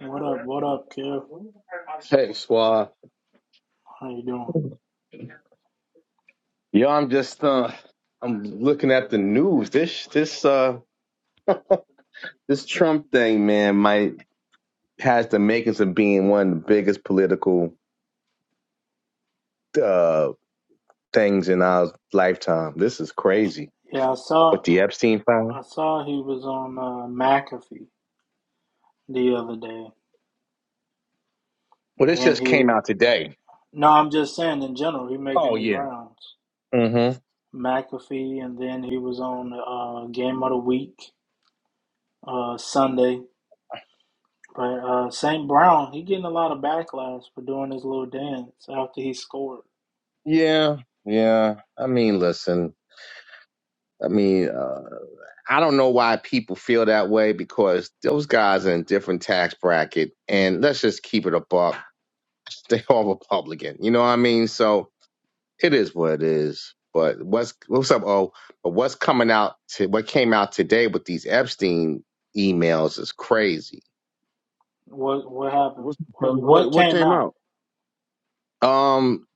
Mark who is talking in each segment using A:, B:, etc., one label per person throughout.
A: What up? What up, Kev?
B: Hey, squad.
A: How you doing?
B: Yo, I'm just uh, I'm looking at the news. This this uh this Trump thing, man, might has the makings of being one of the biggest political uh things in our lifetime. This is crazy.
A: Yeah, I
B: With
A: saw
B: the Epstein filing.
A: I saw he was on uh, McAfee the other day,
B: Well, this
A: and
B: just
A: he
B: came
A: was.
B: out today.
A: No, I'm just saying in general, he making
B: Oh
A: his
B: yeah.
A: rounds.
B: Mm-hmm.
A: McAfee, and then he was on uh, Game of the Week uh, Sunday. But uh, St. Brown, he getting a lot of backlash for doing his little dance after he scored.
B: Yeah. Yeah. I mean, listen. I mean, uh, I don't know why people feel that way because those guys are in different tax bracket. And let's just keep it a buck They all Republican. You know what I mean? So it is what it is. But what's what's up? Oh, but what's coming out? To, what came out today with these Epstein emails is crazy.
A: What what happened?
C: What's, from
A: What
C: what
A: what
C: what
A: came
C: came out?
A: out?
B: Um,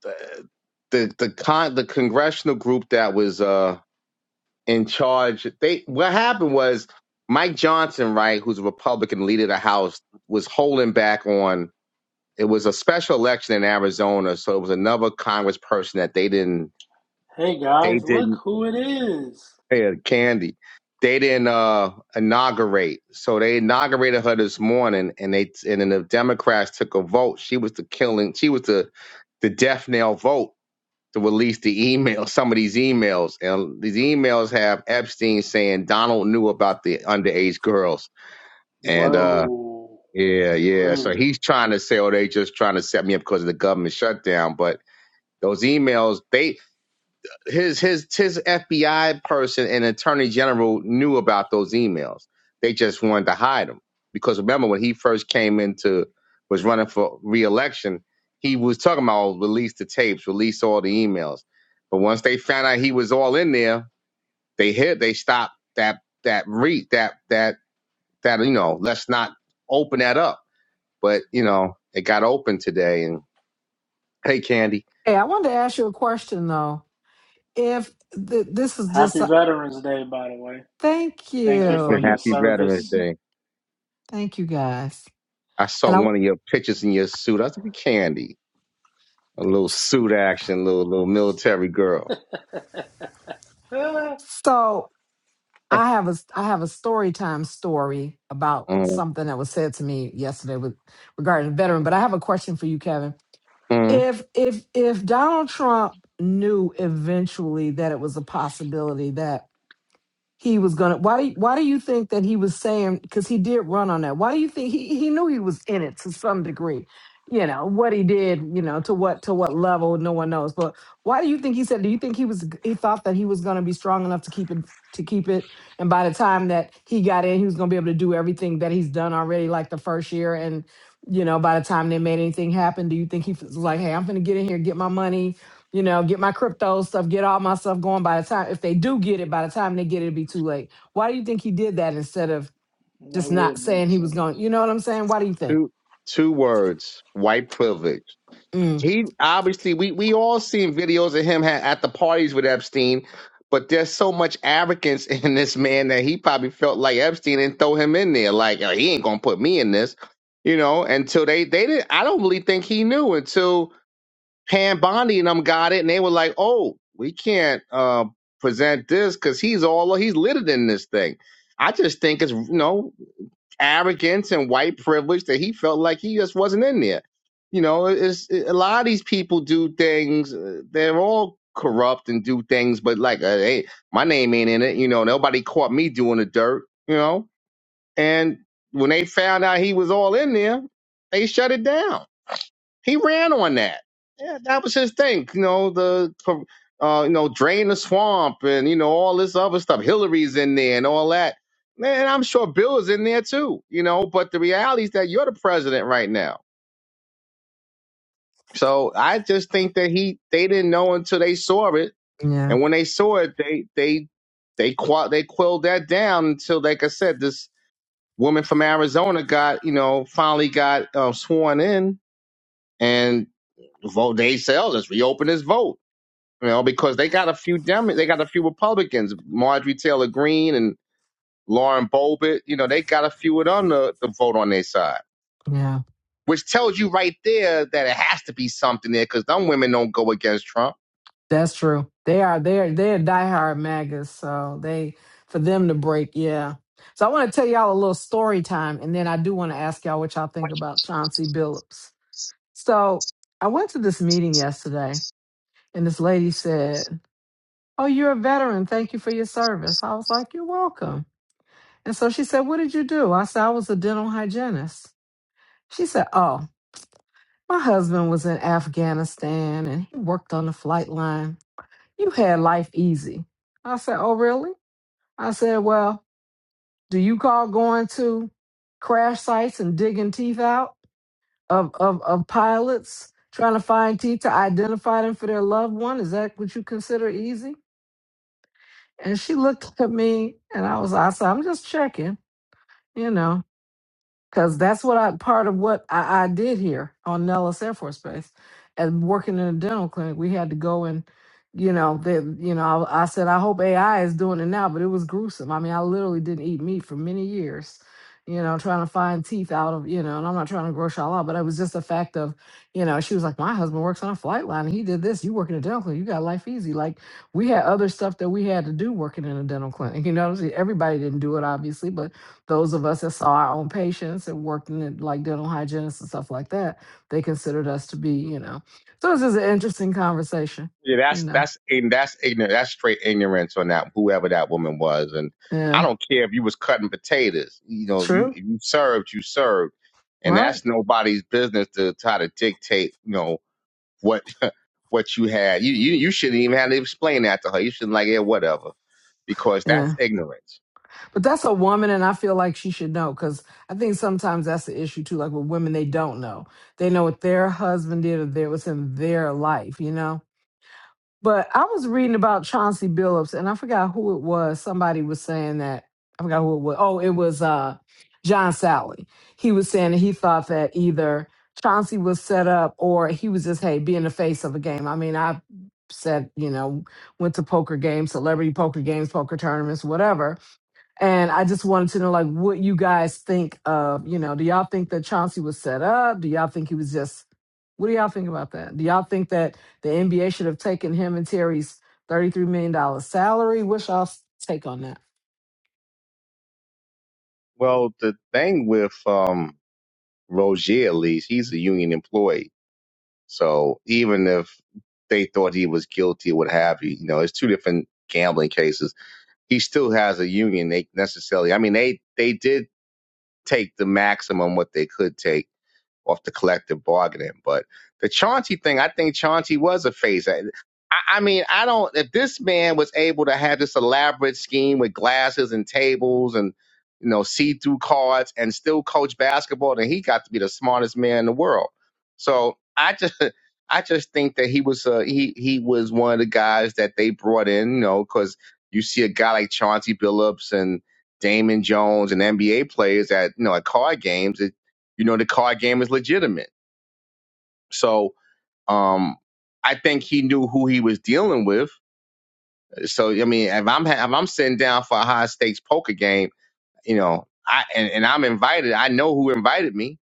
B: the the con the congressional group that was uh in charge. They what happened was Mike Johnson, right, who's a Republican leader of the House, was holding back on. It was a special election in Arizona, so it was another Congressperson that they didn't
A: Hey
B: they
A: guys,
B: didn't
A: look who it is!
B: Yeah, Candy. They didn't uh, inaugurate, so they inaugurated her this morning, and they and then the Democrats took a vote. She was the killing. She was the the death nail vote to release the email. Some of these emails, and these emails have Epstein saying Donald knew about the underage girls, and uh,
A: Whoa,
B: yeah, yeah. So
A: really?
B: he's trying to say, oh, they just trying to set me up because of the government shutdown, but. Those emails, they his his his FBI person and attorney general knew about those emails. They just wanted to hide them because remember when he first came into was running for reelection, he was talking about "Oh, release the tapes, release all the emails. But once they found out he was all in there, they hit they stopped that that re that that that you know let's not open that up. But you know it got open today and hey Candy,
D: Hey, I wanted to ask you a question though. If th- this is just
A: Happy
D: a
A: Veterans Day, by the way.
D: thank
A: Thank you for
D: you,
A: your
B: happy Veterans
A: service.
B: Day.
D: thank you guys,
B: I saw
D: and I
B: one of your pictures in your suit. I think Candy, a little suit action, little little military girl.
A: Ah,
D: so I have a I have a story time story about something that was said to me yesterday with regarding a veteran. But I have a question for you, Kevin.
B: hmm
D: If if if Donald Trump knew eventually that it was a possibility that he was gonna why why do you think that he was saying because he did run on that why do you think he, he knew he was in it to some degree you know what he did you know to what to what level no one knows but why do you think he said do you think he was he thought that he was gonna be strong enough to keep it to keep it and by the time that he got in he was gonna be able to do everything that he's done already like the first year and you know by the time they made anything happen do you think he was like hey i'm gonna get in here get my money you know, get my crypto stuff, get all my stuff going by the time if they do get it, by the time they get it, it'd be too late. Why do you think he did that instead of just
A: that
D: not
A: would
D: saying
A: make
D: he was going?
A: sense.
D: You know what I'm saying? Why do you think?
B: Two two words: white privilege.
D: Mm,
B: He obviously we we all seen videos of him ha- at the parties with Epstein, but there's so much arrogance in this man that he probably felt like Epstein didn't throw him in there. Like "Oh, he ain't gonna put me in this, you know. Until they they didn't. I don't really think he knew until. Pan Bondi and them got it, and they were like, "Oh, we can't uh, present this because he's all he's littered in this thing." I just think it's you know arrogance and white privilege that he felt like he just wasn't in there. You know, it's a lot of these people do things; uh, they're all corrupt and do things, but like, uh, hey, my name ain't in it. You know, nobody caught me doing the dirt. You know, and when they found out he was all in there, they shut it down he ran on that. Yeah, that was his thing. You know, the uh, you know, drain the swamp and you know all this other stuff. Hillary's in there and all that. Man, I'm sure Bill is in there too. You know, but the reality is that you're the president right now. So I just think that he they didn't know until they saw it,
D: yeah,
B: and when they saw it, they they they qua they quelled that down until, like I said, this woman from Arizona got you know finally got uh, sworn in and vote. They said, oh, let's reopen this vote you know, because they got a few Dem- they got a few Republicans, Marjorie Taylor Greene and Lauren Boebert. You know, they got a few of them to, to vote on their side,
D: yeah,
B: which tells you right there that it has to be something there because them women don't go against Trump.
D: that's true. They are they're they're diehard MAGAs, so they for them to break, yeah. So I want to tell y'all a little story time, and then I do want to ask y'all what y'all think about Chauncey Billups. So I went to this meeting yesterday, and this lady said. Oh, you're a veteran. Thank you for your service. I was like, You're welcome. And so she said, What did you do? I said, I was a dental hygienist. She said, Oh, my husband was in Afghanistan and he worked on the flight line. You had life easy. I said, Oh, really? I said, Well, do you call going to crash sites and digging teeth out of, of, of pilots, trying to find teeth to identify them for their loved one? Is that what you consider easy? And she looked at me and I was, I said, I'm just checking. you know, because that's what I part of what I, I did here on Nellis Air Force Base, and working in a dental clinic, we had to go and, you know, they, you know, I, I said I hope AI is doing it now, but it was gruesome. I mean, I literally didn't eat meat for many years, you know, trying to find teeth out of, you know, and I'm not trying to gross y'all out, but it was just a fact of, you know, she was like, my husband works on a flight line, and he did this. You work in a dental clinic, you got life easy. Like we had other stuff that we had to do working in a dental clinic. You know, what I'm saying? everybody didn't do it obviously, but those of us that saw our own patients and worked in like dental hygienists and stuff like that, they considered us to be, you know. So it's just an interesting conversation,
B: Yeah,
D: you
B: that's
D: know.
B: that's and that's ignorant. That's straight ignorance on that whoever that woman was, and I
D: Yeah,
B: don't care if you was cutting potatoes. You know, if you
D: true,
B: if you served, you served, and
D: right?
B: that's nobody's business to try to dictate. You know. what. what you had. You you you shouldn't even have to explain that to her. You shouldn't like, yeah, whatever, because that's
D: Yeah,
B: ignorance.
D: but that's a woman, and I feel like she should know because I think sometimes that's the issue too. Like with women, they don't know. They know what their husband did or their, what's in their life, you know But I was reading about Chauncey Billups, and I forgot who it was. Somebody was saying that I forgot who it was. Oh, it was uh, John Sally. He was saying that he thought that either Chauncey was set up or he was just hey being the face of a game. I mean, I said you know went to poker games, celebrity poker games, poker tournaments, whatever and I just wanted to know, like, what you guys think of, you know, do y'all think that Chauncey was set up? Do y'all think he was just, what do y'all think about that? Do y'all think that the NBA should have taken him and Terry's $33 million dollars salary? What's y'all's take on that?
B: Well, the thing with um Rozier, at least he's a union employee, so even if they thought he was guilty, or what have you, you know, it's two different gambling cases. he still has a union. They necessarily, I mean, they they did take the maximum what they could take off the collective bargaining. But the Chauncey thing, I think Chauncey was a phase. I, I mean, I don't. If this man was able to have this elaborate scheme with glasses and tables and you know see-through cards and still coach basketball, then he got to be the smartest man in the world. So I just. I just think that he was uh, he he was one of the guys that they brought in, you know, because you see a guy like Chauncey Billups and Damon Jones and NBA players at you know at card games. You know, the card game is legitimate. So, um, I think he knew who he was dealing with. So, I mean, if I'm ha- if I'm sitting down for a high stakes poker game, you know, I and, and I'm invited, I know who invited me.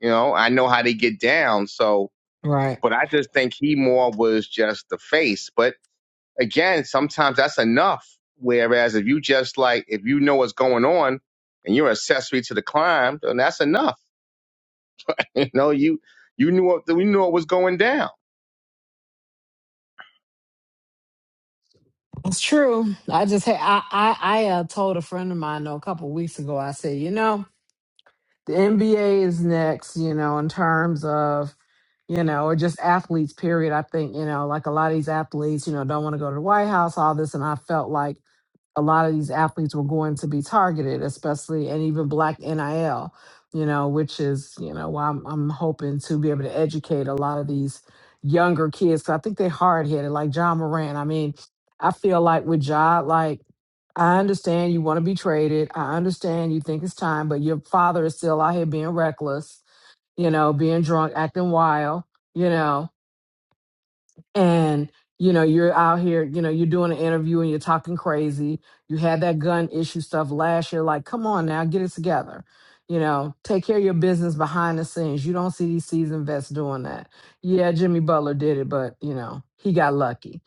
B: You know, I know how they get down. So,
D: Right.
B: but I just think he more was just the face. But again, sometimes that's enough. Whereas if you just like, if you know what's going on and you're accessory to the crime, then that's enough. You know, you you knew what you knew what was going down.
D: It's true. I just had I I, I uh, told a friend of mine though, a couple of weeks ago. I said, you know, the NBA is next. You know, in terms of you know, or just athletes. Period. I think you know, like a lot of these athletes, you know, don't want to go to the White House, all this, and I felt like a lot of these athletes were going to be targeted, especially and even black NIL, you know, which is, you know, why I'm, I'm hoping to be able to educate a lot of these younger kids. 'cause I think they're hard headed, like John Moran. I mean, I feel like with John, like, I understand you want to be traded. I understand you think it's time, but your father is still out here being reckless, you know, being drunk, acting wild, you know and you know you're out here you know you're doing an interview and you're talking crazy you had that gun issue stuff last year like come on now get it together you know take care of your business behind the scenes you don't see these seasoned vets doing that yeah jimmy butler did it but you know he got lucky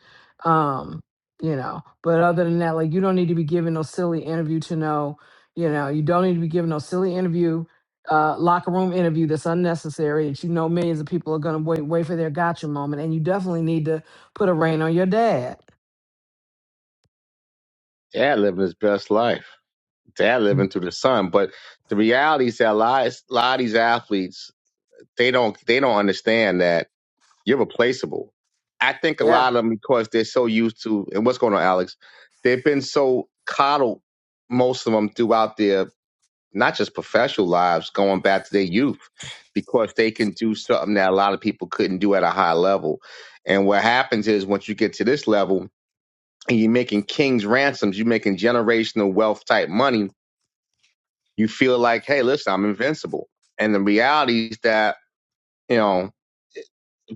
D: um you know but other than that like you don't need to be giving no silly interview to know you know you don't need to be giving no silly interview uh, locker room interview that's unnecessary that you know millions of people are going to wait wait for their gotcha moment and you definitely need to put a rein on your dad
B: Dad living his best life. Dad living through the sun. But the reality is that a lot, a lot of these athletes, they don't they don't understand that you're replaceable. I think a
D: yeah
B: lot of them because they're so used to and what's going on, Alex, they've been so coddled, most of them throughout their not just professional lives, going back to their youth, because they can do something that a lot of people couldn't do at a high level. And what happens is once you get to this level, and you're making king's ransoms, you're making generational wealth type money, you feel like, hey, listen, I'm invincible. And the reality is that, you know,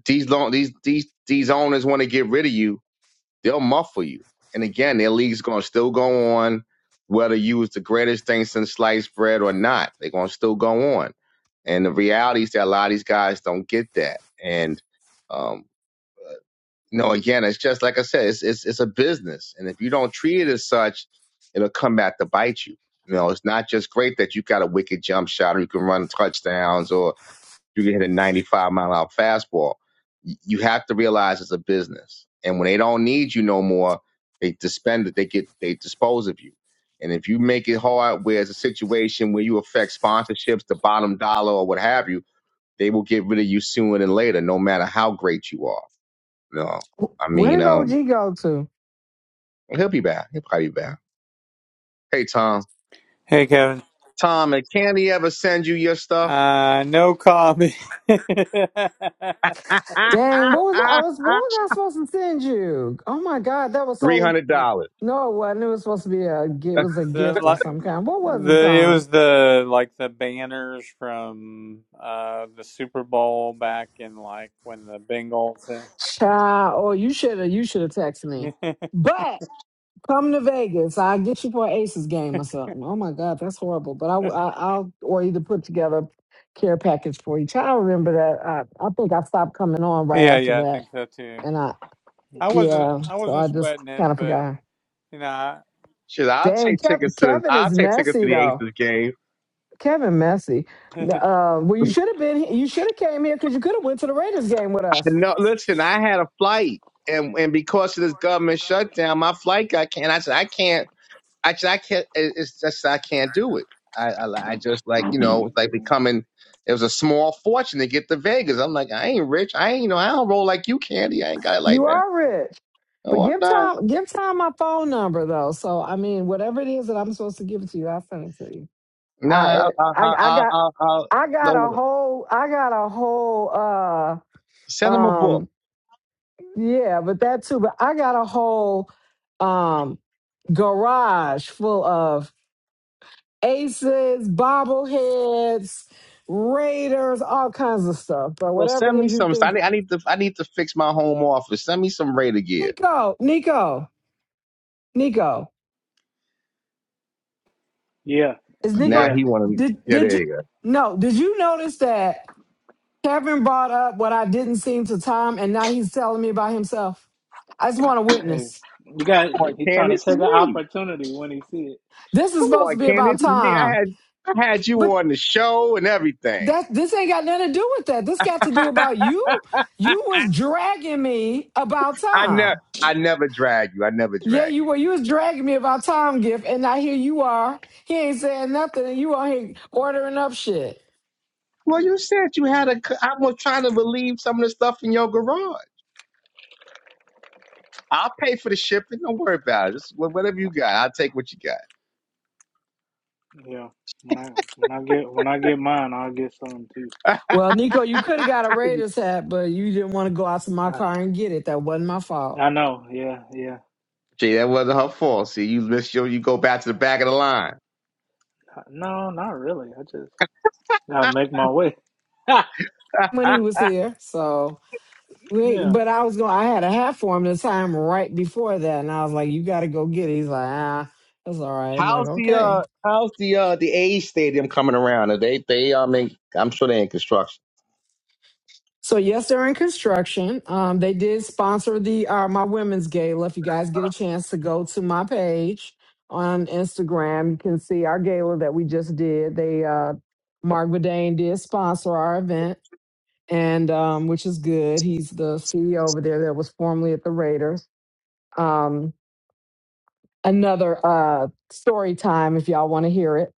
B: these long, these these these owners want to get rid of you, they'll muffle you. And again, their league's gonna still go on, whether you was the greatest thing since sliced bread or not, they're gonna still go on. And the reality is that a lot of these guys don't get that. And um, No, again, it's just like I said, it's it's it's a business, and if you don't treat it as such, it'll come back to bite you. You know, it's not just great that you got a wicked jump shot or you can run touchdowns or you can hit a 95 mile an hour fastball. You have to realize it's a business, and when they don't need you no more, they disband it. They get they dispose of you. And if you make it hard, where it's a situation where you affect sponsorships, the bottom dollar, or what have you, they will get rid of you sooner than later, no matter how great you are. No, I
D: Wh- where
B: mean,
D: did og
B: um,
D: go to
B: he'll be back. He'll probably be back. Hey, Tom.
E: Hey Kevin.
B: Tom, and can he ever send you your stuff?
E: Uh no comment. the,
D: dang what was i, I was what was i supposed to send you oh my god that was
B: Three
D: so
B: hundred dollars.
D: no it wasn't it was supposed to be a gi- it was a gift of
E: like
D: some kind what was it
E: the it
D: um
E: was the like the banners from uh the Super Bowl back in like when the Bengals
D: child oh you should have you should have texted me But. Come to Vegas. I'll get you for an Aces game or something. Oh my God, that's horrible. But I, I, I'll or either put together a care package for you. I remember that. I, I think I stopped coming on right
E: Yeah,
D: after
E: yeah, I
D: that,
E: think so too.
D: and I
E: I wasn't
D: yeah.
E: I
D: So
E: wasn't
D: I just
E: sweating it,
D: kind of
E: but
D: forgot.
E: you know,
B: Shit, I'll
D: Dang,
B: take
D: Kev,
B: tickets to the.
D: Kevin
B: I'll
D: is
B: take tickets to
D: messy
B: the
D: though.
B: Aces game.
D: Kevin messy.
E: I,
D: Uh, well, you should have been. he- You should have came here because you could have went to the Raiders game with
B: I
D: us.
B: know. Listen, I had a flight, and and because of this government shutdown, my flight got canceled. I said I can't. I said I can't. it- It's just I can't do it. I I, I just like you know it's like becoming. It was a small fortune to get to Vegas. I'm like I ain't rich. I ain't you know I don't roll like you, Candy. I ain't got it like
D: You
B: that.
D: are rich.
B: At
D: But
B: One
D: give
B: time.
D: Tom, give Tom my phone number though. So I mean, whatever it is that I'm supposed to give it to you, I'll send it to you. I,
B: Nah,
D: and
B: I, I,
D: I,
B: I,
D: I
B: I,
D: got,
B: I, I
D: I got a
B: no,
D: whole, I got a whole, uh,
B: send him a book.
D: um, yeah, but that too. But I got a whole, um, garage full of aces, bobbleheads, raiders, all kinds of stuff. But
B: Well,
D: whatever it
B: send me
D: is you
B: some. I
D: think,
B: need, I need to, I need to fix my home office. Send me some Raider gear.
D: Nico, Nico, Nico.
A: Yeah,
D: Is
B: Now
D: Nico?
A: yeah.
B: he want to.
D: Did
B: Yeah,
D: did
B: there
D: you?
B: you go.
D: No. Did you notice that Kevin brought up what I didn't seem to Tom, and now he's telling me by himself. I just want to
A: Hey,
D: witness.
A: you got
B: Come on,
A: he trying to
B: Candace, this
A: take
B: is
A: an
B: me.
A: opportunity when he see it.
D: This is
B: Come
D: supposed to
B: on,
D: be
B: Candace,
D: about
B: this is me. I
D: Tom,
B: had, I had you
D: but
B: on the show and everything.
D: that this ain't got nothing to do with that. This got to do about you. You was dragging me about
B: I never,
D: Tom.
B: I never drag you. I never
D: Yeah,
B: drag
D: you
B: you.
D: were. You was dragging me about Tom Gift, and now here you are. He ain't saying nothing, and you are here ordering up shit.
B: Well, you said you had a. c- I was trying to relieve some of the stuff in your garage. I'll pay for the shipping. Don't worry about it. Just wh- whatever you got, I'll take what you got.
A: Yeah. When I when I get when I get mine, I'll get some too.
D: Well, Nico, you could have got a Raiders hat, but you didn't want to go out to my
A: I,
D: car and get it. That wasn't my fault
A: I know. Yeah, yeah.
B: Gee, that wasn't her fault. See, you miss your, you go back to the back of the line.
A: No, not really. I just gotta make my way. Ha!
D: when he was here. So, wait,
A: yeah,
D: but I was going. I had a hat for him the time right before that, and I was like, "You got to go get it." He's like, "Ah, that's all right." I'm like,
B: how's the
D: "Okay."
B: uh, how's the uh, the A's stadium coming around? Are they they um, in, I'm sure they in construction.
D: So yes, they're in construction. Um, they did sponsor the uh, my women's gala. If you guys get a chance to go to my page on Instagram, you can see our gala that we just did. They uh, Mark Bedane did sponsor our event. and um, which is good. He's the CEO over there that was formerly at the Raiders. Um, another uh, story time if y'all want to hear it.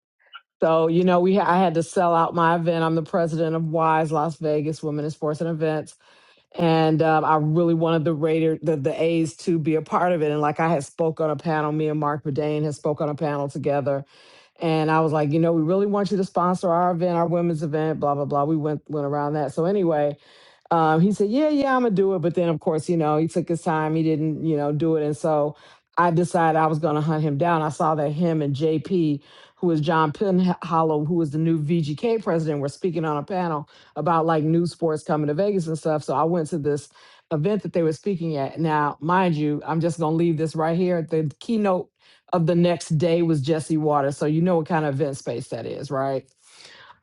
D: So you know, we I had to sell out my event. I'm the president of Wise Las Vegas Women in Sports and Events, and um, I really wanted the Raider the, the A's to be a part of it. And like I had spoke on a panel, me and Mark Verdane had spoke on a panel together, and I was like, you know, we really want you to sponsor our event, our women's event, blah blah blah. We went went around that. So anyway, um, he said, "Yeah, yeah, I'm gonna do it." But then, of course, you know, he took his time. He didn't, you know, do it. And so I decided I was gonna hunt him down. I saw that him and JP, who is John Penhollow, who is the new VGK president, were speaking on a panel about like new sports coming to Vegas and stuff. So I went to this event that they were speaking at. Now, mind you, I'm just gonna leave this right here. The keynote of the next day was Jesse Waters. So you know what kind of event space that is, right?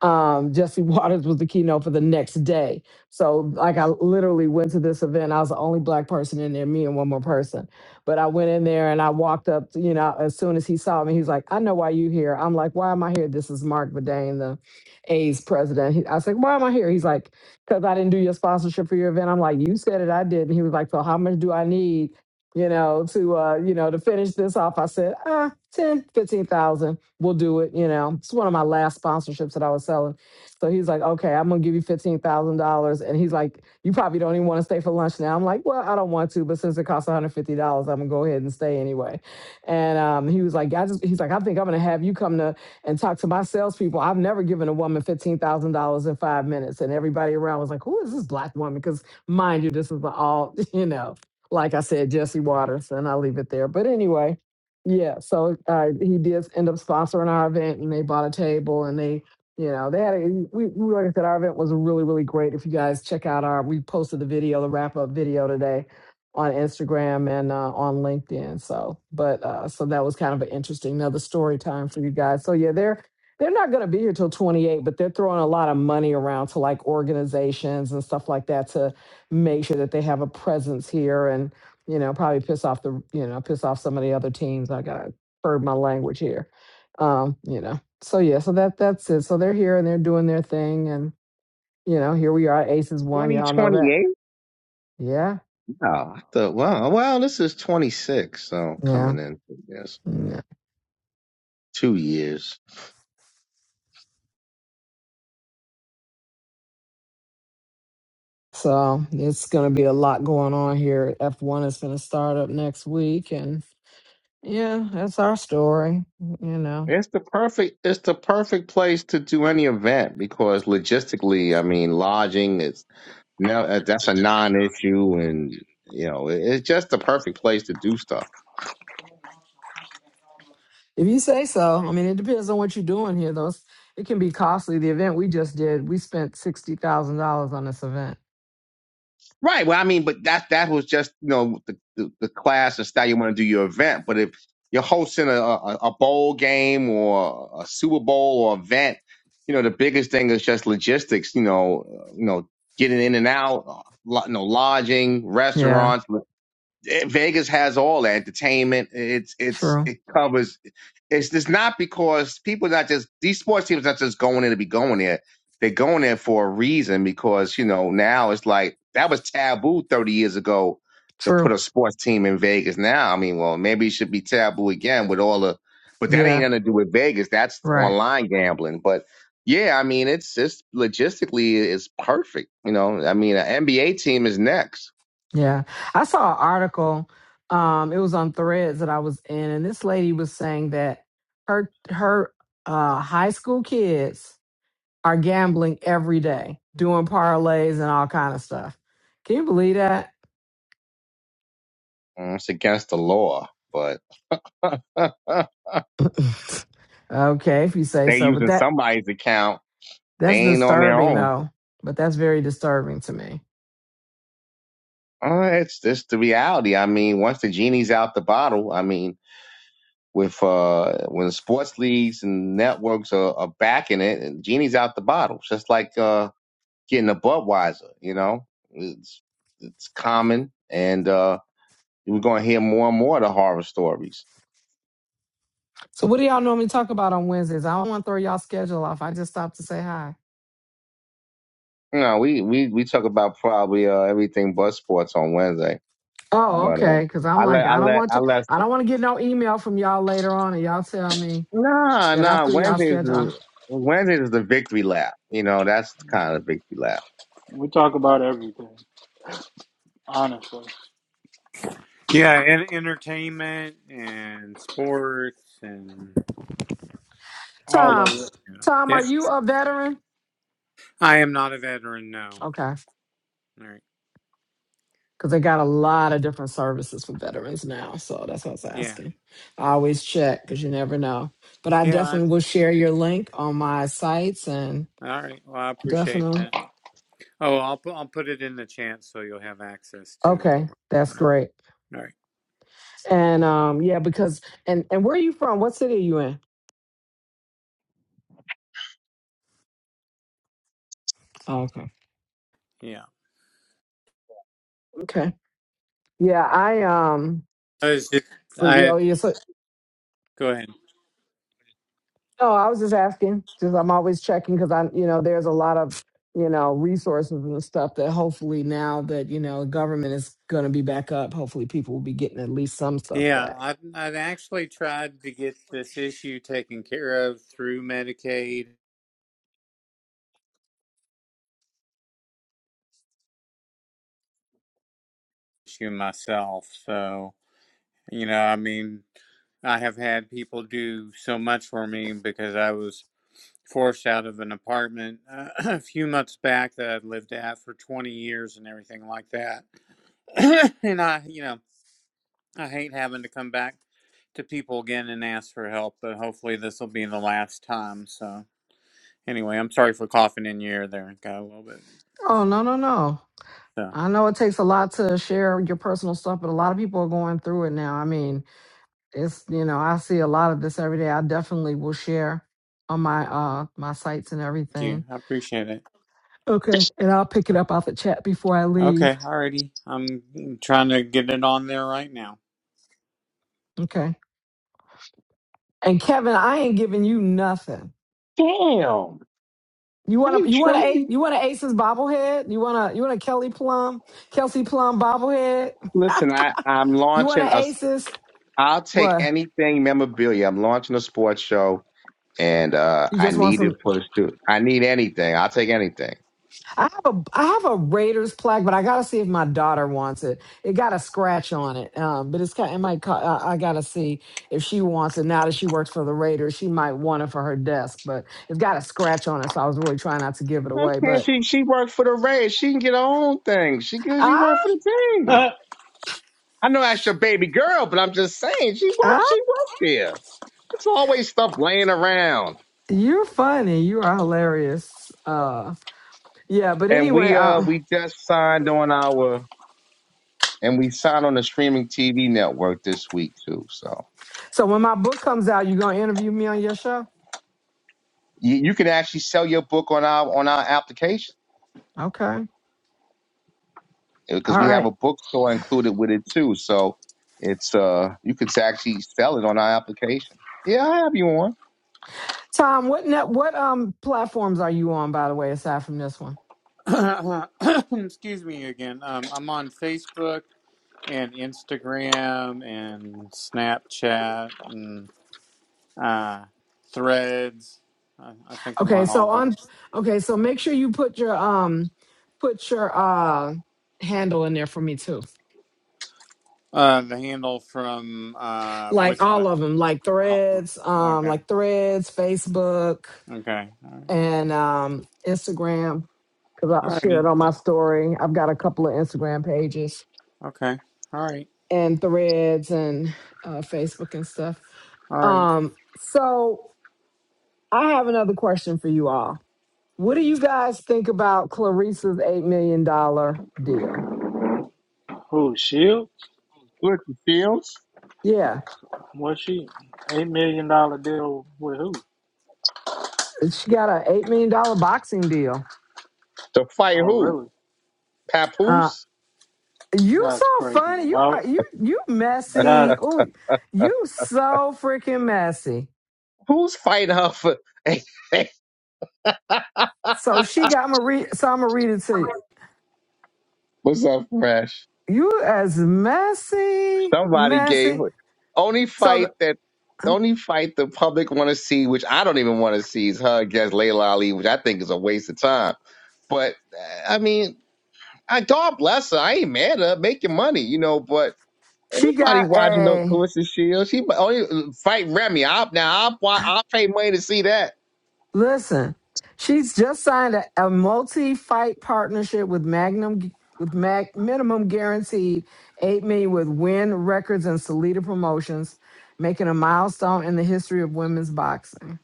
D: Um, Jesse Waters was the keynote for the next day. So, like, I literally went to this event. I was the only black person in there, me and one more person. But I went in there and I walked up, to- you know, as soon as he saw me, he's like, I know why you here. I'm like, why am I here? This is Mark Bedane, the A's president. He, I was like, why am I here? He's like, because I didn't do your sponsorship for your event. I'm like, you said it, I did. And he was like, so how much do I need? you know, to uh, you know, to finish this off, I said, ah, ten, fifteen thousand, we'll do it, you know. It's one of my last sponsorships that I was selling. So he's like, okay, I'm gonna give you fifteen thousand dollars. And he's like, You probably don't even want to stay for lunch now. I'm like, Well, I don't want to, but since it costs $150, I'm gonna go ahead and stay anyway. And um, he was like, I just he's like, I think I'm gonna have you come to and talk to my salespeople. I've never given a woman fifteen thousand dollars in five minutes. And everybody around was like, Who is this black woman? Because mind you, this is the all, you know like I said, Jesse Waters, and I'll leave it there. But anyway, yeah, so uh, he did end up sponsoring our event, and they bought a table, and they, you know, they had a, we, we like I said, our event was really, really great. If you guys check out our, we posted the video, the wrap up video today on Instagram and uh, on LinkedIn. So, but uh, so that was kind of an interesting another story time for you guys. So yeah, they're they're not going to be here till 28, but they're throwing a lot of money around to like organizations and stuff like that to make sure that they have a presence here and you know probably piss off the you know piss off some of the other teams like, i gotta curb my language here um you know so yeah so that that's it so they're here and they're doing their thing and you know here we are aces one y'all know that
B: 2028?
D: yeah
B: No, I thought, wow, well, this is 26, so
D: yeah,
B: coming in, yes,
D: yeah.
B: two years.
D: so it's gonna be a lot going on here f1 is gonna start up next week and yeah that's our story you know
B: It's the perfect, it's the perfect place to do any event because logistically, I mean, lodging is no, uh, that's a non-issue, and you know, it- it's just the perfect place to do stuff.
D: If you say so, I mean, it depends on what you're doing here, though. It's- It can be costly. The event we just did, we spent sixty thousand dollars on this event.
B: Right. Well, I mean, but that that was just you know the the, the class and style you want to do your event. But if you're hosting a, a a bowl game or a Super Bowl or event, you know the biggest thing is just logistics. You know, uh, you know getting in and out, uh, lo- you know lodging,
D: Yeah,
B: restaurants, eh, Vegas has all that entertainment. It's it's
D: true,
B: it covers. It's just not because people not just these sports teams not just going in to be going there. They're going there for a reason because you know now it's like that was taboo thirty years ago to put
D: true.
B: a sports team in Vegas. Now I mean, well maybe it should be taboo again with all the, but that ain't
D: Yeah,
B: nothing to do with Vegas. That's
D: right.
B: online gambling. But yeah, I mean it's just logistically it's perfect. You know, I mean an NBA team is next.
D: Yeah, I saw an article. Um, it was on Threads that I was in, and this lady was saying that her her uh, high school kids are gambling every day, doing parlays and all kind of stuff. Can you believe that?
B: Mm, It's against the law, but
D: okay, if you say
B: they
D: so, but
B: using
D: that
B: somebody's account. They
D: That's
B: ain't on their
D: disturbing
B: own.
D: though, but that's very disturbing to me.
B: Uh, it's just the reality. I mean, once the genie's out the bottle, I mean, with uh, when sports leagues and networks are, are backing it, and genie's out the bottle. It's just like uh, getting a Budweiser. You know, it's it's common, and uh, we're gonna hear more and more of the horror stories.
D: So what do y'all normally talk about on Wednesdays? I don't want to throw y'all schedule off. I just stopped to say hi.
B: You know, we we we talk about probably uh, everything but sports on Wednesday.
D: Oh,
B: But
D: okay.
B: um,
D: Because I'm
B: I let
D: like,
B: I
D: I don't
B: let
D: want
B: I
D: to.
B: let
D: I don't want to get no email from y'all later on, and y'all tell me
B: nah
D: that I
B: nah
D: threw y'all
B: Wednesdays
D: schedule.
B: is
D: off.
B: Wednesdays is the victory lap. You know that's kind of victory lap.
A: we talk about everything. Honestly,
E: yeah, and entertainment and sports and
A: all of
D: Tom,
A: it.
E: just, you know.
D: Tom,
E: yeah.
D: are you a veteran?
E: I am not a veteran, no.
D: Okay,
E: All right.
D: because they got a lot of different services for veterans now, so that's what I was
E: Yeah.
D: asking. I always check because you never know. But I
E: Yeah, I,
D: definitely will share your link on my sites and
E: All right. Well, I appreciate
D: definitely.
E: that. Oh, I'll put I'll put it in the chat so you'll have access to it. All
D: Okay, that's
E: right.
D: great.
E: All right.
D: And um, yeah, because and and where are you from? What city are you in? Oh, okay,
E: Yeah.
D: okay. Yeah, I um,
E: I was just
D: but you
E: I
D: know, yeah, so
E: go ahead.
D: no, I was just asking. Just I'm always checking because I, you know, there's a lot of you know resources and stuff that hopefully now that you know government is going to be back up, hopefully people will be getting at least some stuff
E: Yeah,
D: back.
E: I have i have actually tried to get this issue taken care of through Medicaid issue myself. So, you know, I mean, I have had people do so much for me because I was forced out of an apartment uh, a few months back that I'd lived at for 20 years and everything like that. and I, you know, I hate having to come back to people again and ask for help, but hopefully this will be the last time. So, anyway, I'm sorry for coughing in your ear there. Got a little bit.
D: Oh no no no!
E: So,
D: I know it takes a lot to share your personal stuff, but a lot of people are going through it now. I mean, it's you know i see a lot of this every day i definitely will share on my uh my sites and
E: thank you.
D: everything
E: I appreciate it.
D: okay and i'll pick it up off the chat before i leave
E: Okay, alrighty. I'm trying to get it on there right now.
D: okay and kevin i ain't giving you nothing
B: Damn.
D: you want
B: Hey
D: a you want a
B: Tracy.
D: you want an aces bobblehead you want a you want a kelly plum kelsey plum bobblehead
B: Listen, I I'm
D: you want
B: launching
D: an
B: a.
D: aces
B: I'll take
D: what
B: anything memorabilia. I'm launching a sports show, and uh
D: you
B: I
D: just want
B: need
D: some
B: it for the student. I need anything. I'll take anything.
D: I have a I have a Raiders plaque, but I gotta see if my daughter wants it. It got a scratch on it, um, but it's kind. It might. co- I, I gotta see if she wants it. Now that she works for the Raiders, she might want it for her desk, but it's got a scratch on it. So I was really trying not to give it
B: Why
D: away.
B: can't
D: But
B: she? She worked for the Reds. She can get her own thing. She can, she
D: ah,
B: worked for the team. I know that's your baby girl, but I'm just saying she worked.
D: ah,
B: She worked there. It's always stuff laying around.
D: you're funny. You are hilarious. Uh, yeah. But
B: And
D: anyway,
B: we uh
D: uh,
B: we just signed on our and we signed on the streaming TV network this week too. So
D: so when my book comes out, you gonna interview me on your show?
B: you, you can actually sell your book on our on our application
D: Okay. All
B: because we have
D: right,
B: a bookstore included with it too. So it's uh you can actually sell it on our application. Yeah, I have you on.
D: Tom. What net? What um platforms are you on, by the way, aside from this one?
E: Excuse me again. Um, I'm on Facebook and Instagram and Snapchat and uh, Threads. I, I think I'm
D: Okay,
E: on all
D: so
E: those.
D: on okay, so make sure you put your um put your uh handle in there for me too.
E: Uh, the handle from uh,
D: Like
E: which one?
D: all of them, like
E: All
D: threads, um
E: Okay.
D: like threads, Facebook
E: Okay. All right.
D: and um Instagram cuz
E: All
D: I'll share
E: righty.
D: it on my story. I've got a couple of Instagram pages
E: Okay. All right.
D: and threads and uh Facebook and stuff.
E: All right.
D: Um so I have another question for you all. What do you guys think about Clarissa's 8 million dollar deal?
A: Who shield?
B: Look, Fields.
D: Yeah.
A: Well, she eight million dollar deal with who?
D: She got an eight million dollar boxing deal.
B: To fight
A: Oh,
B: who?
A: really?
D: Uh,
B: Papoose?
D: you
A: That's
D: so
A: crazy.
D: funny. You
A: Well,
D: are you you
A: that's
D: messy. Oh, you so freaking messy.
B: Who's fighting her for
D: So she got I'm gonna read. So I'm gonna read it to you.
B: What's up, Fresh?
D: You as messy,
B: Somebody gave
D: messy.
B: only
D: So
B: fight that the
D: the,
B: only fight the public want to see, which I don't even want to see, is her against Layla Ali, which I think is a waste of time. But uh, I mean, I, God bless her. I ain't mad at her making money, you know. But ain't
D: she
B: nobody
D: got
B: watching no
D: a
B: Clarissa Shields. She might only fight Remy. I, now I'll, wa- I'll pay money to see that
D: Listen, she's just signed a, a multi-fight partnership with Magnum with Mac minimum guaranteed eight million with Win Records and Salida Promotions, making a milestone in the history of women's boxing.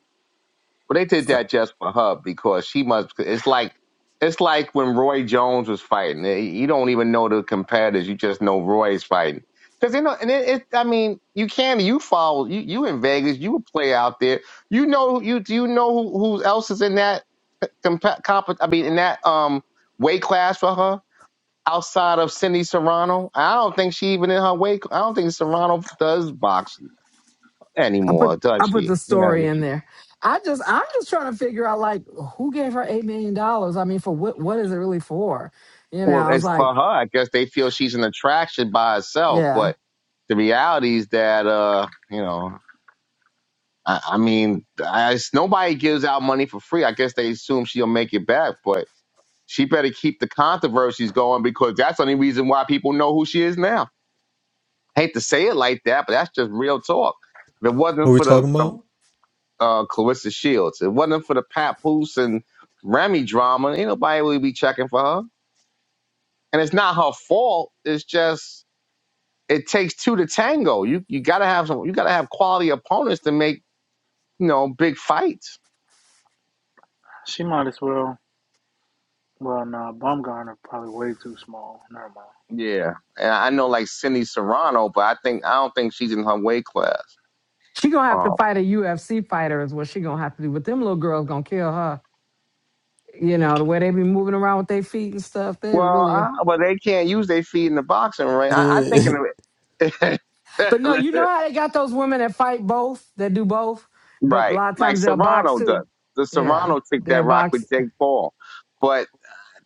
B: Well, they did
D: So
B: that just for her because she must. It's like it's like when Roy Jones was fighting. Eh, You don't even know the competitors. You just know Roy's fighting. Because you know, and it, it. I mean, you can. You follow. You you in Vegas. You would play out there. You know. You do you know who, who else is in that comp, comp? I mean, in that um weight class for her outside of Cindy Serrano. I don't think she even in her weight. I don't think Serrano does box
D: I put
B: anymore,
D: I
B: does
D: put
B: she?
D: the
B: Yeah.
D: story
B: yeah.
D: in there. I just I'm just trying to figure out like who gave her eight million dollars. I mean, for what what is it really for? You know,
B: Well,
D: I was
B: as
D: like,
B: for her, I guess they feel she's an attraction by herself,
D: yeah.
B: but the reality is that uh, you know, I, I mean, I, it's- nobody gives out money for free. I guess they assume she'll make it back, but she better keep the controversies going because that's the only reason why people know who she is now. hate to say it like that, but that's just real talk. If it wasn't
F: Who we
B: for the,
F: talking
B: the
F: about?
B: uh, Clarissa Shields, if it wasn't for the Papoose and Remy drama, ain't nobody would be checking for her. And it's not her fault. It's just it takes two to tango. You you gotta have some you gotta have quality opponents to make, you know, big fights.
A: she might as well. Well, nah, Bumgarner probably way too small. Never
B: Yeah. And I know like Cindy Serrano, but I think I don't think she's in her weight class.
D: She gonna have to
B: Um
D: fight a UFC fighter is what she gonna have to do. But them little girls gonna kill her you know, the way they be moving around with their feet and stuff, they
B: well,
D: really
B: I,
D: are.
B: well, they can't use their feet in the boxing ring. I, I think
F: Yeah.
B: in
D: But no, you
B: the
D: know how they got those women that fight both, that do both, but a
B: right,
D: lot of
B: like
D: times they'll box
B: Serrano
D: too.
B: does. The
D: Yeah,
B: Serrano chick
D: they'll
B: that rock with
D: box.
B: Jake Paul, but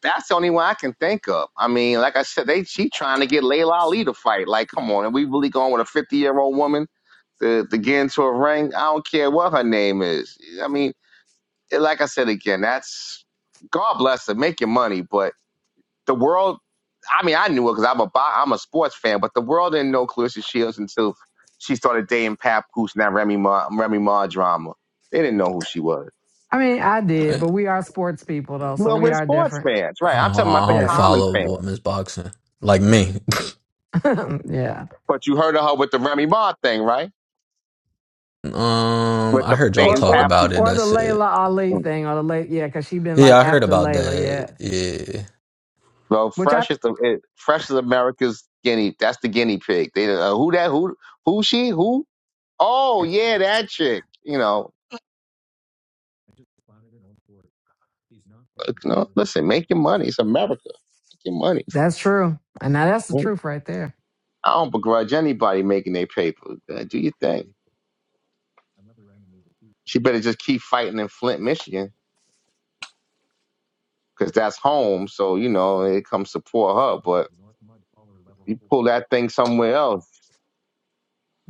B: That's the only one I can think of. I mean, like I said, they she trying to get Layla Ali to fight. Like, come on, are we really going with a fifty year old woman to to get into a ring? I don't care what her name is. I mean, like I said again, that's God bless her, make your money. But the world, I mean, I knew it because I'm a bo- I'm a sports fan, but the world didn't know Clarissa Shields until she started dating Papoose and that Remy Ma Remy Ma drama. They didn't know who she was.
D: I mean, I did,
F: Eh,
D: but we are sports people though, so
B: Well,
D: we
B: we're
D: are
B: sports
D: different.
B: fans,
F: Oh,
B: right? I'm talking about
F: I
B: the
F: don't
D: Yeah,
B: common
F: follow
B: fan.
F: women's boxing like me.
D: yeah.
B: But you heard of her with the Remy Ma thing, right?
F: Um,
B: With
F: I
B: the
F: heard y'all
D: Or
B: Dayton
F: talk
D: or
F: about
B: Pappy.
F: it.
D: or the
F: That's it.
D: Layla Ali thing, or the late, yeah, because she been
F: Yeah,
D: like
F: I heard
D: after
F: about
D: Layla,
F: that.
D: yeah.
F: Yeah,
B: Well,
D: Which I
B: Fresh is the it, Fresh is America's guinea. That's the guinea pig. They uh, who that who who she who? Oh yeah, that chick. You know, look, no, listen, make your money. It's America. Make your money.
D: that's true, and now that's the truth right there.
B: I don't begrudge anybody making their paper. Uh, Do your thing. She better just keep fighting in Flint, Michigan, because that's home. So you know it comes support her. But you pull that thing somewhere else.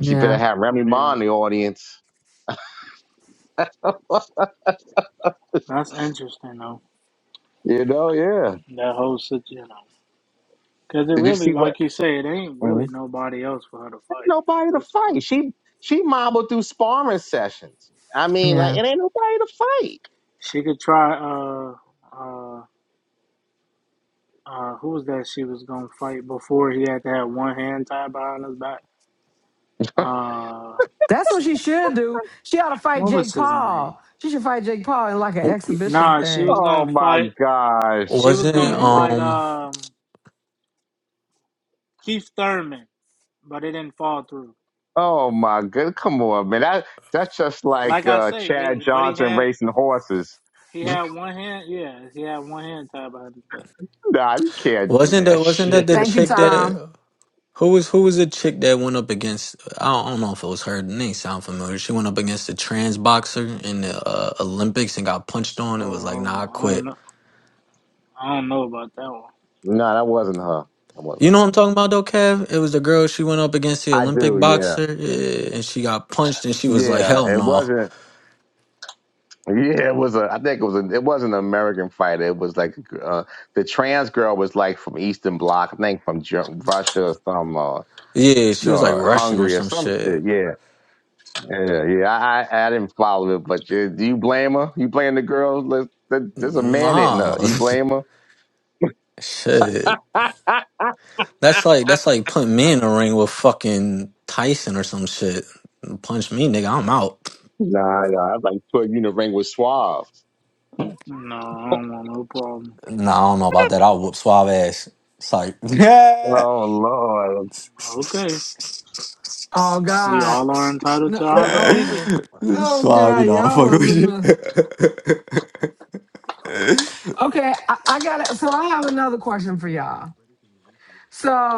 B: She better have Remy
A: mind.
B: Ma
A: Yeah,
B: in the audience
A: that's interesting though.
B: You know, yeah.
A: That whole sit, you know, because it
B: Did you
A: really,
B: see what?
A: like you say, it ain't
B: Mhm.
A: really nobody else for her to
B: Ain't
A: fight at
B: nobody to
A: this point.
B: fight. She she mobbled through sparring sessions. I mean,
D: yeah.
B: like it ain't nobody to
A: She could try. Uh, uh, uh, who was that she was gonna fight before he had to have one hand tied behind his back? Uh,
D: That's what she should do. She ought to fight
A: what was
D: Jake
A: his name?
D: Paul. She should fight Jake Paul in like an
F: W-
B: fight.
D: exhibition
A: Nah, she was
D: thing.
B: Oh
A: gonna
B: my
A: fight.
B: gosh.
A: She was
F: wasn't
A: gonna fight
F: um,
A: um Keith Thurman, but it didn't fall through.
B: Oh my good. Come on, man. That that's just like
A: Like I
B: uh,
A: say,
B: Chad
A: it, but he
B: Johnson
A: had
B: racing horses.
A: he had one hand. Yeah, he had one hand tied behind his back.
B: nah, you can't do
F: wasn't
B: that
F: that wasn't that
B: shit.
F: the
D: Thank you,
F: chick
D: Tom.
F: that who was who was the chick that went up against? I don't, I don't know if it was her. It Name sound familiar. She went up against a trans boxer in the uh, Olympics and got punched on and was
A: Oh,
F: like, "Nah, I
A: I don't, I
F: quit."
A: don't know. I don't know about that one.
B: No, that wasn't her. That
F: You
B: wasn't
F: know
B: her.
F: what I'm talking about though, Kev? It was the girl she went up against the
B: I
F: Olympic
B: do. Yeah.
F: boxer, yeah, and she got punched, and she was like, "Hell
B: Yeah. It
F: no!"
B: wasn't. Yeah, it was a. I think it was a. It wasn't an American fighter. It was like uh, the trans girl was like from Eastern Bloc. I think from Ger- Russia or some uh,
F: Yeah, she was like
B: uh,
F: Russian or
B: Hungary or
F: some
B: some shit.
F: shit.
B: Yeah, yeah, yeah. I, I I didn't follow it, but you, do you blame her? You blame the girl? Let- that- There's a man hitting her.
F: Nah,
B: You blame her?
F: shit.
B: nah,
F: That's like that's like putting me in a ring with fucking Tyson or some shit. Punch me, nigga. I'm out.
B: nah. I like putting you in the ring with Suave.
A: No, I don't want no problem.
F: Nah, I don't know about that. I'll whoop suave ass. It's like, yeah.
B: Oh Lord,
A: Okay,
D: Oh
A: we
D: God.
A: all are entitled
D: No,
A: to our
D: no. Oh,
A: opinion
D: oh,
F: Suave,
D: God,
F: you know, I
D: y'all
F: fuck
D: are a mess.
F: with you.
D: Okay, I, I got it. So I have another question for y'all.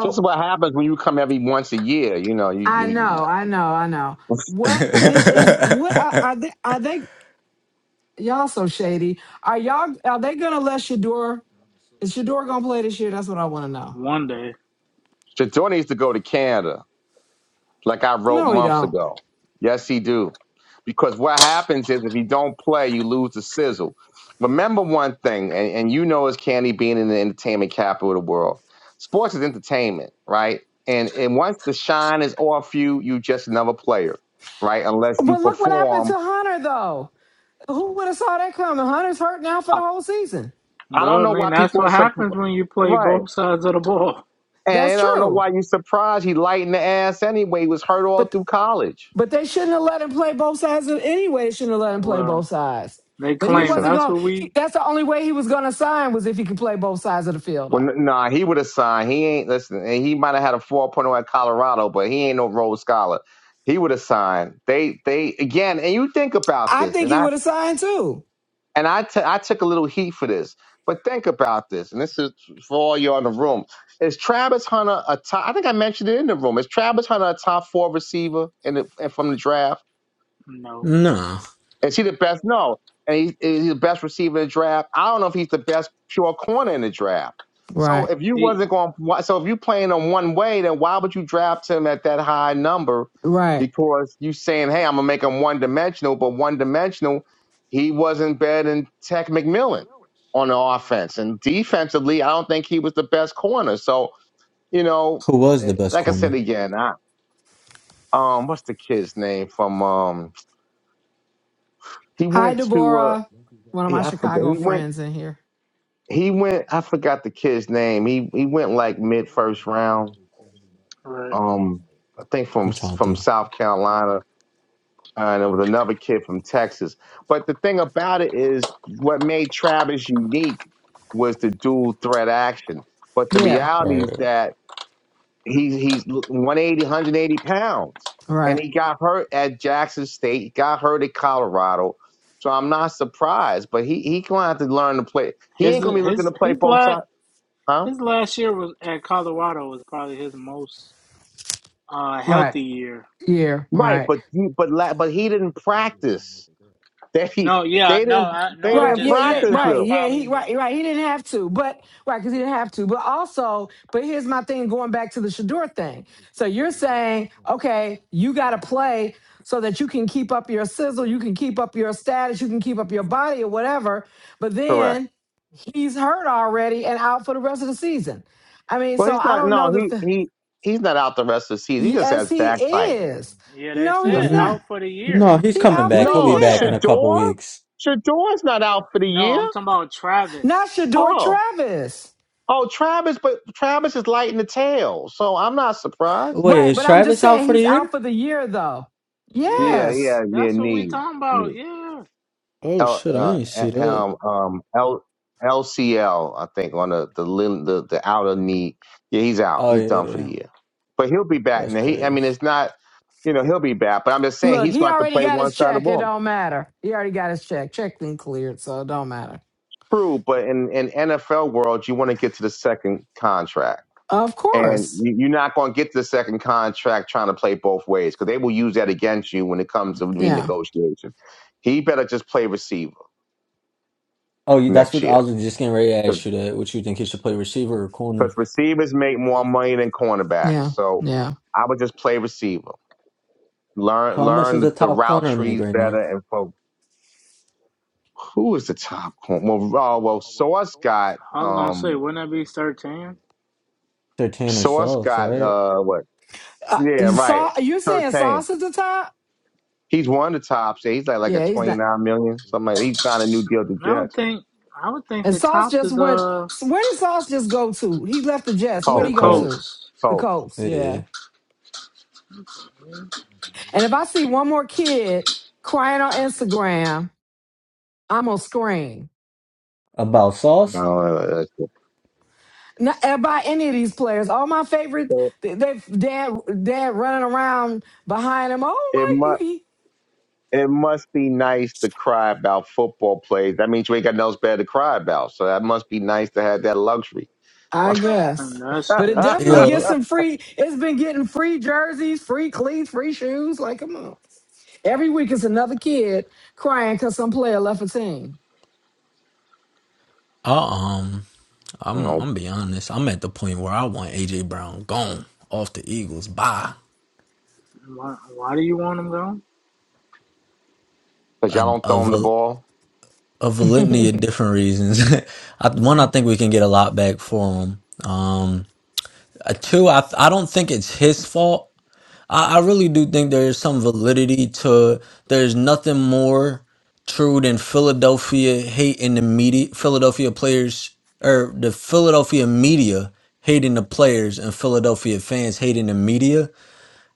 B: just what happens when you come every once a year. You know, you
D: I
B: you.
D: know, I know, I know. What it
B: you
D: is? What are, are they? Are they? Y'all so shady. Are y'all? Are they gonna let Shador? Is Shador gonna play this year? That's what I want to know.
A: one day.
B: Shador needs to go to Canada. like I wrote
D: No, he
B: months
D: don't.
B: ago. Yes, he do. Because what happens is if you don't play, you lose the sizzle. Remember one thing, and, and you know as candy being in the entertainment capital of the world. Sports is entertainment, right? And and once the shine is off you, you just another player, right? Unless you
D: But look what happened to
B: perform.
D: Hunter though. Who would have saw that coming? Hunter's hurt now for
B: I,
D: the whole season.
B: I don't
A: Well, I
B: know
A: mean
B: why
A: that's
B: people are
A: what
B: surprised.
A: happens when you play
B: Right.
A: both sides of the ball.
D: That's
B: And I don't know
D: true.
B: why you surprised he lightened the ass anyway. He was hurt all
D: But
B: through college.
D: but they shouldn't have let him play both sides of, anyway. Shouldn't have let him play
A: Well,
D: both sides.
A: they
D: But he
B: Listen.
A: claim
D: wasn't
A: that's
D: going.
A: what
D: to
A: we.
D: That's the only way he was going to sign was if he could play both sides of the field.
B: Well,
D: Though
B: n- nah, he would have signed. He ain't listen. and He might have had a 4.0 at Colorado, but he ain't no Rhodes Scholar. He would have signed. They, they again. And you think about
D: I
B: this,
D: think
B: and
D: he
B: I,
D: would have signed too.
B: and I, t- I took a little heat for this, but think about this, and this is for all you all in the room. Is Travis Hunter a top? I think I mentioned it in the room. Is Travis Hunter a top four receiver in the, from the draft?
A: No,
F: No.
B: Is he the best? No. And he, he's the best receiver in the draft. I don't know if he's the best pure corner in the draft. So
D: Right.
B: if you
A: he
B: wasn't going, so if you playing him one way, then why would you draft him at that high number?
D: Right.
B: Because you saying, hey, I'm gonna make him one dimensional, but one dimensional, he wasn't better than Tech McMillan on the offense and defensively. I don't think he was the best corner. So you know,
F: Who was the
B: eh,
F: best
B: like I said
F: corner?
B: again, I um, what's the kid's name from um? He
D: Hi,
B: went to uh,
D: Deborah. One of my
B: yeah, I forget.
D: Chicago
B: He went.
D: friends in here.
B: he went I forgot the kid's name. He he went like mid first round.
A: right.
B: Um I think from
F: I'm trying to
B: from
F: think.
B: South Carolina uh, and it was another kid from Texas. But the thing about it is what made Travis unique was the dual threat action. But the
D: Yeah.
F: All
B: reality is
F: right.
B: that he's he's 180 pounds and
D: Right.
B: he got hurt at Jackson State. He got hurt at Colorado. So I'm not surprised, but he he going to have to learn to play. He ain't
A: His
B: going to be looking
A: his
B: to play
A: his
B: both
A: la
B: sides, huh?
A: His last year was at Colorado was probably his most uh
D: Right.
A: healthy year.
D: Yeah.
B: Right,
D: Right.
B: but you, but la- but he didn't practice. They
A: No, yeah,
B: they
A: no,
B: didn't
A: I
B: they
A: no, I'm
D: Right,
B: didn't
D: yeah,
A: just
D: yeah,
A: saying
B: practice
A: that was
D: right,
B: him.
D: yeah,
A: probably
D: he
A: the
D: right, right. He didn't have to, but right, because he didn't have to. But also, but here's my thing going back to the Shador thing. So you're saying, okay, you gotta play so that you can keep up your sizzle, you can keep up your status, you can keep up your body or whatever. But
B: Correct.
D: then he's hurt already and out for the rest of the season. I mean,
B: Well,
D: so
B: he's
D: I
B: not.
D: don't know
B: No,
D: that
B: he
D: the
B: he he's not out the rest of the season. He just
D: yes,
B: has
D: he
B: backbiting.
D: is.
A: yeah, they
D: No,
B: No,
A: said
D: he's not.
F: Mm,
A: out for the
F: No,
A: year.
F: he's
D: He
F: coming
D: out for
F: back.
D: the
F: He'll be
B: no,
F: back in a
D: year.
F: couple
B: Shador
F: weeks.
B: Shador's not out for the
A: No,
B: year.
A: I'm talking about
D: Not
A: Travis.
D: Shador
B: Oh,
D: Travis.
B: oh, Travis, but Travis is lighting the tail, so I'm not surprised.
F: Wait,
D: Right,
F: is
D: but I'm just
F: Travis out
D: saying
F: for the
D: he's
F: year?
D: out for the year though.
B: Yeah,
A: Yes,
D: Yes.
B: yeah, yeah,
A: that's what we
B: knee,
A: talking about. Yeah.
F: Oh
B: L,
F: shit, I
B: uh,
F: didn't see that.
B: um, um, L, LCL, I think, on the the, lim- the the outer knee. Yeah, he's out.
F: Oh
B: He's done for the
F: yeah,
B: year. But he'll be back.
F: that's
B: And he, I
F: crazy.
B: mean, it's not, you know, he'll be back. But I'm just saying
D: Look,
B: he's
D: he
B: going to have to
D: already
B: play
D: got
B: one
D: his
B: side of the
D: check. It
B: ball.
D: don't matter. He already got his check. Check been cleared, so it don't matter.
B: True, but in in NFL world, you want to get to the second contract,
D: Of
B: and
D: course.
B: you- you're not going to get to the second contract trying to play both ways because they will use that against you when it comes to
D: Yeah.
B: renegotiation. He better just play receiver
F: Oh, you- that's
B: next
F: what I
B: year.
F: was just getting ready to ask you that. What you think he should play receiver or
B: because
F: corner?
B: receivers make more money than cornerbacks.
D: Yeah.
B: So
D: Yeah.
B: I would just play receiver. Learn
F: How much
B: learn
F: does a
B: the, the
F: top
B: route
F: corner make
B: trees
F: right
B: better.
F: now?
B: And for who is the top corner? Well, uh, well, Sauce got
A: I was gonna say,
B: um
A: wouldn't that be thirteen?
F: They're Tanner
B: Sauce
F: Sauce,
B: got
F: right?
B: uh what?
D: Uh,
B: Yeah, right.
D: Sau- you're saying
B: Thirteen.
D: Sauce is the top?
B: He's one of the tops. Yeah, he's like like a
D: Yeah, he's
B: twenty
D: not.
B: nine million something like. That. He signed a new deal to
A: I would
B: Jets.
A: think I would think
D: And
A: the
D: Sauce
A: top
D: just
A: is
D: went.
A: uh
D: Where did Sauce just go to? He left the Jets. Where'd
A: the
F: If
D: he
B: Cold,
D: go
F: Colt,
D: to?
A: Colts.
D: The
B: cold.
D: Colts.
F: eh,
D: Yeah. And if I see one more kid crying on Instagram, I'm gonna scream.
F: about Sauce?
B: Uh,
D: Not uh, by any of these players. All my favorites,
B: it,
D: they, they dad dad running around behind him. Oh
B: it mu-
D: my! He,
B: It must be nice to cry about football plays. That means you ain't got nothing else better to cry about. So that must be nice to have that luxury.
D: I
B: you
A: And
D: guess,
A: that's
D: but it
A: that's
D: definitely
A: true.
D: gets
F: Yo,
D: some free. It's been getting free jerseys, free cleats, free shoes. Like come on, every week it's another kid crying because some player left a team.
F: I, um, I'm
B: know,
F: I'm be honest. I'm at the point where I want AJ Brown gone off the Eagles by
A: Why why do you want them gone?
B: because
F: a
B: y'all don't
F: a,
B: throw him the
F: val-
B: ball.
F: a validity of different reasons. I, one, I think we can get a lot back for him. Um, uh, two, I I don't think it's his fault. I, I really do think there is some validity to there's nothing more true than Philadelphia hating the media Philadelphia players or the Philadelphia media hating the players and Philadelphia fans hating the media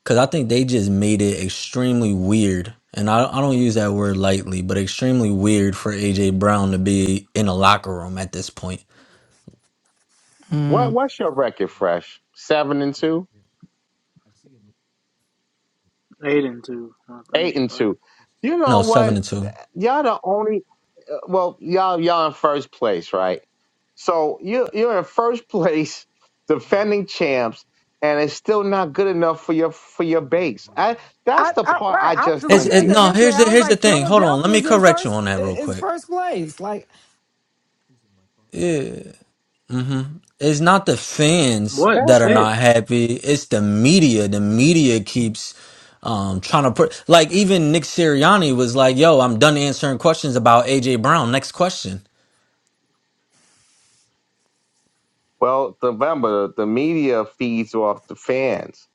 F: because I think they just made it extremely weird. And I, I don't use that word lightly, but extremely weird for AJ Brown to be in a locker room at this point.
B: What
D: Mm.
B: what's your record, Fresh? Seven and two,
A: Eight and two, I think,
B: eight and
A: right?
B: two. You know
F: No, seven
B: what?
F: and two.
B: Y'all the only. uh, Well, y'all y'all in first place, right? So you you're in first place, defending champs, and it's still not good enough for your for your base. I that's
D: I,
B: the
D: I
B: part I
D: right. I was
B: just
D: just
B: don't
D: looking at
B: get.
D: that
F: No,
D: yesterday.
F: here's
D: I
F: the
D: was
F: here's the
D: like,
F: thing. Hold on, let
D: Philadelphia
F: me
D: is in
F: correct you
D: first
F: on that real
D: is
F: quick.
D: first place. Like
F: Yeah. hmm It's not the fans
A: What?
F: that are
A: Say
F: not happy. It's the media. The media keeps um trying to put like even Nick Sirianni was like, "Yo, I'm done answering questions about AJ Brown. Next question."
B: Well, remember, the media feeds off the fans.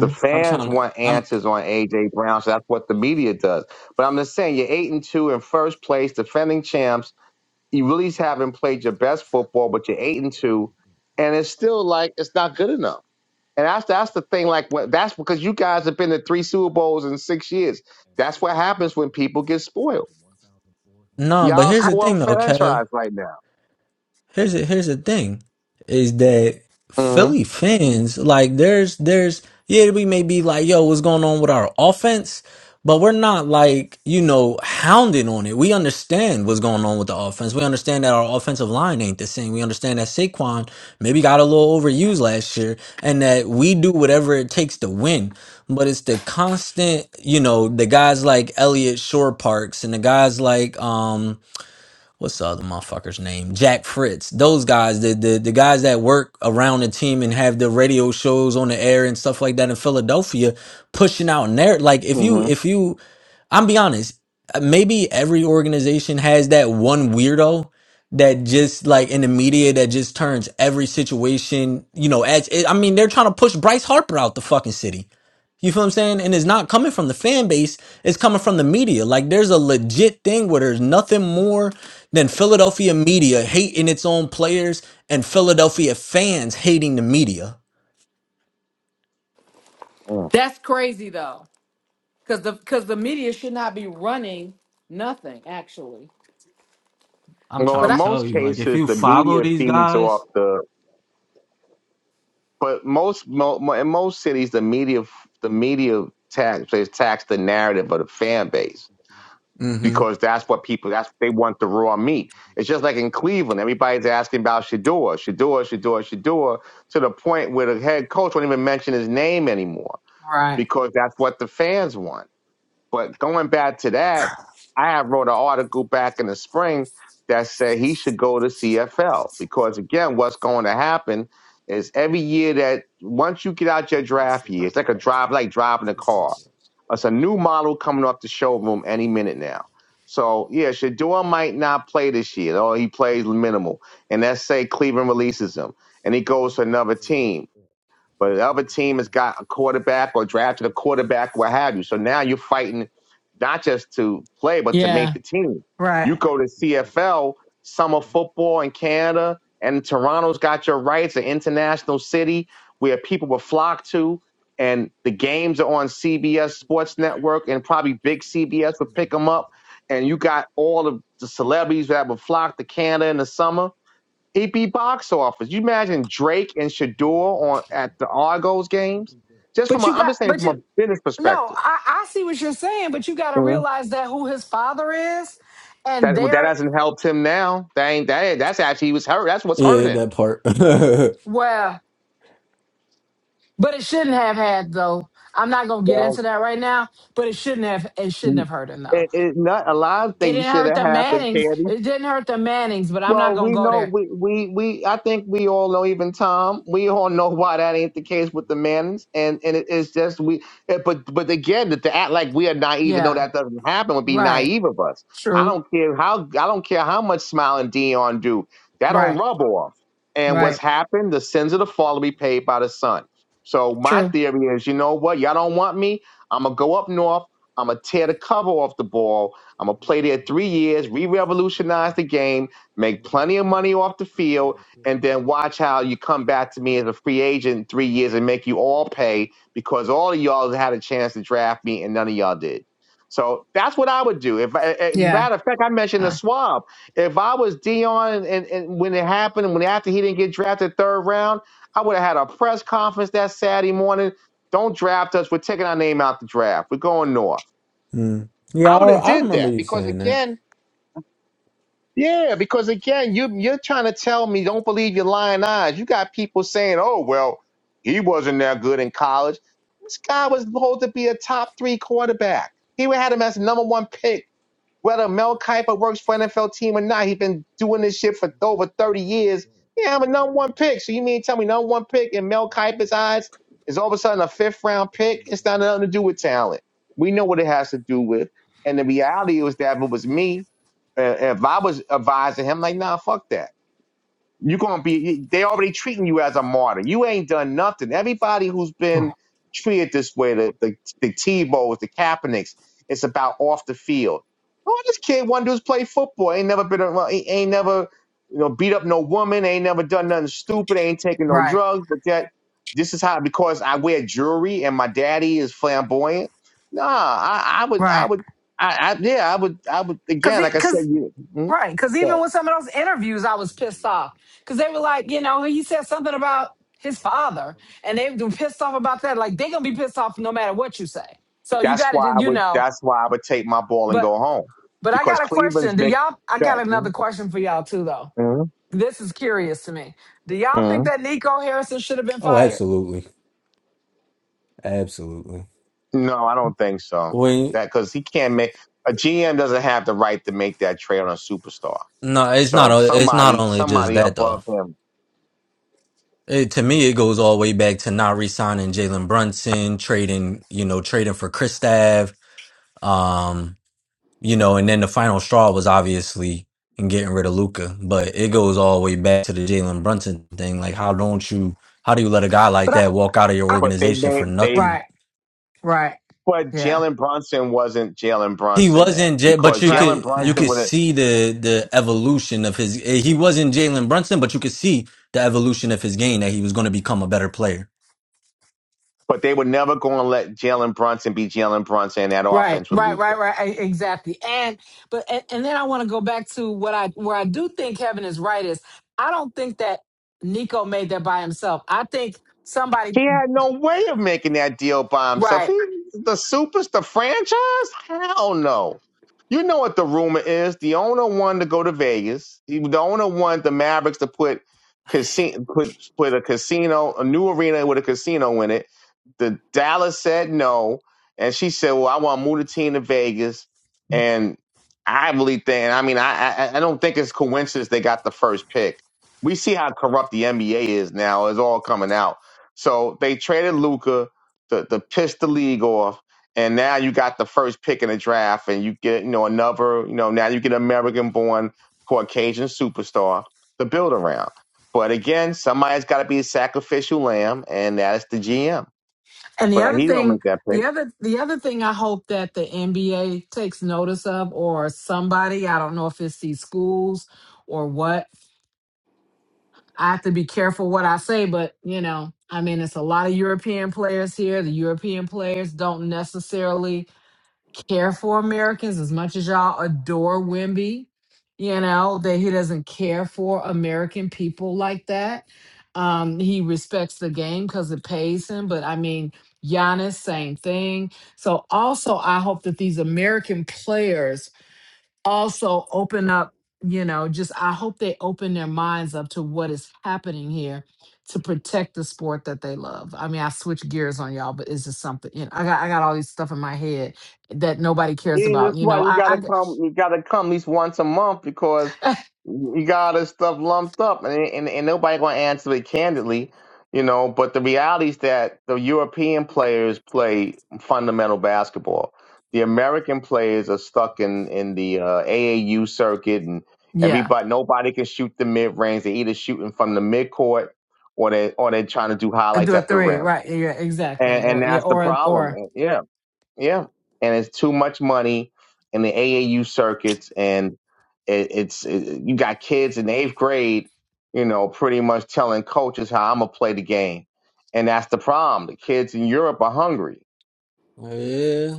B: The
F: I'm
B: fans
F: trying to.
B: want
F: I'm.
B: answers on AJ Brown, so that's what the media does. But I'm just saying, you're eight and two in first place, defending champs. You really haven't played your best football, but you're eight and two, and it's still like it's not good enough. And that's that's the thing. Like what- that's because you guys have been to three Super Bowls in six years. That's what happens when people get spoiled.
F: Uh, but
B: Y'all
F: here's
D: I
F: the
B: spoiled
F: thing, though, Kev.
B: franchise right now.
F: here's the, here's the thing is that
B: Mm-hmm.
F: Philly fans like there's there's yeah we may be like yo what's going on with our offense but we're not like you know hounding on it we understand what's going on with the offense we understand that our offensive line ain't the same we understand that Saquon maybe got a little overused last year and that we do whatever it takes to win but it's the constant you know the guys like Elliott, Shore Parks and the guys like um what's the other motherfucker's name? Jack Fritz. Those guys, the, the the guys that work around the team and have the radio shows on the air and stuff like that in Philadelphia, pushing out narrative. Like if you
B: Mm-hmm.
F: if you I'm be honest. uh, Maybe every organization has that one weirdo that just like in the media that just turns every situation, you know, as it, I mean, they're trying to push Bryce Harper out the fucking city. You feel what I'm saying? And it's not coming from the fan base, it's coming from the media. Like there's a legit thing where there's nothing more than Philadelphia media hating its own players and Philadelphia fans hating the media.
D: That's crazy though. Because the because the media should not be running nothing actually.
F: I'm
B: Well,
F: trying
D: But
B: in
D: I
F: to tell
B: most
F: you, like, if
B: cases,
F: you
B: the
F: follow
B: media
F: these
B: feeds off
F: guys,
B: the. But most mo, mo- in most cities, the media f- the media tax they tax the narrative of the fan base
F: Mm-hmm.
B: because that's what people that's they want the raw meat. It's just like in Cleveland, everybody's asking about Shador, Shador, Shador, Shador, to the point where the head coach won't even mention his name anymore
D: Right.
B: because that's what the fans want. But going back to that, I had wrote an article back in the spring that said he should go to CFL because again, what's going to happen is every year that once you get out your draft year, it's like a drive, like driving a car. It's a new model coming off the showroom any minute now. So yeah, Shador might not play this year, or he plays minimal. And let's say Cleveland releases him, and he goes to another team but the other team has got a quarterback or drafted a quarterback, what have you. So now you're fighting not just to play, but to make
D: Yeah.
B: the team. You
D: Right.
B: go to CFL, summer football in Canada, and Toronto's got your rights, an international city where people will flock to. And the games are on CBS Sports Network, and probably big CBS will pick them up. And you got all of the celebrities that will flock to Canada in the summer EP box office. You imagine Drake and Shador on at the Argos games. Just from
D: but
B: a,
D: you
B: I'm
D: got
B: just saying
D: but
B: from a
D: you
B: business
D: no
B: perspective,
D: I I see what you're saying, but you got to
B: hmm
D: realize that who his father is,
B: that
D: and
B: that
D: they're
B: hasn't helped him now. That ain't that. That's actually he was hurt. That's what's
F: Yeah,
B: hurting him.
F: that part.
D: well. But it shouldn't have had though. I'm not gonna get
B: Well,
D: into that right now. But it shouldn't have. It shouldn't have hurt him though.
B: It, it, not a lot of
D: It
B: things
D: didn't
B: should
D: hurt
B: have
D: the
B: happened,
D: Mannings.
B: Candy.
D: It didn't hurt the Mannings. But I'm not
B: Well,
D: gonna
B: we
D: go
B: know
D: there.
B: we we we. I think we all know, even Tom. We all know why that ain't the case with the Mannings, and and it, it's just we. eh, But but again, to to act like we are naive and know
D: Yeah.
B: that doesn't happen would be
D: Right.
B: naive of us. I
D: True.
B: don't care how I don't care how much Smile and Dion do. That don't
D: Right.
B: rub off. And what's
D: Right.
B: happened? The sins of the father be paid by the son. So my
D: True.
B: theory is, you know what? Y'all don't want me. I'm gonna go up north. I'm gonna tear the cover off the ball. I'm gonna play there three years, re-revolutionize the game make plenty of money off the field, and then watch how you come back to me as a free agent in three years and make you all pay because all of y'all had a chance to draft me and none of y'all did. So that's what I would do. If I- eh,
D: Yeah.
B: matter of fact, I mentioned the
D: Uh,
B: swab. If I was Dion and, and, and when it happened, when after he didn't get drafted third round, I would have had a press conference that Saturday morning. Don't draft us. We're taking our name out the draft. We're going north.
F: Mm. Yeah,
B: I would
F: I,
B: have
F: I
B: did
F: remember
B: that
F: you
B: because
F: saying that.
B: again, yeah, because again, you you're trying to tell me don't believe your lying eyes. You got people saying, "Oh well, he wasn't that good in college." This guy was supposed to be a top three quarterback. He would had him as the number one pick. Whether Mel Kiper works for NFL team or not, he's been doing this shit for over thirty years. Yeah, I'm a number one pick. So you mean to tell me number one pick in Mel Kiper's eyes is all of a sudden a fifth round pick? It's not nothing to do with talent. We know what it has to do with. And the reality was that if it was me. Uh, If I was advising him, like, nah, fuck that. You're gonna be. They already treating you as a martyr. You ain't done nothing. Everybody who's been treated this way, the the, the Tebow's, the Kaepernicks, it's about off the field. Oh, this kid wanted to just play football. Ain't never been. around- He ain't never, you know, beat up no woman. Ain't never done nothing stupid. Ain't taking no
D: right.
B: drugs. But that this is how because I wear jewelry and my daddy is flamboyant. Nah, I, I would, I
D: Right.
B: would, I, I, yeah, I would, I would
D: Cause
B: again,
D: it,
B: like I said,
D: cause
B: you
D: right, cause even
B: stuff.
D: with some of those interviews, I was pissed off because they were like, you know, he said something about his father, and they've been pissed off about that. Like they're gonna be pissed off no matter what you say. So you
B: That's
D: got
B: why
D: to,
B: I
D: you
B: would.
D: know.
B: That's why I would take my ball and
D: But
B: go home
D: but I
B: because
D: got a question.
B: Cleveland's
D: Do
B: make
D: y'all? I got
B: that.
D: another
B: mm
D: question for y'all too, though.
B: mm
D: This is curious to me. Do y'all think
B: mm.
D: that Nico Harrison should have been
F: Oh,
D: fired?
F: absolutely, absolutely.
B: No, I don't think so.
F: We
B: That because he can't make a GM doesn't have the right to make that trade on a superstar.
F: no, it's not.
B: So
F: o- It's not
B: somebody,
F: only just
B: somebody
F: that
B: above
F: though.
B: him.
F: It, to me, it goes all the way back to not re-signing Jalen Brunson, trading you know trading for Kristaps, um, you know, and then the final straw was obviously in getting rid of Luca. But it goes all the way back to the Jalen Brunson thing. Like, how don't you? How do you let a guy like
D: But I,
F: that walk out of your
D: I
B: But they
F: organization for
B: made they.
F: nothing?
D: right, right,
B: But
D: yeah,
B: Jalen Brunson wasn't Jalen
F: He
B: Brunson then
F: wasn't, J-
B: because
F: but you
D: right,
B: Jalen
F: could you
D: yeah.
B: Brunson
F: could
B: would. have
F: see the the evolution of his. eh, He wasn't Jalen Brunson, but you could see the evolution of his game that he was going to become a better player.
B: But they were never going to let Jalen Brunson be Jalen Brunson. And that
D: Right,
B: offense would
D: right,
B: lose.
D: right, right. e- Exactly. And but and, and then I want to go back to what I where I do think Kevin is right is I don't think that Nico made that by himself. I think somebody
B: He had no way of making that deal by himself.
D: right.
B: He the supers, the franchise? Hell no. You know what the rumor is. The owner wanted to go to Vegas. He- The owner wanted the Mavericks to put casino put put a casino, a new arena with a casino in it. The Dallas said no. And she said, Well, I want to move the team to Vegas. And I really think I mean I I, I don't think it's coincidence they got the first pick. We see how corrupt the NBA is now. It's all coming out so they traded Luca to, to piss the league off, and now you got the first pick in the draft, and you get you know another you know now you get an American-born Caucasian superstar to build around. But again, somebody's got to be a sacrificial lamb, and that is the GM.
D: And the
B: But
D: other
B: he don't
D: thing,
B: make that pick.
D: the other the other thing I hope that the NBA takes notice of or somebody, I don't know if it's these schools or what. I have to be careful what I say, but you know, I mean it's a lot of European players here. The European players don't necessarily care for Americans as much as y'all adore Wimby. You know, that he doesn't care for American people like that. Um, he respects the game because it pays him. But I mean, Giannis, same thing. So also I hope that these American players also open up, you know, just I hope they open their minds up to what is happening here to protect the sport that they love. I mean, I switch gears on y'all, but it's just something, you know, I got I got all these stuff in my head that nobody cares
B: Yeah,
D: about.
B: that's
D: You
B: why
D: know,
B: you
D: I,
B: gotta come. You gotta come at least once a month because
D: I g-
B: you got this stuff lumped up, and and, and nobody gonna answer it candidly, you know. But the reality is that the European players play fundamental basketball. The American players are stuck in in the uh, AAU circuit, and
D: yeah,
B: everybody nobody can shoot the mid range. They're either shooting from the midcourt or they or they're trying to do
D: I
B: highlights
D: do a
B: at the
D: three,
B: rim,
D: right? Yeah, yeah, exactly.
B: and and
D: Or yeah,
B: that's the
D: or
B: problem.
D: or
B: Yeah. Yeah, and it's too much money in the AAU circuits, and it, it's it, you got kids in eighth grade, you know, pretty much telling coaches how I'm gonna play the game, and that's the problem. The kids in Europe are hungry.
F: Yeah,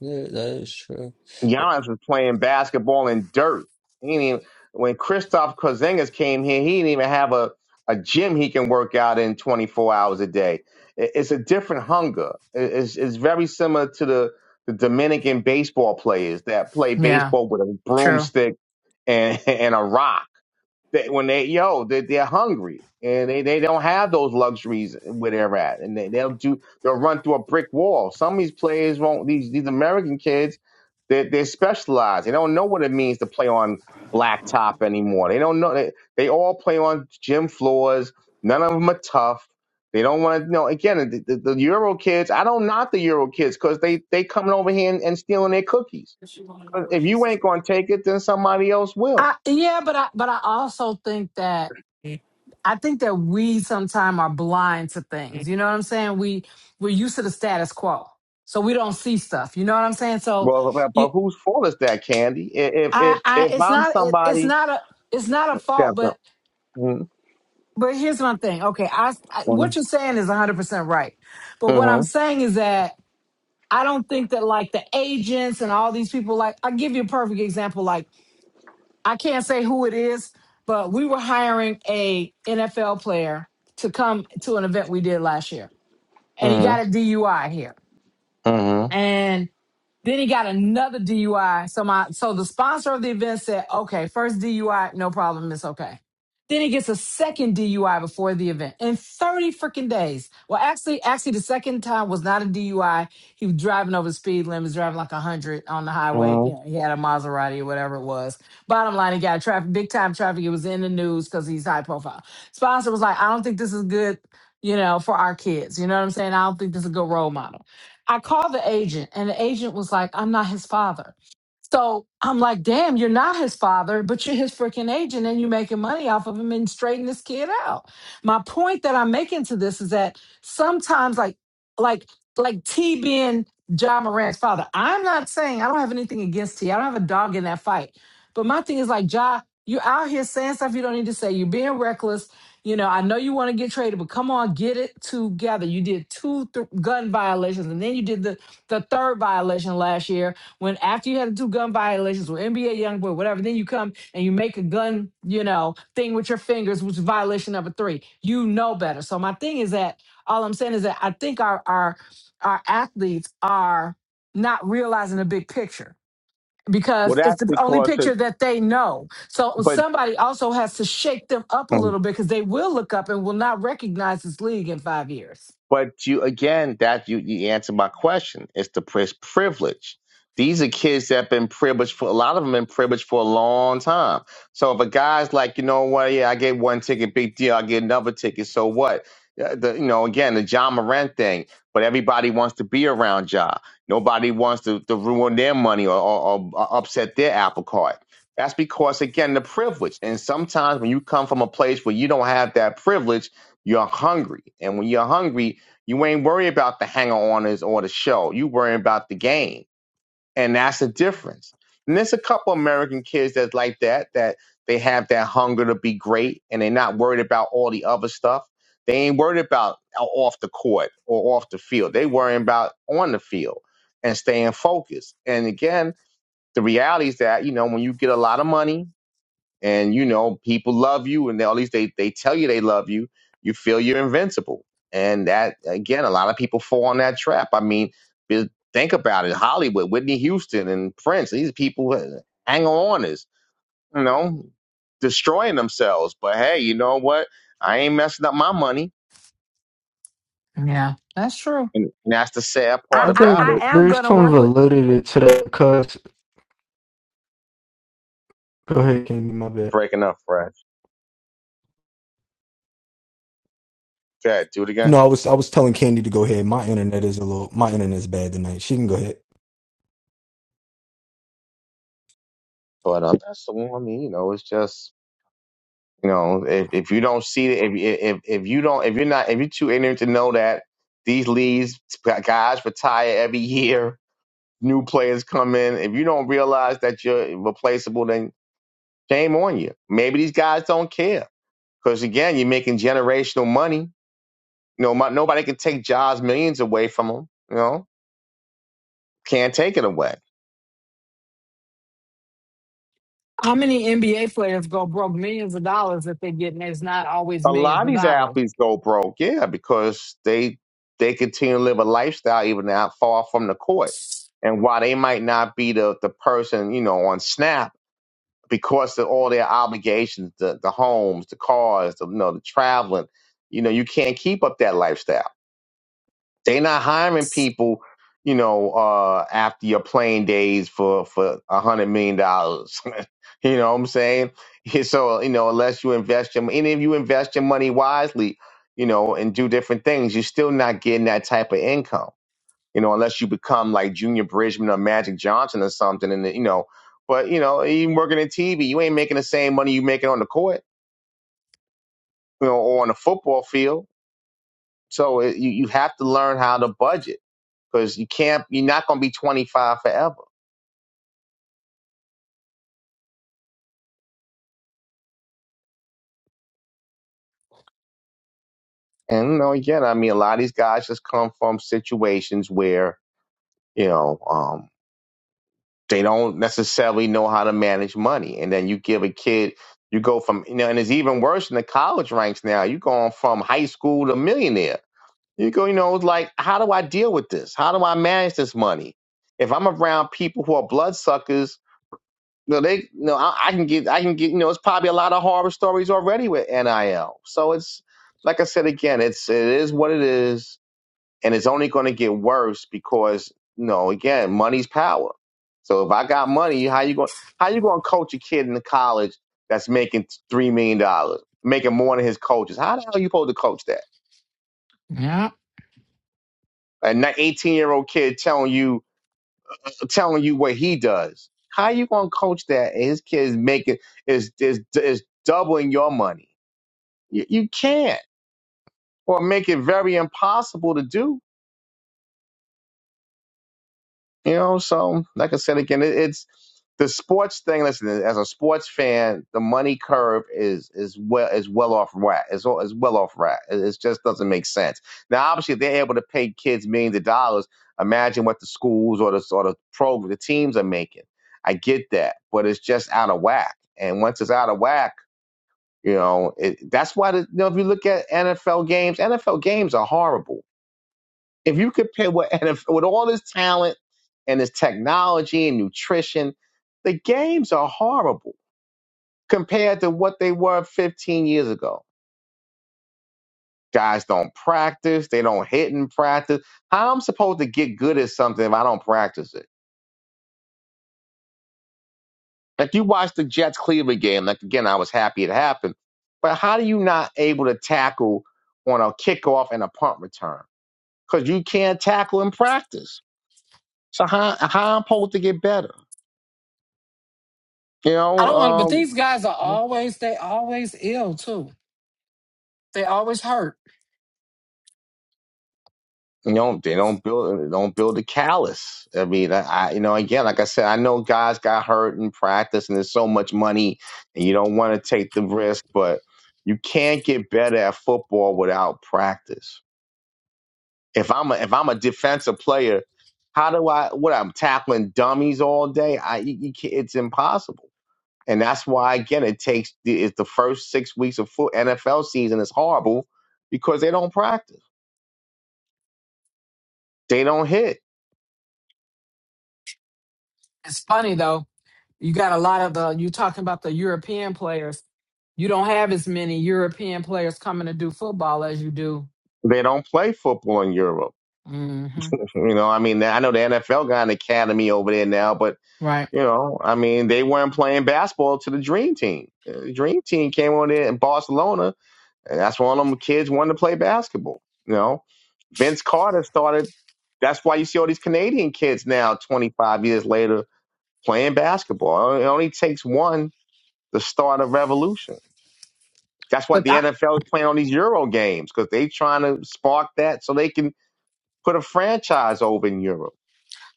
F: yeah, that is true. Well,
B: Giannis was playing basketball in dirt. He didn't even, when Christoph Kozingas came here, he didn't even have a, a gym he can work out in 24 hours a day. It- It's a different hunger. It- It's, it's very similar to the, the Dominican baseball players that play
D: yeah,
B: baseball with a
D: true.
B: broomstick and, and a rock they, when they yo, they, they're hungry and they, they don't have those luxuries where they're at, and they, they'll do they'll run through a brick wall. Some of these players won't. These these American kids, they they're specialized. They don't know what it means to play on blacktop anymore. They don't know. They, they all play on gym floors. None of them are tough. They don't want to you know. Again, the, the, the Euro kids. I don't knock the Euro kids because they they coming over here and, and stealing their cookies. 'Cause If you ain't gonna take it, then somebody else will.
D: I, yeah, but I but I also think that I think that we sometimes are blind to
A: it.
D: things. You know what I'm saying? We we're used to the status quo, so we don't see stuff. You know what I'm saying? So,
B: Well, but
D: you,
B: but whose fault is that, Candy? I- If
D: I,
B: if
D: I,
B: if
D: it's
B: I'm
D: not, it, it's
B: somebody,
D: not a, it's not a fault,
B: that's
D: but
B: up. Mm-hmm.
D: but here's my thing. Okay, I, I
B: Mm-hmm.
D: what you're saying is 100 percent right, but what I'm
B: Mm-hmm.
D: saying is that I don't think that like the agents and all these people. Like, I will give you a perfect example. Like, I can't say who it is, but we were hiring a NFL player to come to an event we did last year and he
B: Mm-hmm.
D: got a DUI here. And then he got another DUI. So my so the sponsor of the event said, okay, first DUI, no problem, it's okay. Then he gets a second DUI before the event in 30 freaking days. Well, actually, actually, the second time was not a DUI. He was driving over the speed limits, driving like 100 on the highway. You
B: mm-hmm.
D: know, he had a Maserati or whatever it was. Bottom line, he got traffic, big time traffic. It was in the news because he's high profile. Sponsor was like, I don't think this is good, you know, for our kids. You know what I'm saying? I don't think this is a good role model. I called the agent, and the agent was like, I'm not his father. So I'm like, damn, you're not his father, but you're his freaking agent and you're making money off of him and straighten this kid out. My point that I'm making to this is that sometimes like like like T being John Morant's father, I'm not saying I don't have anything against T. I don't have a dog in that fight. But my thing is like, Ja, you're out here saying stuff you don't need to say. You're being reckless you know, I know you want to get traded, but come on, get it together. You did two th- gun violations, and then you did the, the third violation last year. When after you had the two gun violations with NBA YoungBoy, whatever, then you come and you make a gun, you know, thing with your fingers, which is violation number three. You know better. So my thing is that all I'm saying is that I think our our our athletes are not realizing the big picture
B: Well,
D: because it's
B: that's
D: the only
B: because it.
D: picture that they know. So
B: But
D: somebody also has to shake them up a little bit because they will look up and will not recognize this league in five years.
B: But you again, that you you answer my question. It's the pri- privilege. These are kids that have been privileged for a lot of them been privileged for a long time. So if a guy's like, you know what, yeah, I get one ticket, big deal. I get another ticket, so what? Uh, The, you know, again, the John Moran thing. But everybody wants to be around John. Nobody wants to, to ruin their money or, or, or upset their apple cart. That's because again, the privilege. And sometimes when you come from a place where you don't have that privilege, you're hungry. And when you're hungry, you ain't worried about the hanger oners or the show. You worrying about the game. And that's the difference. And there's a couple American kids that's like that, that they have that hunger to be great and they're not worried about all the other stuff. They ain't worried about uh, off the court or off the field. They worrying about on the field and staying focused. And again, the reality is that, you know, when you get a lot of money and you know people love you and they, at least they, they tell you they love you you feel you're invincible and that again a lot of people fall on that trap i mean just think about it hollywood whitney houston and prince these people who hang on is you know destroying themselves but hey you know what i ain't messing up my money
D: Yeah, that's true.
B: and that's the sad
D: I,
B: part
F: I
D: I,
B: about
D: I
F: think
B: it
D: am
F: there's
D: going to
F: some
D: work with
F: validity to that because go ahead, King, my bad.
B: breaking up fresh okay do it again
F: No, I was.
B: but um, that's the one i mean you know it's just You know, if, if you don't see it, if, if if you don't, if you're not, if you're too ignorant to know that these leagues guys retire every year, new players come in. If you don't realize that you're replaceable, then shame on you. Maybe these guys don't care because again, you're making generational money. You know, my, nobody can take jobs millions away from them. You know, can't take it away.
D: how many NBA players go broke millions of dollars that they get, and it's not always
B: a lot
D: millions
B: of
D: of
B: these
D: dollars.
B: athletes go broke, yeah, because they they continue to live a lifestyle even out far from the court. And while they might not be the the person, you know, on snap because of all their obligations, the the homes, the cars, the you know, the traveling, you know, you can't keep up that lifestyle. They are not hiring people, you know, uh, after your playing days for for a hundred million dollars. you know what I'm saying? So you know, unless you invest your and if you invest your money wisely, you know, and do different things, you're still not getting that type of income. You know, unless you become like Junior Bridgman or Magic Johnson or something, and you know, but you know, even working in TV, you ain't making the same money you making on the court, you know, or on the football field. So it, you you have to learn how to budget because you can't you're not going to be 25 forever and you know again i mean a lot of these guys just come from situations where you know um they don't necessarily know how to manage money and then you give a kid you go from you know and it's even worse in the college ranks now you're going from high school to millionaire you go you know it's like how do i deal with this how do i manage this money if i'm around people who are bloodsuckers No, they no. I, I can get. I can get. You know, it's probably a lot of horror stories already with NIL. So it's like I said again. It's it is what it is, and it's only going to get worse because you know again, money's power. So if I got money, how you going? How you going to coach a kid in the college that's making three million dollars, making more than his coaches? How the hell are you supposed to coach that?
D: Yeah.
B: An eighteen year old kid telling you telling you what he does. How you gonna coach that? And his kids making is is is doubling your money. You, you can't, or make it very impossible to do. You know, so like I said again, it, it's the sports thing. Listen, as a sports fan, the money curve is is well is well off rat. It's all is well off rat. It, it just doesn't make sense. Now, obviously, if they're able to pay kids millions of dollars, imagine what the schools or the or the program, the teams are making. I get that, but it's just out of whack. And once it's out of whack, you know, it, that's why the, you know if you look at NFL games, NFL games are horrible if you could pay with, and if, with all this talent and this technology and nutrition, the games are horrible compared to what they were 15 years ago. Guys don't practice. They don't hit in practice. How am I supposed to get good at something if I don't practice it? Like you watch the Jets Cleveland game. Like again, I was happy it happened, but how do you not able to tackle on a kickoff and a punt return? Because you can't tackle in practice. So how how am i supposed to get better? You
D: I
B: know,
D: don't want, but
B: um,
D: these guys are
B: You
D: always, they always ill too. They always hurt.
B: know, they don't build they don't build a callus. I mean, I, I you know, again, like I said, I know guys got hurt in practice, and there's so much money, and you don't want to take the risk, but you can't get better at football without practice. If I'm a, if I'm a defensive player, how do I what I'm tackling dummies all day? I you, you can't, it's impossible, and that's why again it takes the- it's the first six weeks of foot NFL season is horrible because they don't practice, they don't hit
D: It's funny though. You got a lot of the you talking about the European players. You don't have as many European players coming to do football as you do.
B: They don't play football in Europe.
D: hmm
B: You know, I mean, I know the NFL got an academy over there now, but
D: Right.
B: you know, I mean, they weren't playing basketball to the Dream Team. Uh, The Dream Team came on there in Barcelona, and that's when all them kids wanted to play basketball. You know, Vince Carter started. That's why you see all these Canadian kids now, 25 years later, playing basketball. It only takes one to start a revolution. That's what
D: But
B: the
D: I,
B: NFL is playing on these Euro games because they trying to spark that so they can put a franchise over in Europe.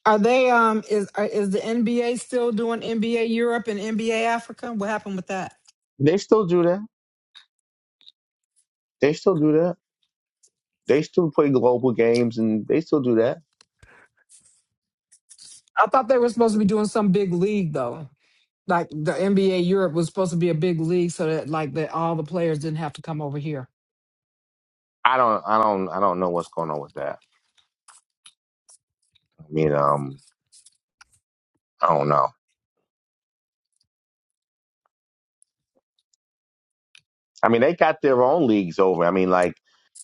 D: are they um is are, is the NBA still doing NBA Europe and NBA Africa? What happened with that?
B: They still do that. They still do that. They still play global games and they still do that.
D: I thought they were supposed to be doing some big league though. Like the NBA Europe was supposed to be a big league so that like that all the players didn't have to come over here.
B: I don't I don't I don't know what's going on with that. I mean, um I don't know. I mean, they got their own leagues over. I mean, like,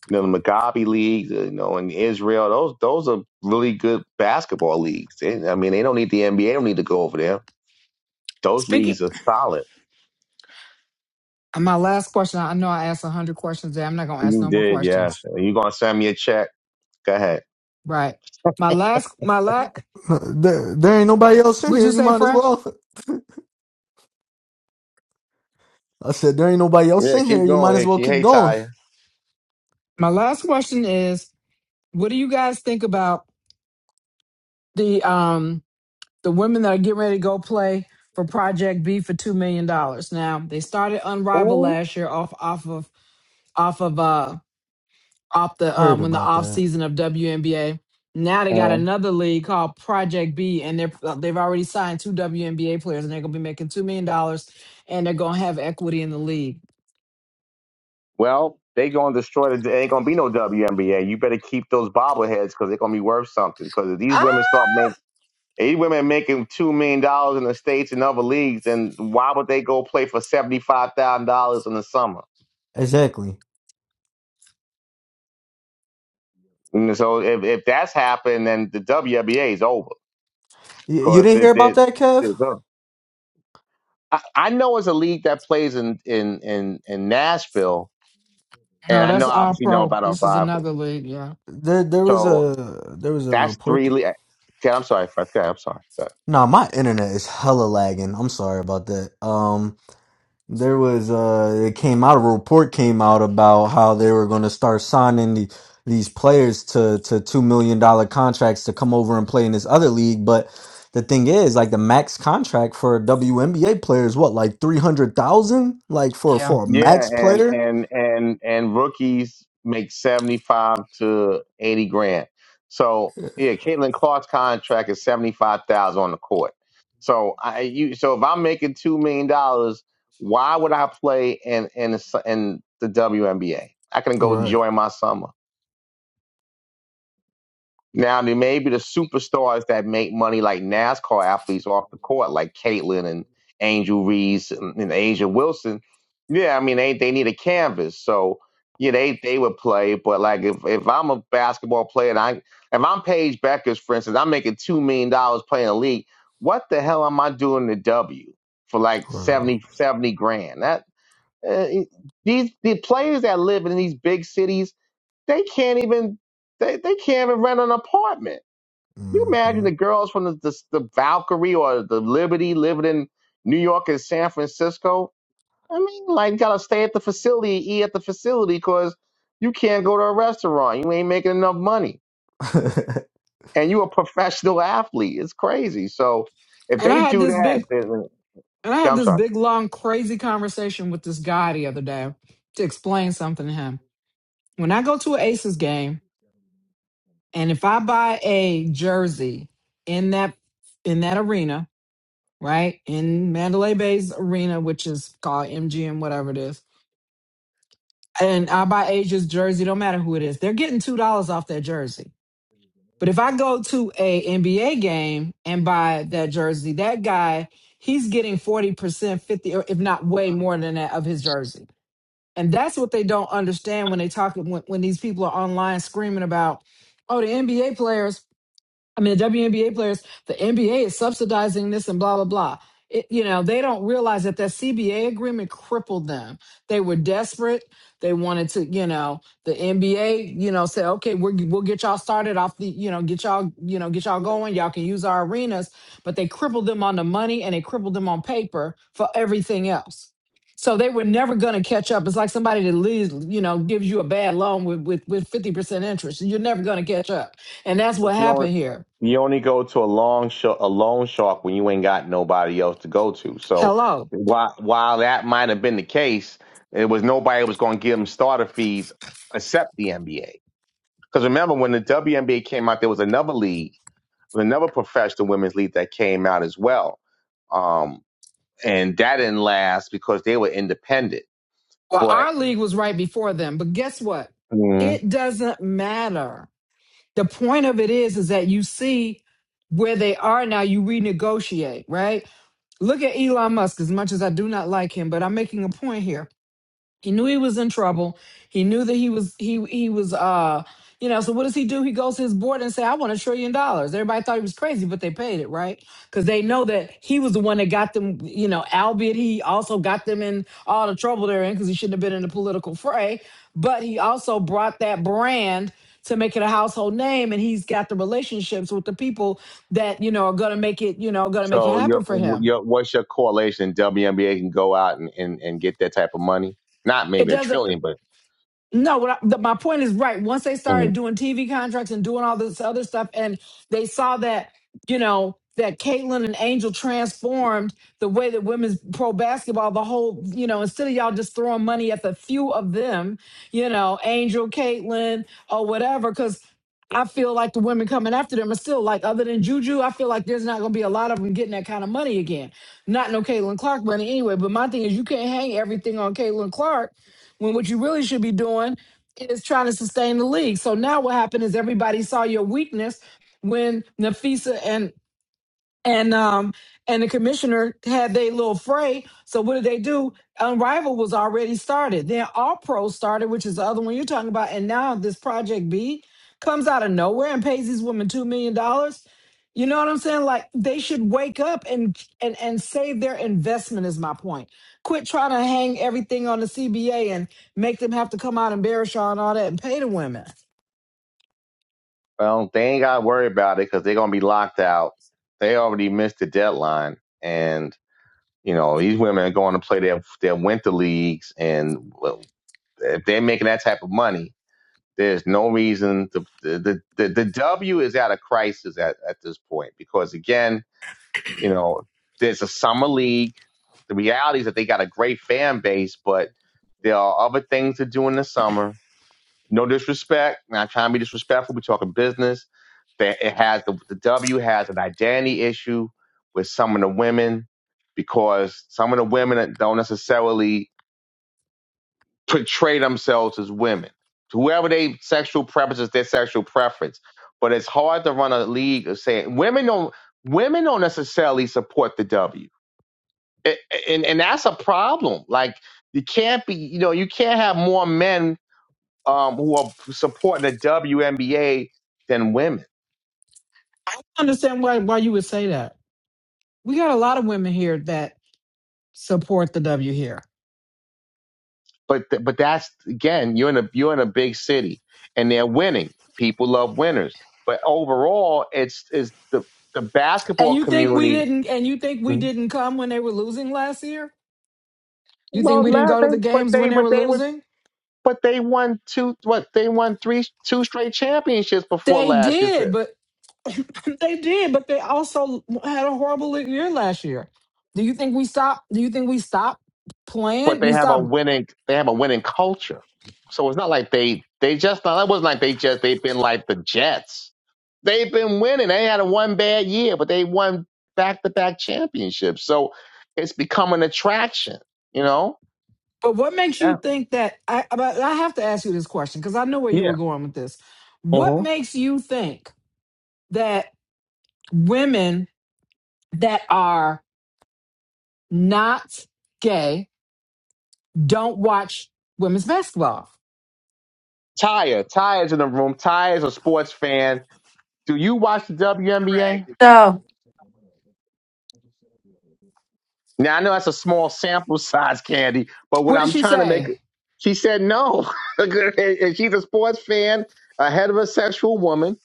B: you know, the Mugabe leagues, you know, in Israel, those those are really good basketball leagues. They- I mean, they don't need the NBA, they don't need to go over there. Those
D: Speaking
B: leagues are solid.
D: and my last question, I know I asked a hundred questions there. I'm not gonna ask
B: You
D: no more
B: did, yes.
D: questions.
B: You gonna send me a check? Go ahead.
D: Right. My last my last Would you say
F: Might as
D: fresh?
F: well. I said there ain't nobody else
B: Yeah,
F: in
B: keep
F: here. You might as
B: going.
F: well keep
B: Hey,
F: going.
B: Ty.
D: My last question is, what do you guys think about the um the women that are getting ready to go play for Project B for two million dollars? Now they started Unrivaled
B: Who?
D: last year off off of off of uh off
F: I
D: the
F: heard
D: um when
F: about
D: the off
F: it.
D: season of WNBA. Now they got another league called Project B, and they're uh, they've already signed two WNBA players, and they're gonna be making two million dollars, and they're gonna have equity in the league.
B: Well, they gonna destroy the. It ain't gonna be no WNBA. You better keep those bobbleheads because they're gonna be worth something. Because if these
D: Ah,
B: women start making these women making two million dollars in the states and other leagues, and why would they go play for seventy five thousand dollars in the summer?
F: exactly.
B: And so if if that's happened, then the WNBA is over.
F: You, you
B: Because
F: didn't
B: it,
F: hear about
B: it,
F: that, Kev?
B: it's over. I, I know it's a league that plays in in in in Nashville, and
D: No,
B: I know
D: that's all
B: obviously know
D: pro.
B: about our
D: This is
B: rival.
D: another league. Yeah,
F: There, there was
B: So
F: a there was a
B: that's
F: report
B: three. le- Okay, I'm sorry, Fred. Go ahead, I'm sorry. Go ahead.
F: Nah, my internet is hella lagging. I'm sorry about that. Um, there was uh, it came out a report came out about how they were going to start signing the, these players to to two million dollar contracts to come over and play in this other league. But the thing is, like the max contract for a WNBA player is what, like three hundred thousand, like for
D: Yeah.
F: for a
B: Yeah,
F: max
B: and
F: player.
B: and and and rookies make seventy five to eighty grand. So yeah, Caitlin Clark's contract is seventy five thousand on the court. So I you so if I'm making two million dollars, why would I play in in the, s- in the WNBA? I can go
F: Right.
B: enjoy my summer. Now, there may be the superstars that make money like NASCAR athletes off the court, like Caitlin and Angel Reese and, and Asia Wilson. Yeah, I mean they they need a canvas, so yeah, they they would play. But like if if I'm a basketball player and I if I'm Paige Beckers, for instance, I'm making two million dollars playing a league. What the hell am I doing to W for like
F: Right.
B: 70 70 grand? That uh, these the players that live in these big cities, they can't even they, they can't even rent an apartment you imagine
F: hmm
B: the girls from the, the the Valkyrie or the Liberty living in New York and San Francisco? I mean, like, you gotta stay at the facility, eat at the facility, because you can't go to a restaurant. You ain't making enough money, and you a professional athlete. It's crazy. So if
D: And I
B: they
D: had
B: do
D: this
B: that,
D: big
B: then,
D: and I
B: uh,
D: had
B: I'm
D: this
B: sorry.
D: big long crazy conversation with this guy the other day to explain something to him. When I go to an Aces game and if I buy a jersey in that in that arena, right? In Mandalay Bay's arena, which is called MGM whatever it is. And I buy Asia's jersey, don't matter who it is. They're getting $2 off their jersey. But if I go to a NBA game and buy that jersey, that guy, he's getting 40%, 50, or if not way more than that of his jersey. And that's what they don't understand when they talk when, when these people are online screaming about, oh, the NBA players I mean, the WNBA players, the NBA is subsidizing this and blah, blah, blah. It, you know, they don't realize that that CBA agreement crippled them. They were desperate. They wanted to, you know, the NBA, you know, said, okay, we're, we'll get y'all started off the, you know, get y'all, you know, get y'all going. Y'all can use our arenas, but they crippled them on the money and they crippled them on paper for everything else. So they were never going to catch up. It's like somebody that leaves, you know, gives you a bad loan with, with, with 50% interest. You're never going to catch up. And that's what
B: But you only
D: happened here.
B: you only go to a long sh- a loan shark when you ain't got nobody else to go to. So
D: Hello.
B: while while that might have been the case, it was nobody was going to give him starter fees except the NBA. Because remember when the WNBA came out, there was another league, another professional women's league that came out as well, um, and that didn't last because they were independent.
D: Well,
B: But
D: our league was right before them, but guess what? It doesn't matter. The point of it is, is that you see where they are now, you renegotiate, right? Look at Elon Musk, as much as I do not like him, but I'm making a point here He knew he was in trouble. He knew that he was he he was uh you know, so what does he do? He goes to his board and say, I want a trillion dollars. Everybody thought he was crazy, but they paid it, right? Because they know that he was the one that got them, you know, albeit he also got them in all the trouble they're in because he shouldn't have been in the political fray. But he also brought that brand to make it a household name and he's got the relationships with the people that, you know, are gonna make it, you know, gonna make it
B: So
D: happen
B: your,
D: for him
B: your what's your correlation? WNBA can go out and, and, and get that type of money. Not
D: It
B: maybe a
D: doesn't.
B: trillion, but
D: No, what I, the, my point is right. Once they started
B: Mhm.
D: doing TV contracts and doing all this other stuff, and they saw that, you know, that Caitlin and Angel transformed the way that women's pro basketball, the whole, you know, instead of y'all just throwing money at the few of them, you know, Angel, Caitlin, or whatever, because I feel like the women coming after them are still like, other than Juju, I feel like there's not going to be a lot of them getting that kind of money again. Not no Caitlin Clark money anyway, but my thing is you can't hang everything on Caitlin Clark when what you really should be doing is trying to sustain the league. So now what happened is everybody saw your weakness when Nafisa and and um and the commissioner had their little fray. So what did they do? Unrivaled was already started. Then All Pro started, which is the other one you're talking about, and now this Project B comes out of nowhere and pays these women two million dollars. You know what I'm saying? Like they should wake up and and and save their investment is my point. Quit trying to hang everything on the CBA and make them have to come out and Barishaw and all that and pay the women.
B: well, they ain't got to worry about it because they're gonna be locked out. They already missed the deadline, and you know these women are going to play their their winter leagues, and well, if they're making that type of money, there's no reason to the the the, the W is at a crisis at at this point because again, you know, there's a summer league. The reality is that they got a great fan base, but There are other things to do in the summer. No disrespect. Not trying to be disrespectful. We're talking business. That it has the, the W has an identity issue with some of the women because some of the women don't necessarily portray themselves as women. Whoever they sexual preference is their sexual preference. But it's hard to run a league of saying women don't women don't necessarily support the W. A- And and that's a problem. Like you can't be you know, you can't have more men um, who are supporting the WNBA than women.
D: I don't understand why why you would say that. We got a lot of women here that. support the W here.
B: But th- but that's again, you're in a you're in a big city, and they're winning. People love winners. But overall, it's is the the
D: And
B: basketball
D: you think we
B: community.
D: didn't? And you think we
B: Mhm.
D: didn't come when they were losing last year? You think
B: Well,
D: we didn't
B: la-
D: go
B: they,
D: to the
B: but
D: games
B: they
D: when they
B: but
D: were
B: they would
D: losing?
B: but they won two what they won three two straight championships before
D: They
B: last
D: did,
B: year.
D: but they did, but they also had a horrible year last year. Do you think we stopped? Do you think we stopped
B: but
D: playing?
B: they
D: We
B: have a
D: stopped.
B: winning they have a winning culture. So it's not like they they just not it wasn't like they just they've been like the Jets. They've been winning. They had a one bad year, but they won back to back championships. So it's become an attraction, you know?
D: But what makes you
B: Yeah.
D: think that? I but I have to ask you this question because I know where you were
B: Yeah.
D: going with this. What
B: Uh-huh.
D: makes you think that women that are not gay don't watch women's basketball.
B: Tyre, Tyre's in the room. Tyre's a sports fan. Do you watch the WNBA?
G: So,
B: Now I know that's a small sample size, Candy, but what
D: What did
B: I'm
D: she
B: trying to make,
D: say?
B: she said no, and she's a sports fan, a heterosexual woman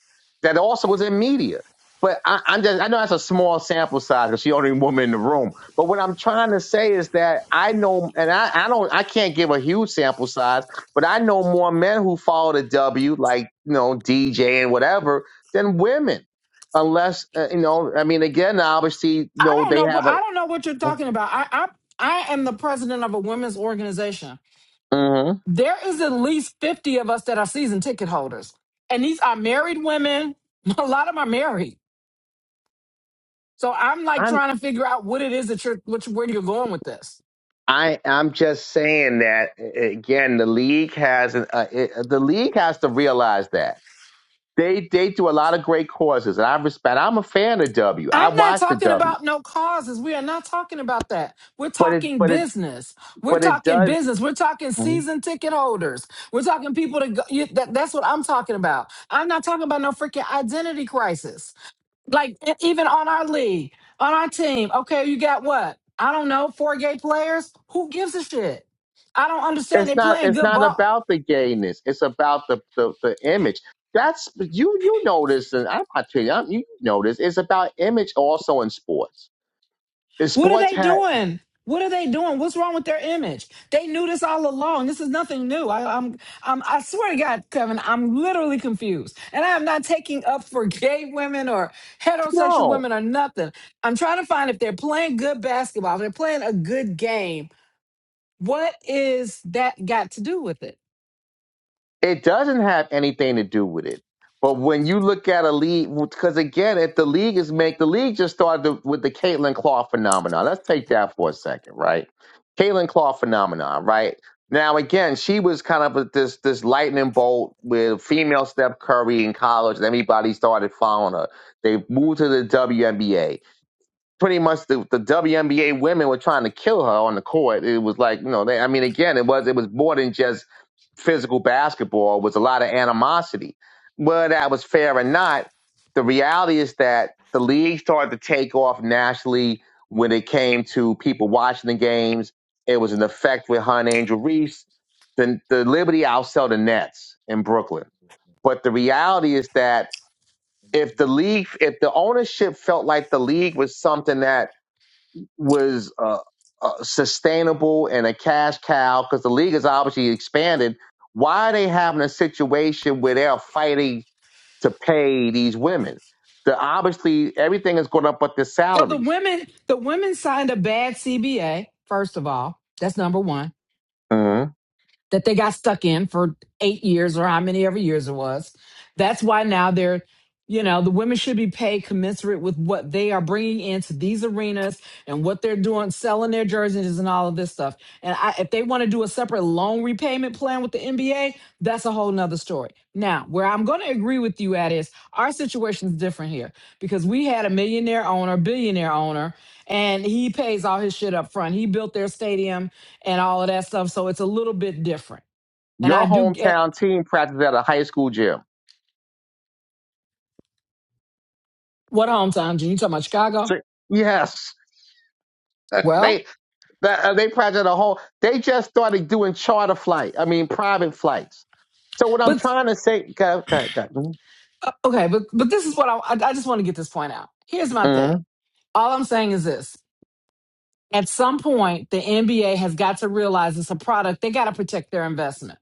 B: that also was in media. But I, I'm just, I know that's a small sample size because she only woman in the room. But what I'm trying to say is that I know, and I, I don't, I can't give a huge sample size, but I know more men who follow the W, like you know DJ and whatever, than women. Unless uh, you know, I mean, again, obviously, you
D: I
B: know,
D: don't
B: they
D: know. What
B: have a
D: I don't know what you're talking about. I I I am the president of a women's organization.
B: hmm
D: There is at least fifty of us that are season ticket holders, and these are married women. A lot of them are married, so I'm like
B: I'm
D: trying to figure out what it is that you're, which, where you're going with this.
B: I I'm just saying that a- again. The league has an, uh, it, uh, the league has to realize that they they do a lot of great causes, and I respect. I'm a fan of W. I
D: I'm not
B: watch the
D: talking
B: W,
D: about no causes. We are not talking about that. We're
B: but it
D: talking
B: but it
D: business. We're
B: but it
D: talking
B: does.
D: business. We're talking
B: hmm
D: season ticket holders. We're talking people to go. You, that, that's what I'm talking about. I'm not talking about no freaking identity crisis. Like e- even on our league, on our team. Okay, you got what? I don't know. Four gay players. Who gives a shit? I don't understand.
B: It's
D: They
B: not
D: playing
B: it's
D: good
B: not
D: ball.
B: about the gayness. It's about the the, the image. That's you you notice, and I'm not telling you. I'm- You notice it's about image also in sports. And
D: What are
B: sports
D: they
B: had
D: doing? What are they doing? What's wrong with their image? They knew this all along. This is nothing new. I, I'm, I'm, I swear to God, Kevin, I'm literally confused. And I am not taking up for gay women or heterosexual
B: no.
D: women or nothing. I'm trying to find if they're playing good basketball, if they're playing a good game. What is that got to do with it?
B: It doesn't have anything to do with it. But when you look at a league, because again, if the league is make the league just started with the Caitlin Clark phenomenon. Let's take that for a second, right? Caitlin Clark phenomenon, right? Now again, she was kind of a, this this lightning bolt with female Steph Curry in college, and everybody started following her. They moved to the WNBA pretty much the, the WNBA women were trying to kill her on the court. It was like, you know, they, I mean, again, it was it was more than just physical basketball. It was a lot of animosity. Whether that was fair or not, the reality is that the league started to take off nationally when it came to people watching the games. It was an effect with Hun Angel Reese. The, the Liberty outsell the Nets in Brooklyn. But the reality is that if the league, if the ownership felt like the league was something that was uh, uh, sustainable and a cash cow because the league has obviously expanded. Why are they having a situation where they're fighting to pay these women? The, obviously, everything is going up but the
D: Well, the
B: salaries.
D: women, the women signed a bad CBA, first of all. That's number one.
B: Mm-hmm.
D: that they got stuck in for eight years or how many ever years it was. That's why now they're, you know, the women should be paid commensurate with what they are bringing into these arenas and what they're doing, selling their jerseys and all of this stuff. And I, if they want to do a separate loan repayment plan with the NBA, that's a whole nother story. Now, where I'm going to agree with you at is our situation is different here because we had a millionaire owner, billionaire owner, and he pays all his shit up front. He built their stadium and all of that stuff. So it's a little bit different. And I
B: Your
D: do get
B: hometown team practiced at a high school gym.
D: what hometown, June? You talking about Chicago?
B: Sure. Yes.
D: Well,
B: they that, uh, they practiced at a whole. They just started doing charter flight. I mean, private flights. So what I'm
D: but
B: trying to say, go, go,
D: uh, okay, but but this is what I I I just want to get this point out. Here's my
B: go.
D: thing. All I'm saying is this. At some point, the NBA has got to realize it's a product. They got to protect their investment.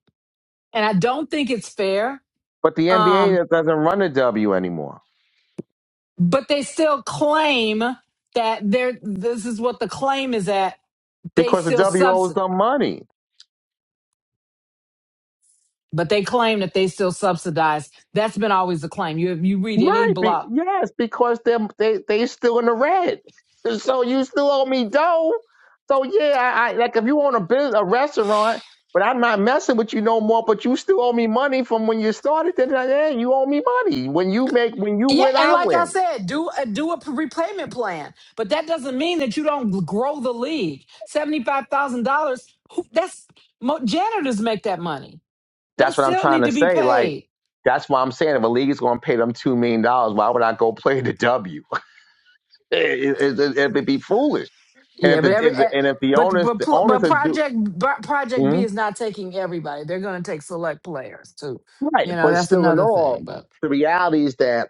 D: And I don't think it's fair.
B: But the
D: Um,
B: NBA doesn't run the W anymore
D: but they still claim that they're this is what the claim is at. They
B: because the
D: still
B: W
D: subs.
B: owes them money.
D: but they claim that they still subsidize. That's been always the claim. You you read any
B: Right. Be-
D: blog.
B: yes, because they're, they they still in the red. So you still owe me dough. So yeah, I, I like if you own a business, a restaurant, but I'm not messing with you no more. But you still owe me money from when you started. Then like, yeah, you owe me money. When you make when you
D: Yeah,
B: win,
D: and
B: I
D: like I
B: win.
D: said, do a, do a p- repayment plan, but that doesn't mean that you don't grow the league. Seventy five thousand dollars. That's mo- janitors make that money. They
B: That's what I'm
D: still
B: trying
D: need
B: to
D: to be
B: say. Like
D: paid.
B: that's why I'm saying if a league is going to pay them two million dollars, why would I go play the W? It, it, it, it'd be foolish. And if
D: Yeah, but
B: the
D: every
B: and, the,
D: eh,
B: and if the
D: but
B: owners
D: but
B: the
D: pl-
B: owners
D: but
B: are do
D: project but project B
B: Mhm.
D: is not taking everybody. They're going to take select players too.
B: right,
D: You know
B: but
D: that's
B: still in
D: another
B: all,
D: thing. But
B: the reality is that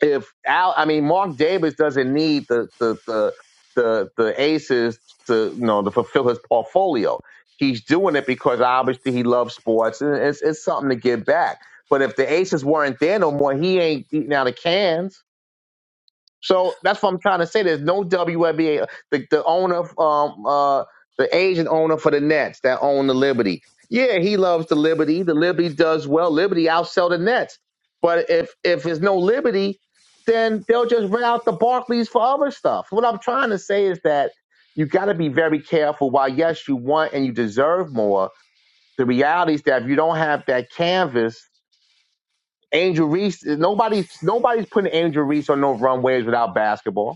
B: if Al, I mean Mark Davis doesn't need the the the the, the aces to you know to fulfill his portfolio. He's doing it because obviously he loves sports and it's it's something to give back. But if the aces weren't there no more, he ain't eating out of cans. So that's what I'm trying to say. There's no WNBA. The, the owner, um, uh, the Asian owner for the Nets that own the Liberty. Yeah, he loves the Liberty. The Liberty does well. Liberty outsell the Nets. But if if there's no Liberty, then they'll just rent out the Barclays for other stuff. What I'm trying to say is that you got to be very careful. While yes, you want and you deserve more, the reality is that if you don't have that canvas, Angel Reese, nobody's nobody's putting Angel Reese on no runways without basketball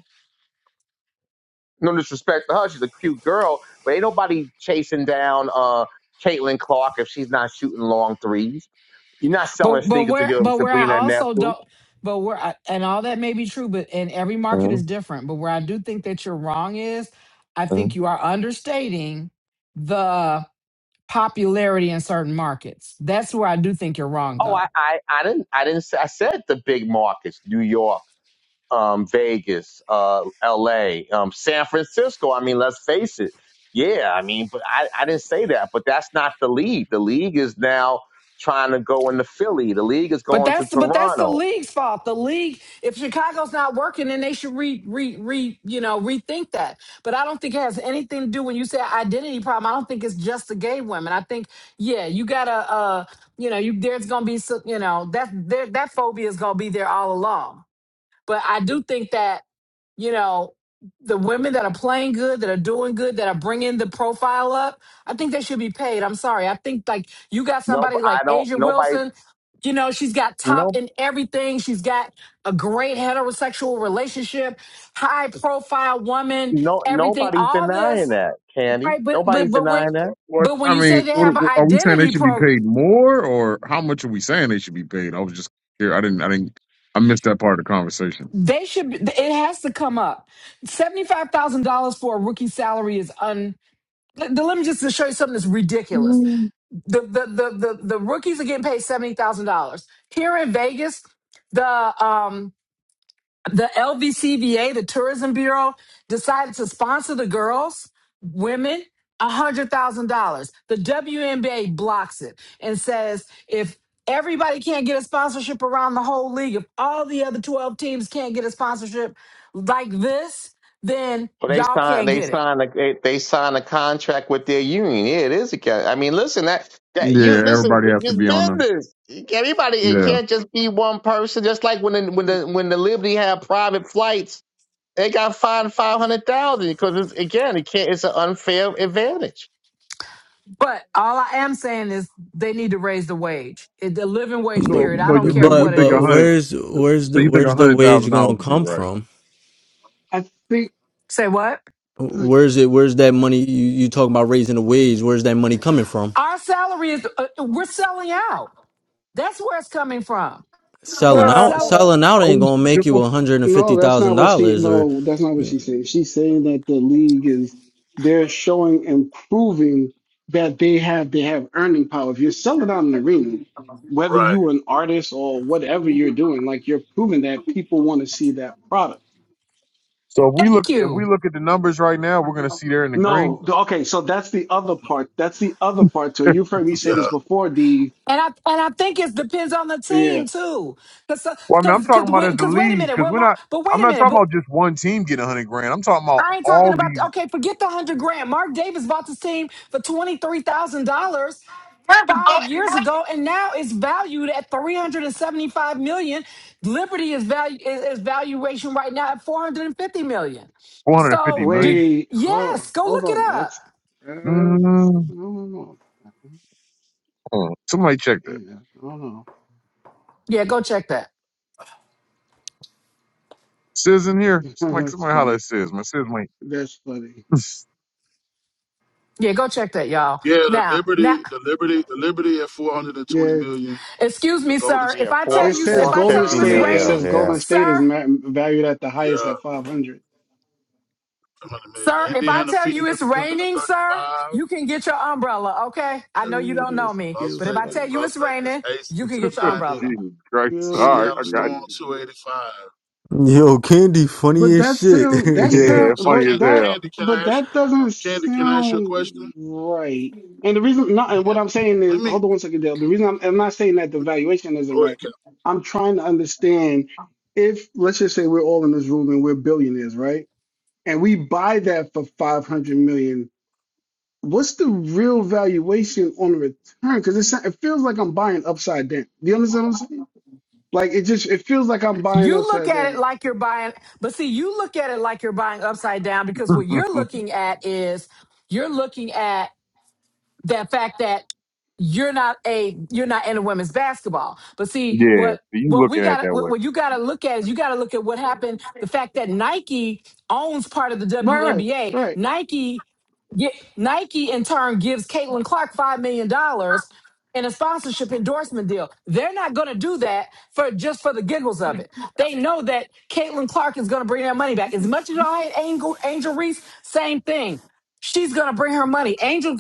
B: no disrespect to her, she's a cute girl, but ain't nobody chasing down uh Caitlin Clark if she's not shooting long threes. You're not selling
D: But but
B: sneakers if
D: where
B: you're
D: but where I
B: Sabrina and
D: also
B: Nephew.
D: don't but where I, and all that may be true, but and every market
B: Mm-hmm.
D: is different. But where I do think that you're wrong is, I
B: Mm-hmm.
D: think you are understating the popularity in certain markets. That's where I do think you're wrong,
B: Oh, I,
D: though.
B: I, I didn't, I didn't. Say, I said the big markets: New York, um, Vegas, uh, L.A., um, San Francisco. I mean, let's face it. Yeah, I mean, but I, I didn't say that. But that's not the league. The league is now trying to go into Philly. The league is
D: But
B: going to
D: that's but that's the
B: Toronto.
D: league's fault. The league, if Chicago's not working, then they should re re re you know rethink that. But I don't think it has anything to do when you say identity problem. I don't think it's just the gay women. I think yeah, you gotta uh you know you there's gonna be some you know that there, that phobia is gonna be there all along. But I do think that, you know, the women that are playing good, that are doing good, that are bringing the profile up, I think they should be paid. I'm sorry. I think like you got
B: No,
D: somebody
B: I
D: like
B: don't.
D: Asia
B: Nobody.
D: Wilson, you know, she's got
B: no
D: top in everything. She's got a great heterosexual relationship, high profile woman,
B: no
D: everything,
B: nobody's
D: all
B: denying
D: this,
B: that, Candy.
D: right? But, but,
B: Nobody's
D: but we're,
B: denying that.
H: What
D: but when
H: I
D: you say
H: mean,
D: they
H: what,
D: have an
H: are we saying they
D: identity
H: should be
D: pro,
H: paid more, or how much are we saying they should be paid? I was just here. I didn't. I didn't. I missed that part of the conversation.
D: they should, it has to come up. $75,000 for a rookie salary is Let, let me just show you something that's ridiculous. The the the the, the rookies are getting paid seventy thousand dollars here in Vegas. The um the LVCVA, the Tourism Bureau, decided to sponsor the girls, women. $100,000. The WNBA blocks it and says if everybody can't get a sponsorship around the whole league, if all the other 12 teams can't get a sponsorship like this, then
B: But they
D: y'all
B: sign
D: can't
B: they
D: get it.
B: sign a they, they sign a contract with their union. Yeah, it is a con- I mean, listen that that you
H: Yeah,
B: listen.
H: everybody have to
B: It's just
H: be on the.
B: business. Everybody, it
H: Yeah.
B: can't just be one person. Just like when the, when the when the Liberty had private flights, they got fined five hundred thousand because it's, again, it can't. It's an unfair advantage.
D: But all I am saying is they need to raise the wage, It- the living wage
F: But
H: So,
D: period. I
H: so
D: don't
H: you
D: care
H: think
F: but
H: you
D: what it
H: think a
F: but
D: is.
H: hundred?
F: where's
H: So,
F: where's
H: so
F: the
H: you think a
F: where's the
H: hundred thousand
F: wage
H: dollars
F: gonna
H: would be
F: come
H: right?
F: from?
I: I think
D: Say what?
F: Where's it? Where's that money? You you talking about raising the wage? Where's that money coming from?
D: Our salary is, uh, we're selling out. That's where it's coming from.
H: Uh,
F: Selling
D: We're
H: are
F: out,
D: selling.
F: selling out ain't
H: we
F: gonna make you
H: simple?
F: one hundred and
I: no,
F: fifty
I: that's not
F: thousand
I: what she
F: dollars. Or
I: no, that's not what she's saying. She's saying that the league is they're showing and proving that they have they have earning power. If you're selling out an arena, whether
J: Right.
I: you an artist or whatever you're doing, like you're proving that people want to see that product.
H: So if we look
D: Thank
H: if we
D: you.
H: look at the numbers right now, we're gonna see they're in the green.
I: No, the- okay, so that's the other part. That's the other part to it. You've heard me say this
J: Yeah.
I: before, D.
D: And I and I think it depends on the
I: Yeah.
D: team too, because
H: Well, I mean, I'm
D: because
H: talking
D: because
H: about as
D: wait
H: a
D: 'cause wait a
H: lead
D: minute,
H: because
D: well,
H: we're
D: Mark,
H: not.
D: but
H: I'm
D: wait a
H: not
D: minute,
H: talking
D: but
H: about just one team getting a hundred grand. I'm talking about
D: I ain't talking
H: all
D: about
H: these
D: okay. Forget the hundred grand. Mark Davis bought this team for twenty three thousand dollars five years ago and now it's valued at 375 million dollars. liberty is value is, is valuation right now at 450 million dollars.
H: 450
D: so do
H: million.
I: Wait,
D: yes
I: oh,
D: go
I: hold
D: look it
I: on.
D: up
I: That's uh, no, no, no.
H: Hold on. Somebody check that.
I: Yeah, I don't know.
D: yeah go check that
H: Sis in here? Somebody,
I: That's
H: somebody holler
I: funny.
H: at Sis. My Sis might.
I: That's funny.
D: yeah go check that y'all
J: Yeah, the
D: now now
J: Liberty, the Liberty, the Liberty at 420
I: Yeah,
J: million.
D: excuse
J: The
D: me
J: Golden
D: sir
J: State
B: Yeah,
D: if i tell
I: it
B: four
D: you
J: Falcons
I: says
J: is
D: if
B: four
D: i
J: at
D: tell
I: Golden
B: fifty
D: you it's
I: State.
J: 500
I: It
J: million.
D: raining
I: says
B: million.
I: Golden State is
D: sir
I: ma- valued at the highest
J: Yeah,
I: at 500.
J: 100 million.
D: sir if i
J: Indiana
D: tell you
J: Fever
D: it's raining sir
J: 335.
D: you can get your umbrella okay i
I: No
D: know you don't
I: media
D: know me
J: Yeah. Las
I: deals
D: but if i
J: Vegas,
D: tell you
I: starting
J: Las
D: it's
J: Vegas
D: raining
J: Aces
D: you can get your
I: in
J: 290.
D: umbrella
H: Jesus
I: two
H: Christ.
I: billion.
H: All right,
J: Seattle
H: I got
J: Storm 285.
F: Yo, Candy,
I: But
F: funny as
I: that
F: shit.
I: sound that
H: you.
I: sound
H: Yeah,
J: So
H: funny
I: but
J: can,
I: that
H: as
J: Candy, can I
I: but
J: ask you,
I: that doesn't
J: Candy, can I ask you a question?
I: sound right. And the reason not and
J: Yeah.
I: what I'm saying
J: Let
I: is
J: me
I: hold on one second, Dale. The reason I'm, I'm not saying that the valuation isn't
J: go ahead,
I: right.
J: Candy.
I: I'm trying to understand if let's just say we're all in this room and we're billionaires, right? and we buy that for 500 million dollars, what's the real valuation on the return because it sa- it feels like i'm buying upside down Do you understand what i'm saying like it just it feels like i'm buying
D: You look
I: upside
D: at it
I: down
D: like you're buying, but see, you look at it like you're buying upside down because what you're
H: hell.
D: looking at is you're looking at the fact that you're not a you're not into women's basketball. But see
H: yeah,
D: what
H: you
D: what we
H: looking at it
D: got
H: that
D: what,
H: way.
D: what you got to look at is you got to look at what happened. The fact that Nike owns part of the
I: right right
D: WNBA,
I: right
D: Nike get Nike in turn gives Caitlin Clark five million dollars in a sponsorship endorsement deal. They're not going to do that for just for the giggles of it. They know that Caitlin Clark is going to bring that money back. As much as I hate Angel, Angel Reese, same thing. She's gonna bring her money. Angel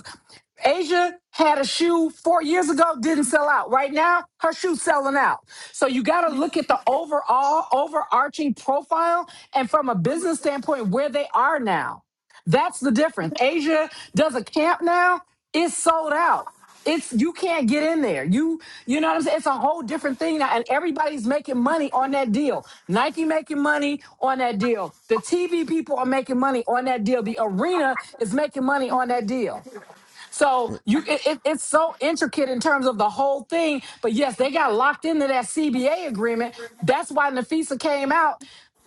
D: Asia had a shoe four years ago, didn't sell out. Right now, her shoe's selling out. So you got to look at the overall, overarching profile and from a business standpoint, where they are now. That's the difference. Asia does a camp now, it's sold out. It's you can't get in there. You you know what I'm saying? It's a whole different thing now, and everybody's making money on that deal. Nike making money on that deal. The TV people are making money on that deal. The arena is making money on that deal. So you, it, it- it's so intricate in terms of the whole thing. But yes, they got locked into that CBA agreement. That's why Nafisa came out.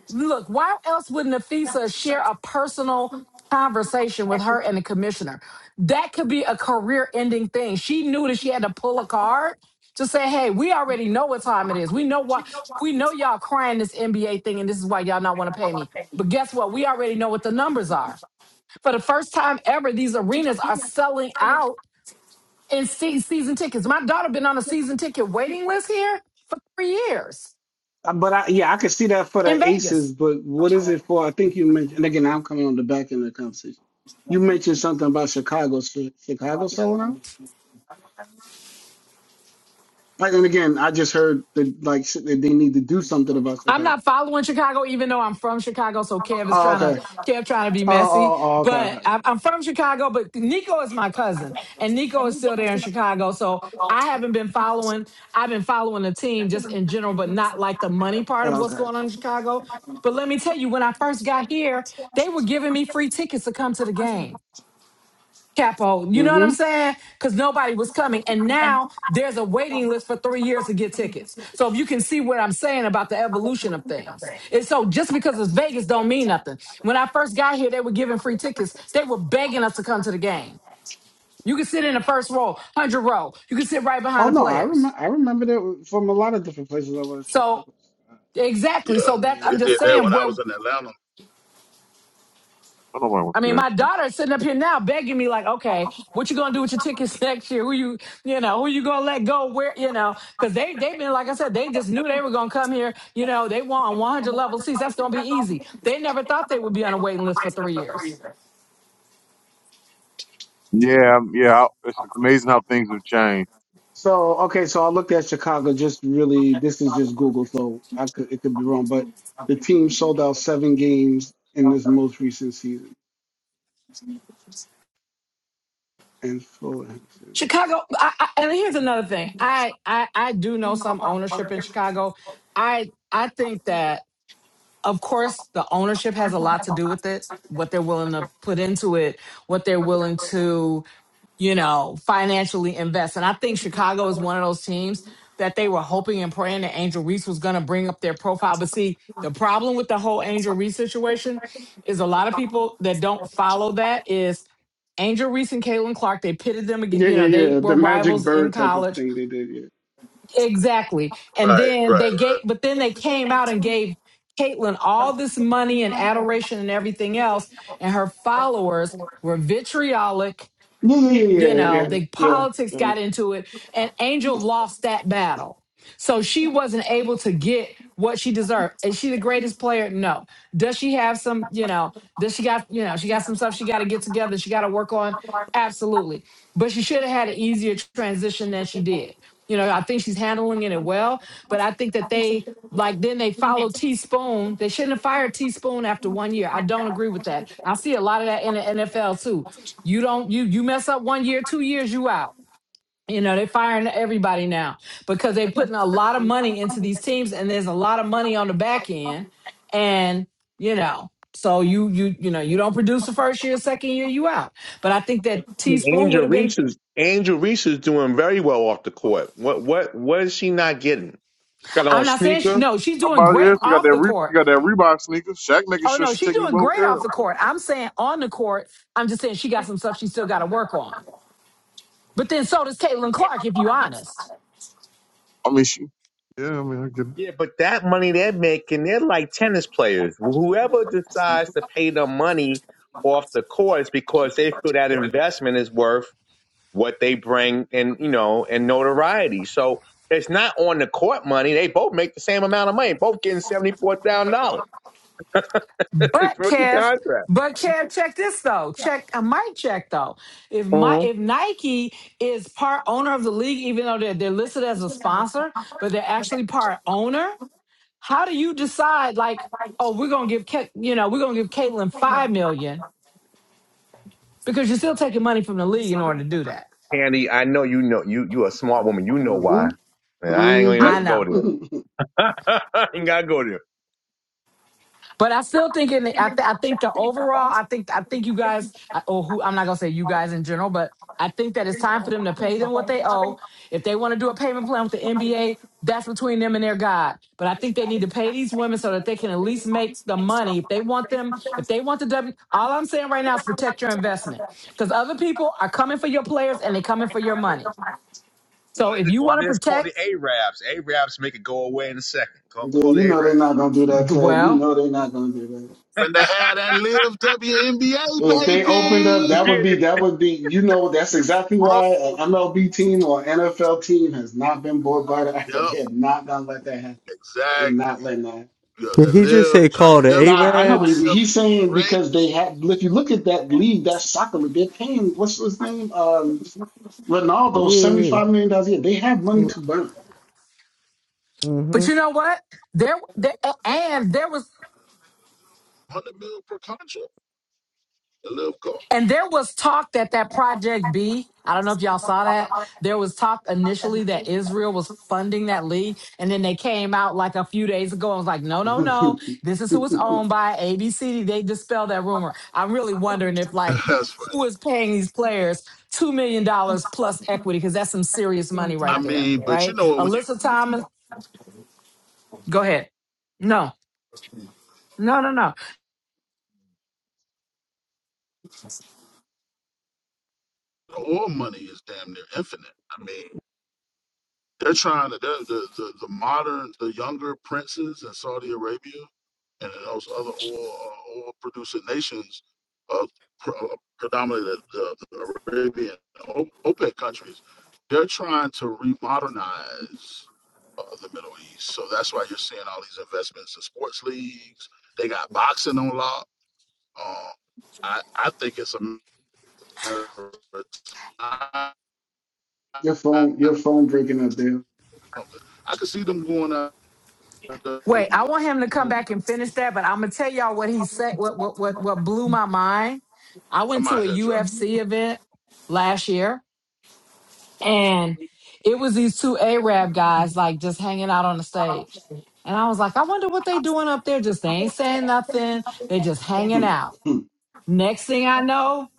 D: Look, why else would Nafisa share a personal conversation with her and the commissioner? That could be a career-ending thing. She knew that she had to pull a card to say, "Hey, we already know what time it is. We know what we know. Y'all crying this NBA thing, and this is why y'all not want to pay me. But guess what? We already know what the numbers are." For the first time ever, these arenas are selling out and see season tickets. My daughter been on a season ticket waiting list here for three years
I: Uh, but I, yeah, I could see that for the
D: in Vegas.
I: aces, but what is it for? I think you mentioned, and again, I'm coming on the back end of the conversation. You mentioned something about Chicago, Chi- Chicago selling out. Like, and again, I just heard that like shit, that they need to do something about
D: I'm
I: Chicago.
D: not following Chicago, even though I'm from Chicago. So Kev is
I: Oh,
D: trying to
I: okay.
D: Kev trying to be
I: Oh, oh,
D: messy,
I: oh okay,
D: but
I: okay,
D: I'm,
I: okay.
D: I'm from Chicago. But Nico is my cousin, and Nico is still there in Chicago. So I haven't been following. I've been following the team just in general, but not like the money part of
I: Oh,
D: what's
I: okay.
D: going on in Chicago. But let me tell you, when I first got here, they were giving me free tickets to come to the game Capo. You know what
I: Mm-hmm.
D: I'm saying? Because nobody was coming. And now there's a waiting list for three years to get tickets. So if you can see what I'm saying about the evolution of things. And so just because it's Vegas don't mean nothing. When I first got here, they were giving free tickets. They were begging us to come to the game. You can sit in the first row, 100 row. You can sit right
I: Oh
D: behind the
I: no, I
D: players.
I: remember. I remembered it from a lot of different places. I was
D: So
I: Chicago.
D: exactly.
J: Yeah.
D: So that
J: They
D: I'm
I: Please.
D: just
J: did that
D: saying
J: when I
D: where
J: was in Atlanta.
H: I don't want
D: I
H: to see
D: mean,
H: that
D: my
H: shit.
D: daughter's sitting up here now begging me, like, okay, what you gonna do with your tickets next year? Who you, you know, who you gonna let go? Where, you know, because they they've been like I said, they just knew they were gonna come here. You know, they want 100 level seats. That's gonna be easy. They never thought they would be on a waiting list for three years.
H: Yeah, yeah, it's amazing how things have changed.
I: So okay, so I looked at Chicago. Just really, this is just Google, so I could it could be wrong, but the team sold out seven games in this most recent season. And Fulham.
D: Chicago, I, I, and here's another thing. I, I I do know some ownership in Chicago. I I think that of course the ownership has a lot to do with it. What they're willing to put into it, what they're willing to you know, financially invest. And I think Chicago is one of those teams that they were hoping and praying that Angel Reese was going to bring up their profile. But see, the problem with the whole Angel Reese situation is a lot of people that don't follow that is Angel Reese and Caitlin Clark, they pitted them again,
I: Yeah,
D: you know,
I: yeah,
D: they
I: yeah. The
D: were
I: Magic
D: rivals in
I: Bird type of
D: college.
I: thing they did. Yeah.
D: Exactly. And
J: Right,
D: then
J: right,
D: they
J: right.
D: gave, but then they came out and gave Caitlin all this money and adoration and everything else. And her followers were vitriolic
I: Yeah, yeah, yeah,
D: you
I: yeah,
D: know
I: yeah,
D: the
I: yeah.
D: politics
I: yeah.
D: got into it and angel lost that battle so she wasn't able to get what she deserved is she the greatest player no does she have some you know does she got you know she got some stuff she got to get together she got to work on absolutely but she should have had an easier transition than she did you know i think she's handling it well but i think that they like then they follow teaspoon they shouldn't have fired teaspoon after one year i don't agree with that i see a lot of that in the nfl too you don't you you mess up one year, two years, you out. You know, they're firing everybody now because they're putting a lot of money into these teams and there's a lot of money on the back end. And, you know, so you you you know, you don't produce the first year, second year, you out. But I think that teaspoon
B: Angel
D: would have been
B: Reese is Angel Reese is doing very well off the court. What what what is she not getting? Got her on
D: I'm not saying she,
B: sneaker.
D: no, she's
H: How
D: doing
H: about yeah,
D: great
H: she got
D: off
H: that
D: the
H: re- she
D: court.
H: got that Reebok sneaker. Shaq making
D: Oh
H: sure
D: no,
H: she
D: she's
H: taking
D: doing
H: well
D: great
H: care
D: off
H: of.
D: the court. I'm saying on the court, I'm just saying she got some stuff she still gotta work on. But then so does Caitlin Clark, if you're honest.
H: I mean, she. Yeah, I mean, I could.
B: Yeah, but that money they're making, they're like tennis players. Whoever decides to pay the money off the court is because they feel that investment is worth what they bring and you know and notoriety. So it's not on the court money. They both make the same amount of money. Both getting seventy four thousand dollars. It's
D: But
B: rookie
D: Kev,
B: contract.
D: but Kev, check this though. Check I might check though. If my if Nike is part owner of the league, even though they're they're listed as a sponsor, but they're actually part owner, how do you decide like, oh, we're gonna give Ke- you know, we're gonna give Caitlin five million because you're still taking money from the league in order to do that.
B: Candy, I know you know you you a smart woman. You know why.
I: Mhm.
B: And I ain't gonna even have
I: Mhm.
D: I
B: to
D: know.
B: go there. I ain't gotta go there.
D: But I still think in the, I, th- I think the overall I think I think you guys I- or who I'm not gonna say you guys in general, but I think that it's time for them to pay them what they owe. If they want to do a payment plan with the NBA, that's between them and their God. But I think they need to pay these women so that they can at least make the money. If they want them, if they want the W, all I'm saying right now is protect your investment because other people are coming for your players and they're coming for your money.
B: Well,
D: So
B: they
D: if
B: just,
D: you
B: well,
D: want
B: they
D: to
B: just call the
D: protect,
B: Arabs. Arabs make it go away in a second. Call,
I: yeah,
B: call
I: you
B: the Arabs.
I: know they're not gonna do that, Kev. You
D: well,
I: know they're not gonna do that.
J: Finna have that live WNBA,
I: If they opened up, that
J: baby.
I: would be that would be you know that's exactly
J: Bro.
I: why an MLB team or NFL team has not been bought by the
J: Yep,
I: They're not gonna let that happen. They're
J: exactly.
I: not letting that. happen.
J: Yeah,
F: did
J: the
F: he just
J: live,
F: say call the
J: live
I: Nah, I know what
F: Arabs?
I: he- he's
J: WNBA,
I: saying
J: great.
I: because they have. If you look at that league, that soccer league, they're paying what's his name, um, Ronaldo, seventy
F: oh
I: five million dollars a year. They have money
F: yeah.
I: to burn.
F: yeah.
D: but you know what? There, there, and there was.
J: 100 million per contract. The live goal.
D: And there was talk that that Project B, I don't know if y'all saw that. There was talk initially that Israel was funding that league. And then they came out like a few days ago and was like, no, no, no. This is who it's owned by ABC. They dispelled that rumor. I'm really wondering if, like,
J: That's funny.
D: who is paying these players $2 million dollars plus equity? Because that's some serious money
J: I
D: right there,
J: mean, but you
D: right?
J: know what? When you,
D: Alyssa Thomas, go ahead. No, no, no, no.
J: the oil money is damn near infinite. I mean, they're trying to, they're, the, the, the modern, the younger princes in Saudi Arabia and those other oil uh, oil producing nations, uh, pr- uh, predominantly the, the, the Arabian O- OPEC countries, they're trying to remodernize uh, the Middle East. So that's why you're seeing all these investments in sports leagues. They got boxing on lock. Uh, I I think it's a matter of time.
I: your phone, your phone breaking up
J: I could see them going out. I'm
D: Wait, I want him to come back and finish that, but I'm gonna tell y'all what he said. What what what what blew my mind? I went
J: out
D: to a
J: here driving.
D: UFC event last year, and it was these two Arab guys like just hanging out on the stage, and I was like, I wonder what they doing up there. Just they ain't saying nothing. They just hanging
I: there.
D: out. Next thing I know,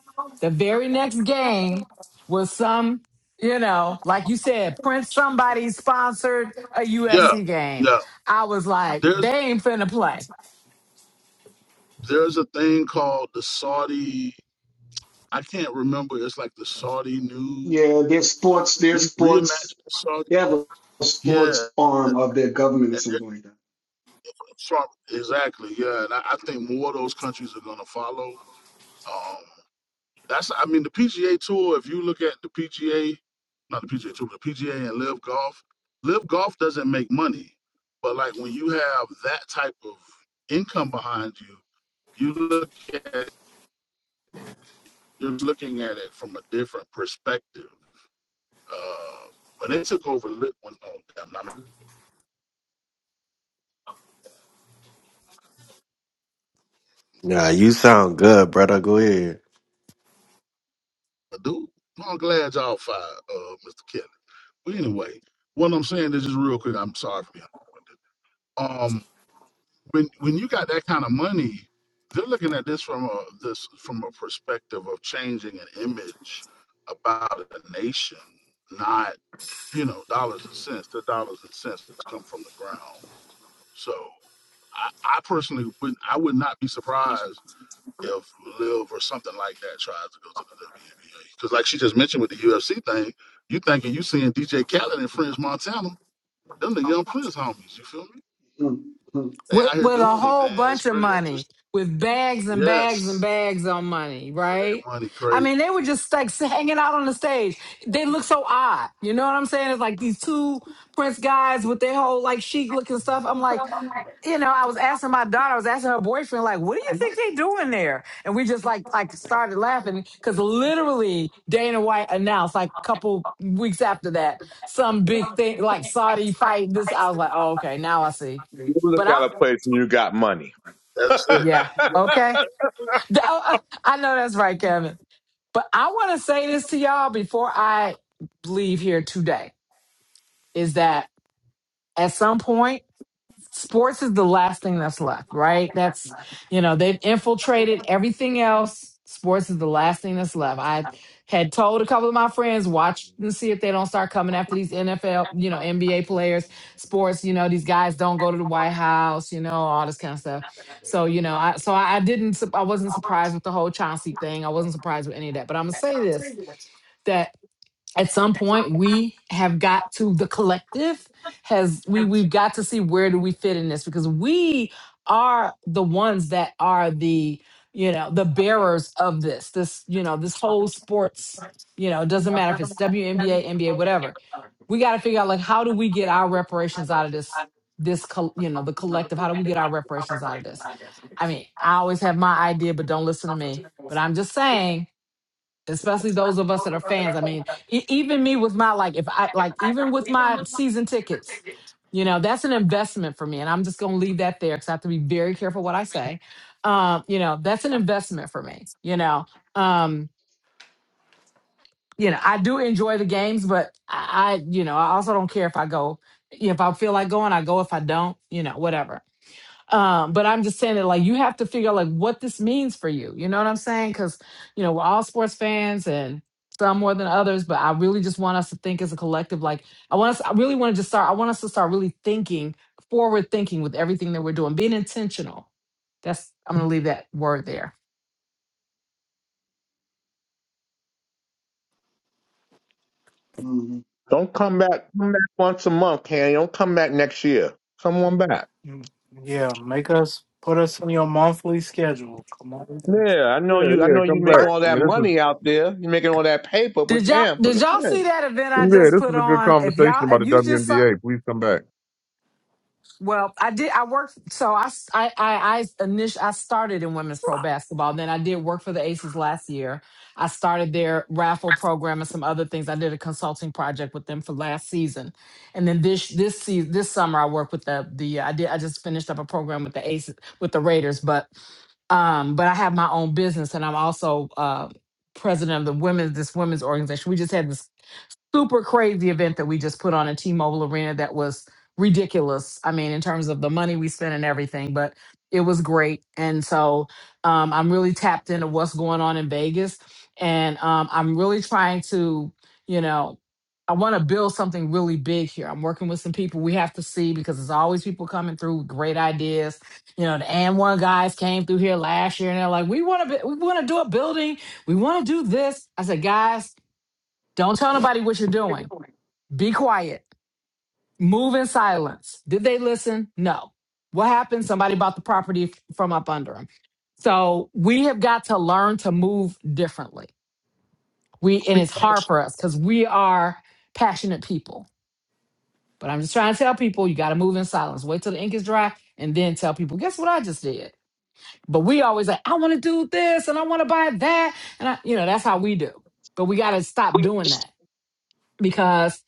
D: the very next game was some, you know, like you said, Prince somebody sponsored a
J: Yeah,
D: UFC game.
J: no.
D: I was like, they ain't finna play
J: There's a thing called the Saudi. I can't remember. It's like the Saudi new
I: Yeah, their
J: the
I: sports, their
J: re, reimagined
I: sports,
J: Saudi.
I: they have a
J: Yeah,
I: sports arm
J: and
I: of their government or
J: it,
I: something like that.
J: Trump exactly. Yeah, and I, I think more of those countries are gonna follow. Um, that's. I mean, the PGA Tour. If you look at the PGA, not the PGA Tour, but the PGA and Live Golf. Live Golf doesn't make money, but like when you have that type of income behind you, you look at you're looking at it from a different perspective. Uh, when they took over, when um, damn, I'm not
K: Nah, you sound good, brother. Go ahead.
J: a dude. I'm glad y'all fired uh, Mr. Kelly. But anyway, what I'm saying is just real quick. I'm sorry for being long-winded. Um, when when you got that kind of money, they're looking at this from a this from a perspective of changing an image about a nation, not you know dollars and cents. The dollars and cents come from the ground. So I, I personally would not I would not be surprised if Liv or something like that tries to go to the WNBA. Because like she just mentioned with the UFC thing, you thinking you seeing DJ Khaled and French Montana, them the young Prince homies, you feel me?
I: Mm, mm,
J: They
D: with
J: out here
D: with a
J: doing it,
D: whole
J: man. It's
D: bunch of
J: pretty
D: money,
J: interesting.
D: with bags and bags and
J: Yes.
D: bags on money,
J: That
D: right?
J: money
D: I
J: crazy.
D: mean, they were just like s- hanging out on the stage. They look so odd. You know what I'm saying? It's like these two Prince guys with their whole like chic looking stuff. I'm like, you know, I was asking my daughter, I was asking her boyfriend, like, what do you think they doing there? And we just like like started laughing because literally Dana White announced like a couple weeks after that some big thing like Saudi fight. This I was like, oh okay, now I see.
B: You look
D: But I
B: out a place when you got money.
J: That's it.
D: yeah okay, Th- oh, uh, I know that's right, Kevin. But I want to say this to y'all before I leave here today is that at some point. sports is the last thing that's left, right? That's, you know, they've infiltrated everything else. Sports is the last thing that's left. I had told a couple of my friends, watch and see if they don't start coming after these NFL, you know, NBA players, sports, you know, these guys don't go to the White House, you know, all this kind of stuff. So, you know, I, so I, I didn't, sup- I wasn't surprised with the whole Chauncey thing. I wasn't surprised with any of that, but I'm going to say this, that at some point we have got to the collective has we we've got to see where do we fit in this because we are the ones that are the you know the bearers of this this you know this whole sports you know it doesn't matter if it's WNBA NBA whatever we got to figure out like how do we get our reparations out of this this col- you know the collective how do we get our reparations out of this i mean i always have my idea but don't listen to me but i'm just saying especially those of us that are fans. I mean, e- even me with my like, if I like, even with my season tickets, you know, that's an investment for me, and I'm just gonna leave that there because I have to be very careful what I say. Um, you know, that's an investment for me. You know, um, you know, I do enjoy the games, but I, I you know, I also don't care if I go. If I feel like going, I go. If I don't, you know, whatever. Um, but I'm just saying that like you have to figure out like what this means for you. You know what I'm saying? Because you know we're all sports fans and some more than others. But I really just want us to think as a collective. Like I want us. I really want to just start. I want us to start really thinking forward thinking with everything that we're doing, being intentional. That's I'm gonna leave that word there.
I: mm.
B: Don't come back. Come back once a month, Candy. Don't come back next year. Come on back.
A: Mm, Yeah, make us put us in your monthly schedule. Come on.
B: Yeah, I know
H: Yeah,
B: you. I
H: yeah,
B: know you
H: come
B: making
H: back.
D: Burp.
B: all
H: I
B: that
H: mean, this is
B: money out there. You making all that paper, but
D: Did y'all
B: damn, put
D: did
B: us
D: y'all
B: in.
D: see that event I
H: yeah,
D: just
H: this
D: put
H: is a good
D: on? If
H: conversation
D: y'all
H: about
D: if
H: the
D: you just saw
H: WNBA. Please come back.
D: Well, I did. I worked. So I s- I I I init- I started in women's pro basketball. Then I did work for the Aces last year. I started their raffle program and some other things. I did a consulting project with them for last season, and then this this season this summer I worked with the the I did I just finished up a program with the Aces with the Raiders. But um, but I have my own business, and I'm also uh president of the women's this women's organization. We just had this super crazy event that we just put on at T-Mobile Arena that was ridiculous. I mean, in terms of the money we spent and everything, but it was great. And so um, I'm really tapped into what's going on in Vegas, and um, I'm really trying to, you know, I want to build something really big here. I'm working with some people we have to see because there's always people coming through with great ideas. You know, the and one guys came through here last year and they're like, we want to, we want to do a building, we want to do this. I said, guys, don't tell nobody what you're doing be quiet. Move in silence. Did they listen? No. What happened? Somebody bought the property f- from up under them. So we have got to learn to move differently. We and it's hard for us because we are passionate people. But I'm just trying to tell people you got to move in silence. Wait till the ink is dry and then tell people, guess what I just did. But we always like, I want to do this and I want to buy that. And I, you know, that's how we do. But we got to stop doing that because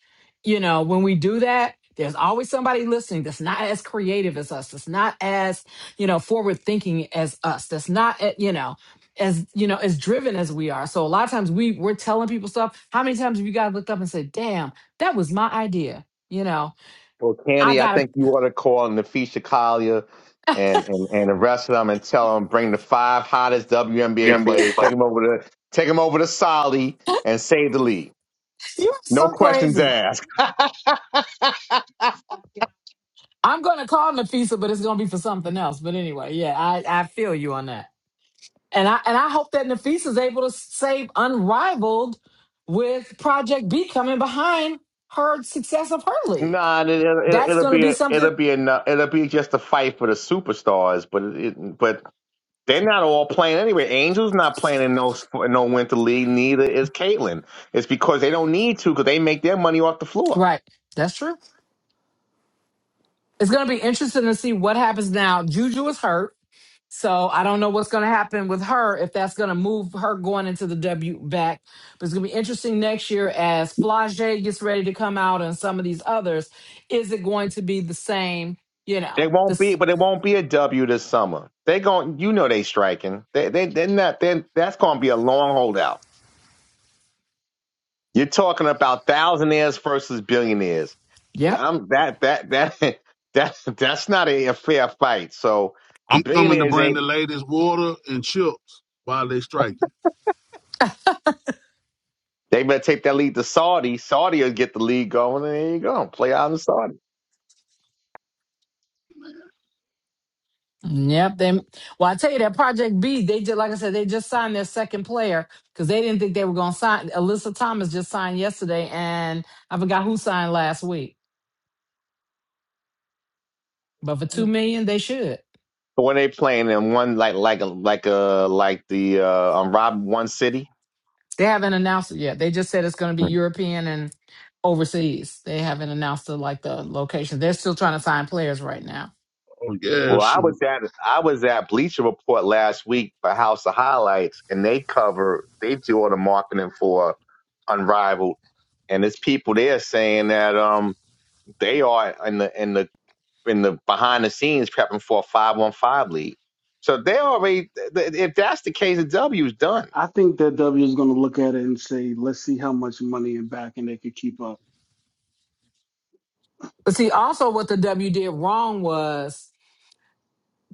D: you know when we do that there's always somebody listening that's not as creative as us that's not as you know forward thinking as us that's not eh, you know as you know as driven as we are so a lot of times we we're telling people stuff how many times have you guys looked up and said damn that was my idea you know
B: Well,
D: i
B: Candy, I
D: gotta
B: think you ought to call Nafisha Collier and, and, and the rest of them and tell them bring the five hottest WNBA players, take them over to take them over to Solly and save the league.
D: you're
B: No
D: so
B: questions
D: crazy
B: asked.
D: i'm gonna call nafisa but it's gonna be for something else but anyway yeah i i feel you on that And I and I hope that Nafisa is able to save unrivaled with Project B coming behind her success of her league.
B: nah, it, it, it,
D: That's
B: it'll
D: going to
B: be
D: be
B: a,
D: something,
B: it'll be enough. It'll be just a fight for the superstars, but it, but they're not all playing anyway. Angel's not playing in no in no winter league. Neither is Caitlin. It's because they don't need to because they make their money off the floor.
D: right? That's true. It's going to be interesting to see what happens now. Juju is hurt, so I don't know what's going to happen with her if that's going to move her going into the W back. But it's going to be interesting next year as Flage gets ready to come out and some of these others. Is it going to be the same? You
B: They
D: know,
B: won't be,
D: this.
B: but it won't be a W this summer. They gon' you know, they striking. They they they're not. They, that's going to be a long holdout. You're talking about thousandaires versus billionaires.
D: yeah.
B: I'm that that that that that's not a, a fair fight. So the
J: I'm coming to
B: billionaires ain't.
J: bring the latest water and chips while they striking.
B: They better take that lead to Saudi. Saudi will get the lead going, and there you go. Play out in Saudi.
D: Yep. They well, I tell you that Project B, they just like I said, they just signed their second player because they didn't think they were gonna sign. Alyssa Thomas just signed yesterday, and I forgot who signed last week. But for two
B: But
D: million, they should.
B: When they playing in one like like like uh like the uh um, Rob one city.
D: They haven't announced it yet. They just said it's gonna be European and overseas. They haven't announced the like the location. They're still trying to sign players right now.
J: Oh yeah,
B: Well, I was
J: shoot.
B: at I was at Bleacher Report last week for House of Highlights, and they cover they do all the marketing for Unrivaled, and there's people there saying that um they are in the in the in the behind the scenes prepping for a five one five league. So they already th- if that's the case, the W's done.
I: I think that W is going to look at it and say, "Let's see how much money and back and they could keep up."
D: But see, also what the W did wrong was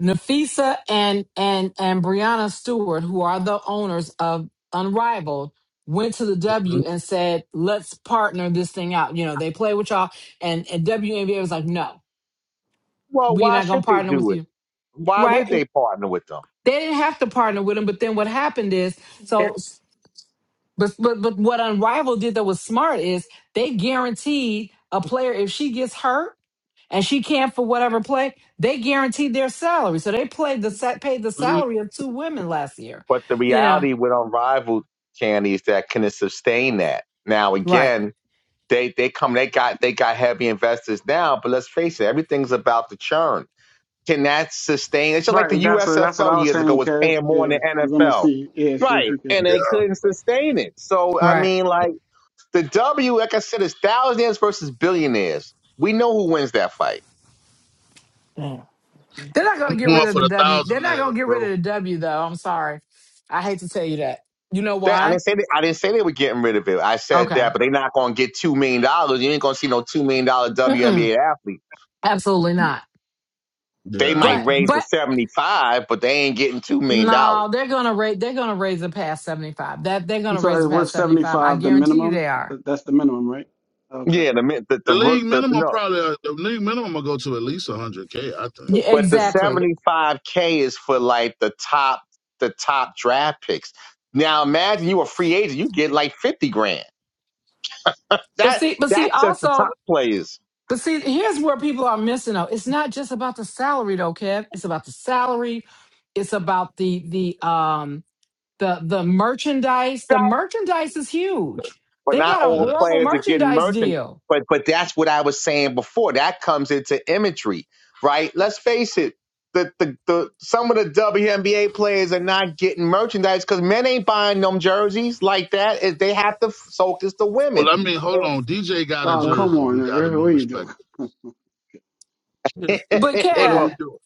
D: Nafisa and and and Brianna Stewart, who are the owners of Unrivaled, went to the
J: hmm
D: W and said, "Let's partner this thing out." You know, they play with y'all, and and WNBA was like, "No,
B: Well,
D: we're
B: why
D: not gonna
B: should they
D: partner with
B: do it?
D: you."
B: Why
D: Right?
B: would they partner with them?
D: They didn't have to partner with them, but then what happened is so. But but but what Unrivaled did that was smart is they guaranteed a player if she gets hurt and she can't for whatever play, they guaranteed their salary. So they played the set paid the salary of two women last year.
B: But the
D: You know.
B: reality with Unrivaled candy is that can it sustain that? Now
D: Right.
B: again, they they come they got they got heavy investors now, but let's face it, everything's about the churn. Can that sustain? It's just like
I: Right.
B: the
I: That's what that's what I
B: USFL
I: was
B: years ago
I: saying,
B: was
I: Kev.
B: paying more
I: Yeah,
B: than the
I: we're going to
B: NFL.
I: see. Yeah, see if
B: Right.
I: you could.
B: And
J: Yeah.
B: they couldn't sustain it. So I
D: Right.
B: mean like the W, like I said, is thousands versus billionaires. We know who wins that fight.
A: Damn.
D: They're not
J: I'm
D: gonna get rid
J: going
D: of
J: for
D: the
J: the
D: W. They're
J: thousand
D: not
J: nails,
D: gonna get rid of
J: bro.
D: the W though. I'm sorry. I hate to tell you that. You know
B: That, I
D: why?
B: didn't say they, I didn't say they were getting rid of it. I said
D: Okay.
B: that, but they're not going to get two million dollars. You ain't going to see no two million dollar
D: Mm-mm.
B: WNBA athlete.
D: Absolutely not.
B: They
J: Yeah, I don't
B: might
D: But
J: think
B: raise the
D: but
B: seventy five, but they ain't getting two million dollars.
D: no, they're gonna raise they're gonna raise it past seventy five. That they're
I: You
D: gonna
I: thought
D: raise
I: it
D: it past
I: was
D: seventy
I: seventy
D: five. I
I: five the
D: guarantee you
I: minimum.
D: they are
I: Th- That's the minimum, right? Okay.
B: Yeah, the min- the
J: The
B: the rook
J: league
B: the
J: minimum
B: no,
J: probably uh, the league minimum will go to at least hundred k. I think.
D: Yeah,
B: but the
J: In the-
D: exactly.
B: seventy five k is for like the top the top draft picks. Now imagine you a free agent, you get like fifty grand.
D: But
B: That
D: see, but see,
B: that's just the top
D: also,
B: players.
D: but see, here's where people are missing though. It's not just about the salary though, Kev. It's about the salary. It's about the the um the the merchandise.
B: Nah,
D: The merchandise is huge.
B: but
D: They
B: not
D: got a
J: Yeah,
B: all
J: that's.
D: horrible
B: players are getting
D: merchandise
B: merchant.
D: deal.
B: But but that's what I was saying before. That comes into imagery, right? Let's face it. The, the, the some of the WNBA players are not getting merchandise because men ain't buying them jerseys like that. Is They have to f- focus the
J: Well,
B: women.
J: I mean, hold on. DJ got a
I: Wow, come
J: jersey.
I: on,
J: We got to
I: Earl,
J: be
I: what are you doing?
J: respectful. Yes.
D: But
J: What are
B: Well,
D: Kev,
J: we doing?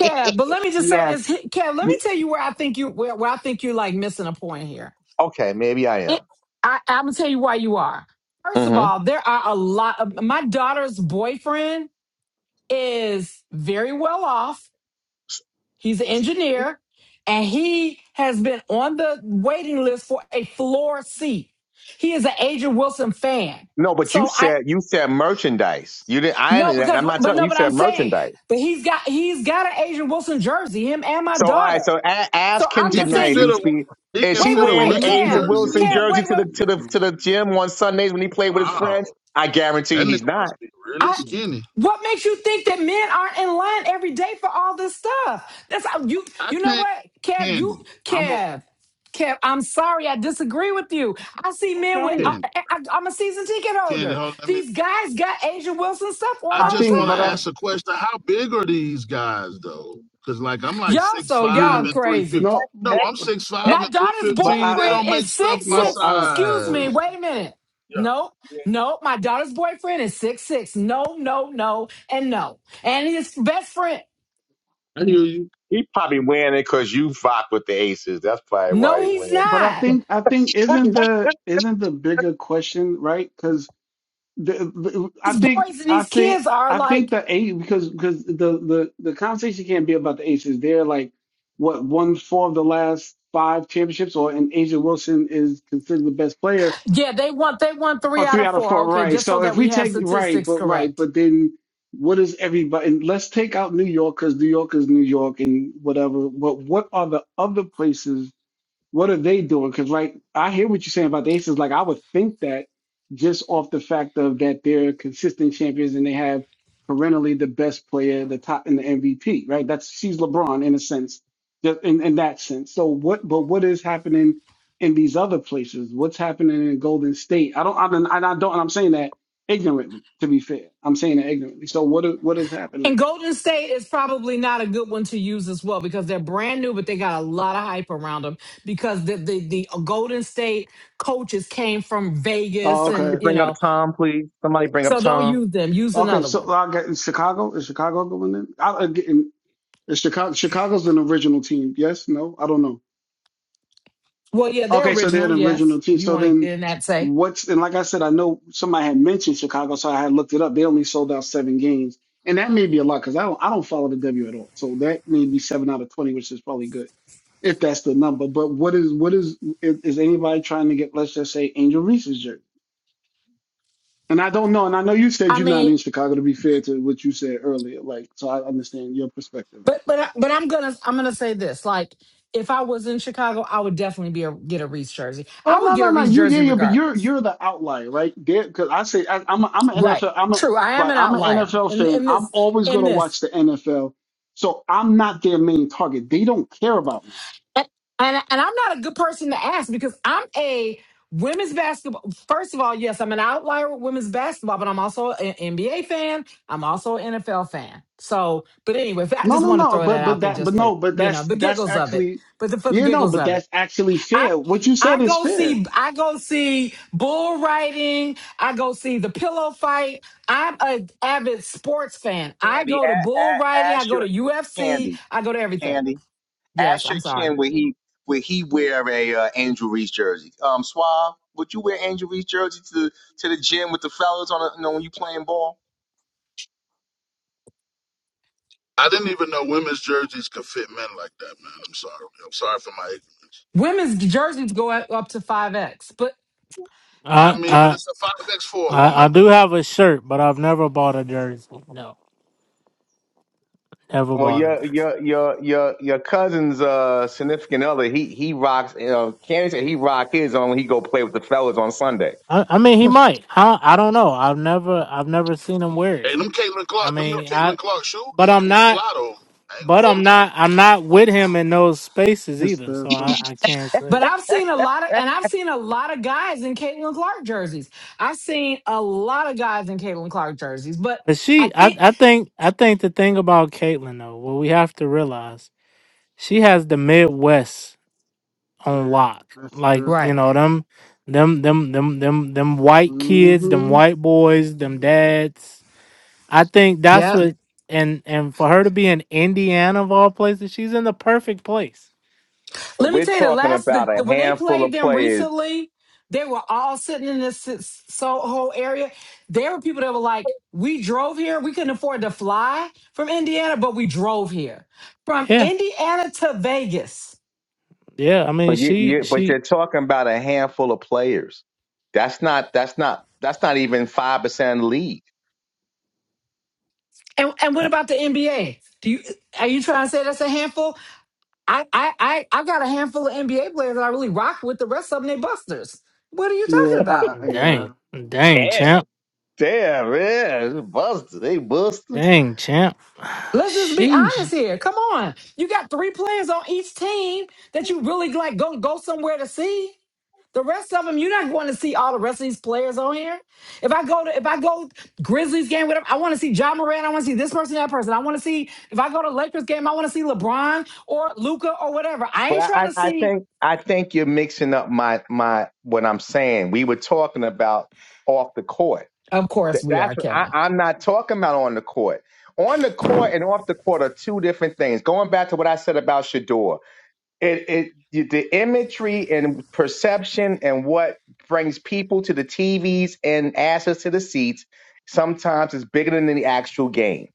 D: Kev, but let me just say this, He- Kev. Let me
B: Y-
D: tell you where I think you where, where I think you're like missing a point here.
B: Okay, maybe I
D: It,
B: am.
D: I, I'm gonna tell you why you are. First of
B: hmm
D: all, there are a lot of my daughter's boyfriend is very well off. He's an engineer and he has been on the waiting list for a floor seat. He is an Adrian Wilson fan.
B: No, but you
D: So I
B: said you said merchandise. You didn't. I.
D: no because
B: I'm not
D: but
B: talking.
D: no
B: You
D: but I'm
B: said
D: saying
B: merchandise.
D: but he's got he's got an Adrian Wilson jersey him and my
B: So all right,
D: daughter.
B: so a-
D: So
B: ask him
D: I'm
J: He
D: just
J: can
B: tonight
D: saying
B: if
D: you
J: fit
B: you
J: a
B: speak.
J: he
B: Is
J: can
B: he
D: wait
J: fit
D: wait
J: a
B: wearing the
D: wait
I: I
J: women's
B: A's
I: think
D: Kev
B: and
I: we
J: jersey.
B: Wilson
D: Kev
B: jersey
D: wait
I: focus
B: to
D: wait.
B: the
I: too
B: to
I: much
B: the to
I: on.
B: the gym on Sundays when he played with his
J: Wow,
B: friends? I guarantee
J: that nigga
B: he's not.
J: must be really
D: I
I: hmm.
J: skinny.
D: what makes you think that men aren't in line every day for all this stuff? That's how you
J: I
D: you know
J: can't.
D: what, Kev, you
J: Candy, I'm a
D: Kev. Kev, I'm sorry, I disagree with you. I see men with
B: Okay,
D: I,
J: candy.
D: I, I'm a season ticket
J: Candy,
D: holder.
J: hold. on, Let me
D: These guys got Asia Wilson stuff on
J: I
I: I
D: all the
J: just
I: think,
J: want
I: but
J: to ask
D: time.
J: a question. How big are these guys though? Because like I'm like
D: Y'all
J: six
D: so
I: I
J: five
D: y'all
J: and three fifty.
D: crazy.
I: no,
J: No,
I: but,
J: I'm six five
D: My
J: and three
D: daughter's
I: but
J: fifteen. They
I: I.
D: boyfriend
J: don't make
D: is
J: stuff
D: six
J: my
I: No,
D: six.
I: I
D: Excuse me,
J: size.
D: wait a minute.
J: Yeah,
D: Nope, nope. My daughter's boyfriend is six six. No, no, no, and no. And his best friend.
J: I hear you.
B: he probably wearing it because you fuck with the Aces. That's probably why
D: No,
B: he
D: he's
B: wearing. it.
I: but I
D: not.
I: think I think isn't the isn't the bigger question, right? Because the, the I
D: These
I: think
D: boys and
I: I
D: these
I: think
D: kids are
I: I think
D: like,
I: the eight because because the the the conversation can't be about the Aces. They're like what won four of the last five championships, or and Asia Wilson is considered the best player,
D: yeah, they want they want
I: or
D: three out
I: three
D: of
I: out of
D: four.
I: four,
D: Okay,
I: right?
D: just so
I: So
D: that
I: if we
D: we have
I: take right,
D: statistics
I: but right,
D: correct.
I: but then what is everybody? And let's take out New York because New York is New York and whatever. But what are the other places? What are they doing? Because like I hear what you're saying about the Aces. Like I would think that just off the fact of that they're consistent champions and they have perennially the best player, the top in the MVP, right? That's she's LeBron in a sense, just in, in that sense. So what? But what is happening in these other places? What's happening in Golden State? I don't. I don't. And I don't. And I'm saying that ignorantly. To be fair, I'm saying that ignorantly. So what? are- What is
D: And
I: happening?
D: Golden State is probably not a good one to use as well because they're brand new, but they got a lot of hype around them because the the, the Golden State coaches came from
I: Oh,
D: Vegas and
I: okay.
B: Somebody
D: you
B: bring up
D: know,
B: Tom, please. Somebody bring up
D: so don't
B: Tom.
D: use them. Use
I: Okay,
D: another
I: so
D: one.
I: I got in Chicago. Is Chicago going in? I, Is Chicago Chicago's an original team? Yes, no, I don't know.
D: Well, yeah, they're
I: Okay, so they're an
D: original,
I: original
D: yes.
I: team.
D: If you
I: So
D: want to
I: then,
D: get in that say.
I: what's and like I said, I know somebody had mentioned Chicago, so I had looked it up. They only sold out seven games, and that may be a lot because I don't I don't follow the W at all. So that may be seven out of twenty, which is probably good if that's the number. But what is what is is, is anybody trying to get? Let's just say Angel Reese's jersey. And I don't know. And I know you said
D: I
I: you're not
D: mean,
I: in Chicago. To be fair to what you said earlier, like so, I understand your perspective.
D: But but I- but I'm gonna I'm gonna say this. Like if I was in Chicago, I would definitely be a, get a Reese jersey. I
I: Oh
D: would
I: no
D: get
I: no
D: a
I: no
D: Reese
I: you yeah
D: jersey
I: yeah but you're
D: regardless.
I: you're the outlier right because I say I, I'm a, I'm an
D: Right.
I: NFL I'm a
D: True. I am
I: right
D: an
I: I'm an
D: outlier
I: NFL
D: in
I: fan
D: in
I: I'm
D: this
I: always
D: in
I: gonna
D: this.
I: watch the NFL so I'm not their main target they don't care about me
D: And and, and I'm not a good person to ask because I'm a women's basketball. First of all, yes, I'm an outlier with women's basketball, but I'm also an NBA fan. I'm also an NFL fan. So, but anyway, I
I: no
D: just
I: no
D: want to
I: no
D: throw that
I: but
D: out
I: but
D: there
I: that but
D: just for
I: no but
D: you know
I: that's
D: the
I: that's
D: giggles of it.
I: actually
D: But the, for the
I: yeah no
D: giggles
I: but
D: of it.
I: that's actually
D: I
I: fair what you said
D: I
I: is
D: go
I: fair
D: see I go see bull riding. I go see the pillow fight. I'm a avid sports fan. I
B: Candy,
D: go to
B: a-
D: bull
B: a-
D: riding. I
B: ask
D: go
B: your
D: to UFC.
B: Candy.
D: I go to everything.
B: Candy.
D: Yes,
B: Asher
D: I'm
B: your
D: sorry.
B: would he would he wear a uh, Angel Reese jersey? Um, Suave, would you wear Angel Reese jersey to to the gym with the fellas on a, you know when you playing ball?
J: I didn't even know women's jerseys could fit men like that, man. I'm sorry. I'm sorry for my ignorance.
D: Women's jerseys go up up to five X, but
A: I
J: I mean, but
A: I
J: it's a five X for a
A: I I
J: woman
A: do
J: though.
A: have a shirt, but I've never bought a jersey. No, never
B: Well,
A: bought a
B: your
A: jersey.
B: your your your your cousin's uh, significant other, he he rocks. Uh, Candace, said he rock his on when he go play with the fellas on Sunday.
A: I, I mean, he might. Huh? I don't know. I've never I've never seen him wear
J: Hey,
A: it.
J: them Caitlin
A: I
J: Clark, them new
A: mean,
J: Caitlin
A: I
J: Clark shoes
A: but I'm
J: looking
A: not
J: fly though. I ain't gonna
A: but I'm
J: hold you
A: not I'm not with him in those spaces either. So I
I: hysterical
A: I can't say.
D: but I've seen a lot of and I've seen a lot of guys in Caitlin Clark jerseys. I've seen a lot of guys in Caitlin Clark jerseys, but
A: But she,
D: I
A: I
D: think
A: I think I think the thing about Caitlyn though, what we have to realize, she has the Midwest on
I: yeah
A: lock.
I: that's
A: Like
I: true
A: you
D: right.
A: know them, them, them, them, them, them white kids, them
I: hmm
A: white boys, them dads. I think
D: Yep.
A: that's what. And and for her to be in Indiana of all places, she's in the perfect place.
B: But
D: Let me
B: we're
D: tell you, the
B: talking
D: last the,
B: about a
D: the- when they
B: handful
D: played
B: of
D: them
B: players.
D: recently, they were all sitting in this s- Soho area. There were people that were like, "We drove here. We couldn't afford to fly from Indiana, but we drove here from
A: Yeah,
D: Indiana to Vegas."
A: yeah. I mean,
B: But you,
A: she
B: you but you're
A: she,
B: talking about a handful of players. That's not that's not that's not even five percent league.
D: And and what about the NBA? Do you are you trying to say that's a handful? I I I I got a handful of NBA players that I really rock with. The rest of them, they busters. What are you talking
I: yeah I,
D: about?
I: I, yeah
A: dang, dang
B: Damn.
A: champ,
B: Damn, yeah. Busted. They busted.
A: dang champ.
D: Let's just be
A: Sheesh,
D: honest here. Come on. You got three players on each team that you really like go go somewhere to see. The rest of them, you're not going to see all the rest of these players on here. If I go to if I go Grizzlies game, whatever, I want to see John Moran. I want to see this person, that person. I want to see if I go to Lakers game, I want to see LeBron or Luca or whatever. I
B: But
D: ain't trying
B: I,
D: to
B: I I
D: see.
B: think I think you're mixing up my my what I'm saying. We were talking about off the court.
D: Of course
B: That-
D: we are,
B: That's what
D: Kevin.
B: I, I'm not talking about on the court. On the court and off the court are two different things. Going back to what I said about Shador, it, it the imagery and perception and what brings people to the TVs and access to the seats sometimes is bigger than the actual game.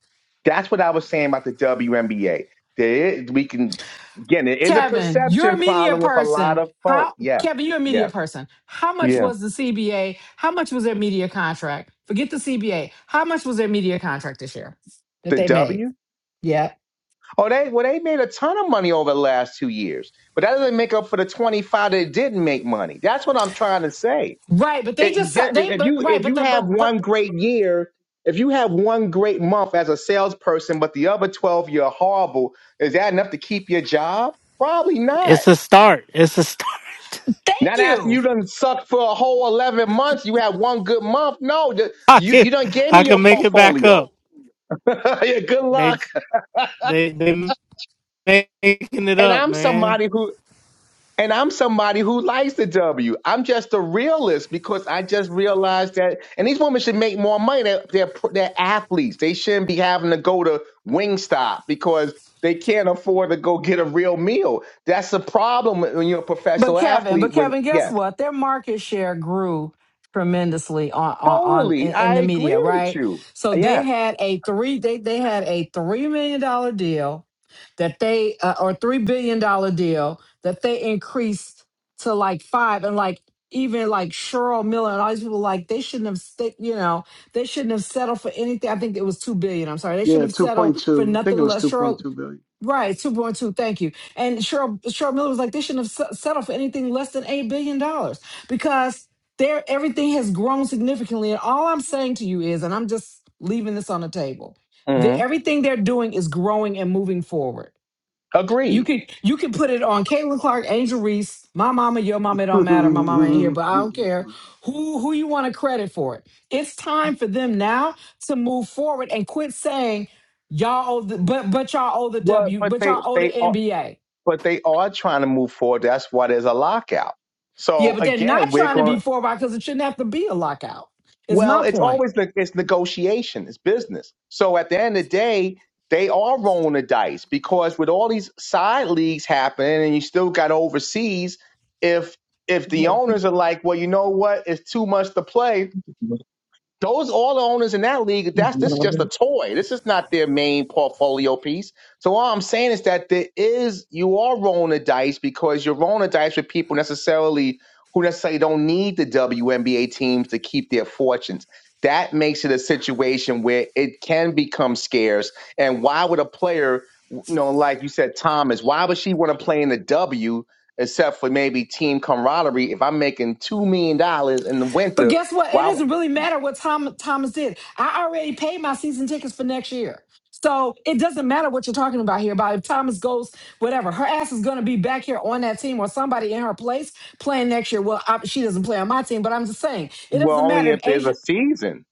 B: That's what I was saying about the WNBA. There is, we can again, it is a
D: Kevin, you're a
B: perception
D: media
B: problem with a lot
D: person.
B: of
D: How
B: folk. Yeah,
D: Kevin, you're a
B: yeah,
D: media person. How much
B: yeah.
D: was the CBA? How much was their media contract? Forget the CBA. How much was their media contract this year that
B: The
D: they made?
B: W.
D: Yeah.
B: Oh, they well, they made a ton of money over the last two years, but that doesn't make up for the twenty five that didn't make money. That's what I'm trying to say.
D: Right, but they
B: it,
D: just
B: de-
D: they
B: if
D: but
B: you
D: right,
B: if
D: but
B: you
D: the
B: have
D: but
B: one
D: but
B: great year, if you have one great month as a salesperson, but the other twelve you're horrible, is that enough to keep your job? Probably not.
A: it's a start. It's a start.
D: thank
B: Not after
D: you.
B: you done sucked for a whole eleven months. You had one good month. No, the-
A: I
B: you
A: can
B: you done gave me
A: I
B: your
A: can make it back
B: portfolio.
A: up.
B: yeah, good
A: They
B: luck.
A: they they making it
B: And
A: up,
B: I'm
A: man.
B: somebody who And I'm somebody who likes the W. I'm just a realist because I just realized that. And these women should make more money. They're, they're, they're athletes. They shouldn't be having to go to Wingstop because they can't afford to go get a real meal. That's the problem when when you're a
D: But
B: professional
D: Kevin,
B: athlete.
D: but
B: When
D: Kevin, guess
B: yes,
D: what? Their market share grew tremendously on on, on in
B: totally, I
D: the media,
B: agree with
D: right?
B: you.
D: So they
B: Yes,
D: had a three they they had a three million dollar deal that they uh, or three billion dollar deal that they increased to like five and like even like Cheryl Miller and all these people like they shouldn't have sta- you know they shouldn't have settled for anything. I think it was two billion. I'm sorry, they should
I: yeah
D: have
I: two
D: settled
I: point
D: for
I: two I think
D: nothing
I: it was
D: less.
I: two point
D: Cheryl
I: two
D: Right, two point two. Thank you. And Cheryl Cheryl Miller was like, they shouldn't have s- settled for anything less than eight billion dollars because there everything has grown significantly. And all I'm saying to you is, and I'm just leaving this on the table, that
B: hmm
D: everything they're doing is growing and moving forward. You
B: agreed.
D: could you could put it on Caitlin Clark, Angel Reese, my mama, your mama. It don't matter. My mama
I: billion.
D: ain't here, but I don't care who who you want to credit for it. It's time for them now to move forward and quit saying y'all owe the but but y'all owe the
B: Well,
D: W
B: but
D: but
B: they
D: y'all owe the
B: they are
D: NBA.
B: but they are trying to move forward. That's why there's a lockout.
D: Yeah,
B: So
D: but they're
B: again,
D: not
B: we're
D: trying to
B: going.
D: be forward because it shouldn't have to be a lockout. Is
B: Well,
D: my
B: it's
D: point.
B: always the it's negotiation, it's business. So at the end of the day, they are rolling the dice because with all these side leagues happening and you still got overseas, if if the owners are like, well, you know what, it's too much to play, those all the owners in that league, that's this is just a toy. This is not their main portfolio piece. So all I'm saying is that there is you are rolling the dice because you're rolling the dice with people necessarily who necessarily don't need the WNBA teams to keep their fortunes. That makes it a situation where it can become scarce. And why would a player, you know, like you said, Thomas, why would she want to play in the W except for maybe team camaraderie? If I'm making two million dollars in the
D: But
B: winter,
D: guess what? It
B: why?
D: doesn't really matter what Tom Thomas did. I already paid my season tickets for next year. So it doesn't matter what you're talking about here about if Thomas goes, whatever. Her ass is going to be back here on that team or somebody in her place playing next year. Well, I, she doesn't play on my team, but I'm just saying it
B: Well,
D: doesn't
B: only
D: matter if
B: if there's a
D: Asia.
B: season.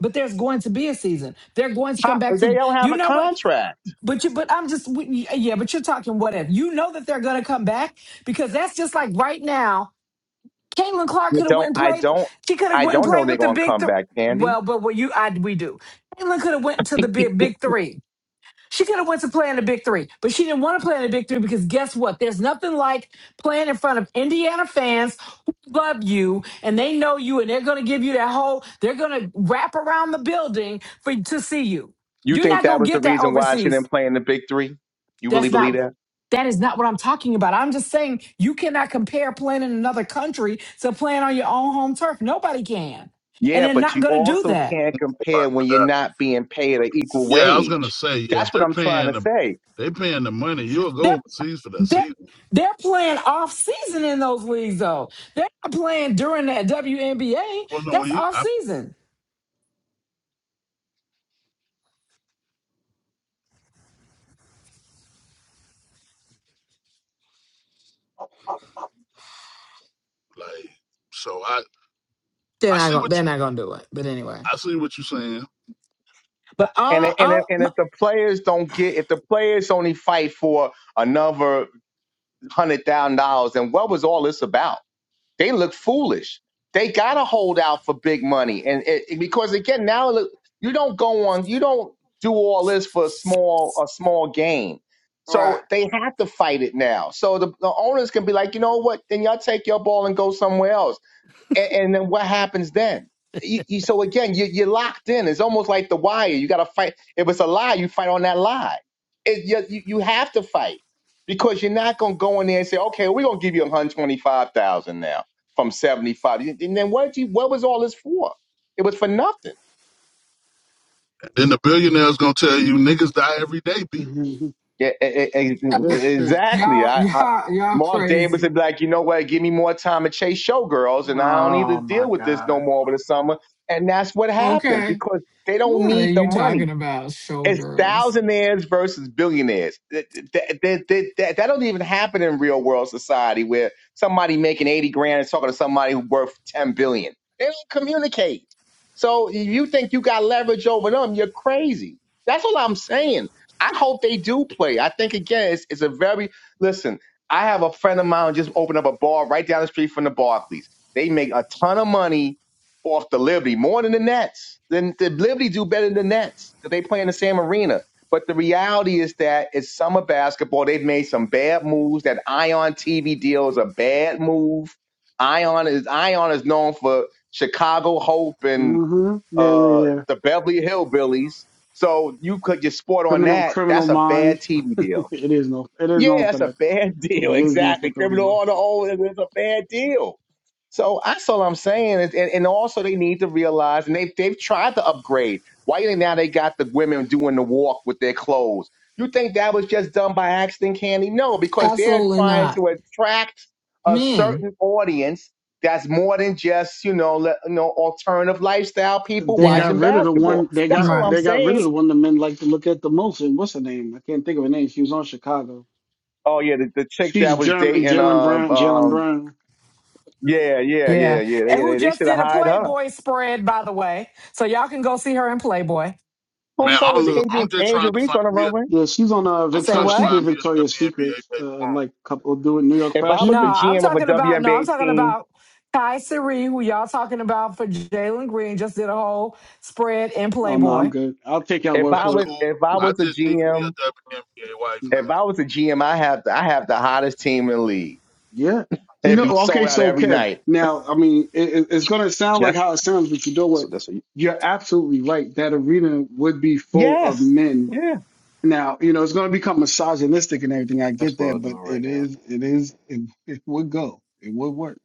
D: But there's going to be a season. They're going to
B: How,
D: come back
B: they
D: to
B: don't have
D: you
B: a
D: know what.
B: contract.
D: But you, but I'm just we- yeah. But you're talking what if you know that they're going to come back because that's just like right now Caitlin Clark
B: I
D: could have
B: don't.
D: went and
B: I
D: played.
B: don't.
D: She could have
B: I
D: went and
B: don't know
D: played
B: they're
D: with the
B: going to
D: big.
B: come
D: Th-
B: back, Candy.
D: well, but what you I we do. Caitlin could have went to the big big three. She could have went to play in the big three, but she didn't want to play in the big three because guess what? There's nothing like playing in front of Indiana fans who love you and they know you and they're going to give you that whole. They're going to wrap around the building for to see you.
B: You
D: You're
B: think
D: not
B: that
D: going to
B: was the
D: get that
B: reason why she
D: overseas.
B: didn't play in the Big Three? You really
D: That's not.
B: believe that?
D: That is not what I'm talking about. I'm just saying you cannot compare playing in another country to playing on your own home turf. Nobody can. And
B: Yeah,
D: they're
B: but
D: not
B: you
D: going to do
B: also
D: that.
B: can't
J: about
B: compare when you're
J: that.
B: not being paid an equal
J: Yeah, I was gonna
B: wage.
J: say, yeah, if
B: That's what
J: they're
B: I'm trying
J: paying
B: to
J: them,
B: say.
J: they paying the money. You'll go
D: They're,
J: overseas for that
D: they're,
J: season.
D: they're playing off season in those leagues, though. They're not playing during that WNBA.
J: Well, no,
D: That's
J: he,
D: off
J: I
D: season.
J: like. So I,
D: They're
J: I
D: not
J: see
D: going.
J: what
D: They're
J: you,
D: not going to do it. But anyway.
J: I see what you're saying.
D: But all,
B: And
D: I-
B: and if-
D: all,
B: and
D: my,
B: if the players don't get, if the players only fight for another hundred thousand dollars, then what was all this about? They look foolish. They gotta hold out for big money, and it, it- because again, now look, you don't go on, you don't do all this for a small a small gain.
D: right?
B: So they have to fight it now. So the, the owners can be like, you know what? Then y'all take your ball and go somewhere else and, and then what happens then? You, you, so again, you, you're locked in. It's almost like the wire. You got to fight. If it's a lie, you fight on that lie. It, you, you you have to fight because you're not going to go in there and say, okay, we're going to give you 125,000 now from 75. And then what, you, what was all this for? It was for nothing.
J: And then the billionaire's gonna tell you niggas die every day, b.
B: Yeah, e- e-
I: That is
B: e-
I: true.
B: exactly.
D: Y'all,
B: I, I
D: y'all, y'all
B: Mark Davis would
D: crazy.
B: be like, you know what? Give me more time to chase showgirls, and I don't need to
I: Oh my
B: deal with this no
I: God.
B: more over the summer. And that's what happens
D: Okay.
B: because they don't
D: What are
B: need the
D: you
B: money.
D: talking about,
B: It's
D: showgirls?
B: thousandaires versus billionaires. That, that, that, that, that, that don't even happen in real world society where somebody making 80 grand is talking to somebody who worth 10 billion. They don't communicate. So if you think you got leverage over them, you're crazy. That's all I'm saying. I hope they do play. I think again, it's, it's a very listen. I have a friend of mine who just opened up a bar right down the street from the Barclays. They make a ton of money off the Liberty more than the Nets. Then the Liberty do better than the Nets because they play in the same arena. But the reality is that it's summer basketball. They've made some bad moves. That Ion TV deal is a bad move. Ion is Ion is known for Chicago Hope and
I: Mm-hmm. Yeah, yeah,
B: uh,
I: yeah.
B: the Beverly Hillbillies. So you could just sport on
I: Criminal,
B: that.
I: Criminal
B: That's a bad
I: Minds.
B: TV deal.
I: it is known. It is
B: Yeah,
I: known for
B: that's a
I: that though.
B: bad deal.
I: It is known for
B: Exactly.
I: Criminal
B: Criminal
I: Minds.
B: order only is a bad deal. So that's all I'm saying. is- And, and also, they need to realize, and they've, they've tried to upgrade. Why they now they got the women doing the walk with their clothes? You think that was just done by accident, Candy? No, because they're
D: Absolutely
B: trying
D: not.
B: to attract a
D: Men.
B: certain audience that's more than just, you know, le, you know alternative lifestyle people
I: They
D: Yeah.
I: got
B: watching
I: rid of the
B: basketball.
I: one. They
B: That's
I: got
B: all
D: Right.
B: I'm
I: they got rid of
B: saying.
I: the one the men like to look at the most. And what's her name? I can't think of her name. She was on Chicago.
B: Oh, yeah, the, the chick that
I: She's
B: was
I: German.
B: dating
I: Jalen
B: uh,
I: Brown. Jalen
B: um,
I: Brown.
B: Yeah, yeah, yeah,
D: Yeah.
B: yeah.
D: And
B: They,
D: who
B: they, they
D: just
B: should have
D: did a
B: hired her.
D: Playboy spread, by the way. So y'all can go see her in Playboy.
B: Well,
J: Man,
B: so
J: I'm
B: was
J: look,
B: Angel
J: I'm just
B: Angel
J: trying to
B: Reese
J: find
B: on the
J: me a,
B: runway.
I: Yeah, she's on uh
J: I'm
D: Say
J: trying
I: Victoria.
J: to
I: She
D: what?
I: did
J: find me a
I: Victoria's
J: WNBA
I: Secrets.
J: baby
I: Uh,
J: mama.
I: like couple doing New York
B: If I was
I: Fashion
D: No,
B: the
I: Week.
D: I'm
B: GM of a
D: talking about no, I'm
B: WNBA
D: talking
B: team,
D: about Kai Siri, who y'all talking about for Jalen Green, just did a whole spread in
I: Oh no, I'm
D: Playboy.
I: good. I'll take your
B: if
I: word
B: I
J: That's
I: for it.
B: was
J: cool.
B: if I
J: I
B: was a
J: just need me
B: GM,
J: a WNBA wife now.
B: if I was a GM, I have the, I have the hottest team in the league.
I: Yeah. You
B: They'd
I: know,
B: be
I: okay,
B: sold out
I: so
B: every
I: Kev,
B: night.
I: now, I mean, it, it- it's going to sound like
B: Yeah.
I: how it sounds, but you know
L: So
I: what?
L: that's what you,
I: You're absolutely right. That arena would be full of
B: Yes.
I: men.
B: Yeah.
I: Now, you know, it's going to become misogynistic and everything. I
L: that's
I: get
L: what
I: that,
L: I'm
I: but
L: doing right
I: it
L: now.
I: is, it is, it, it would go. It would work.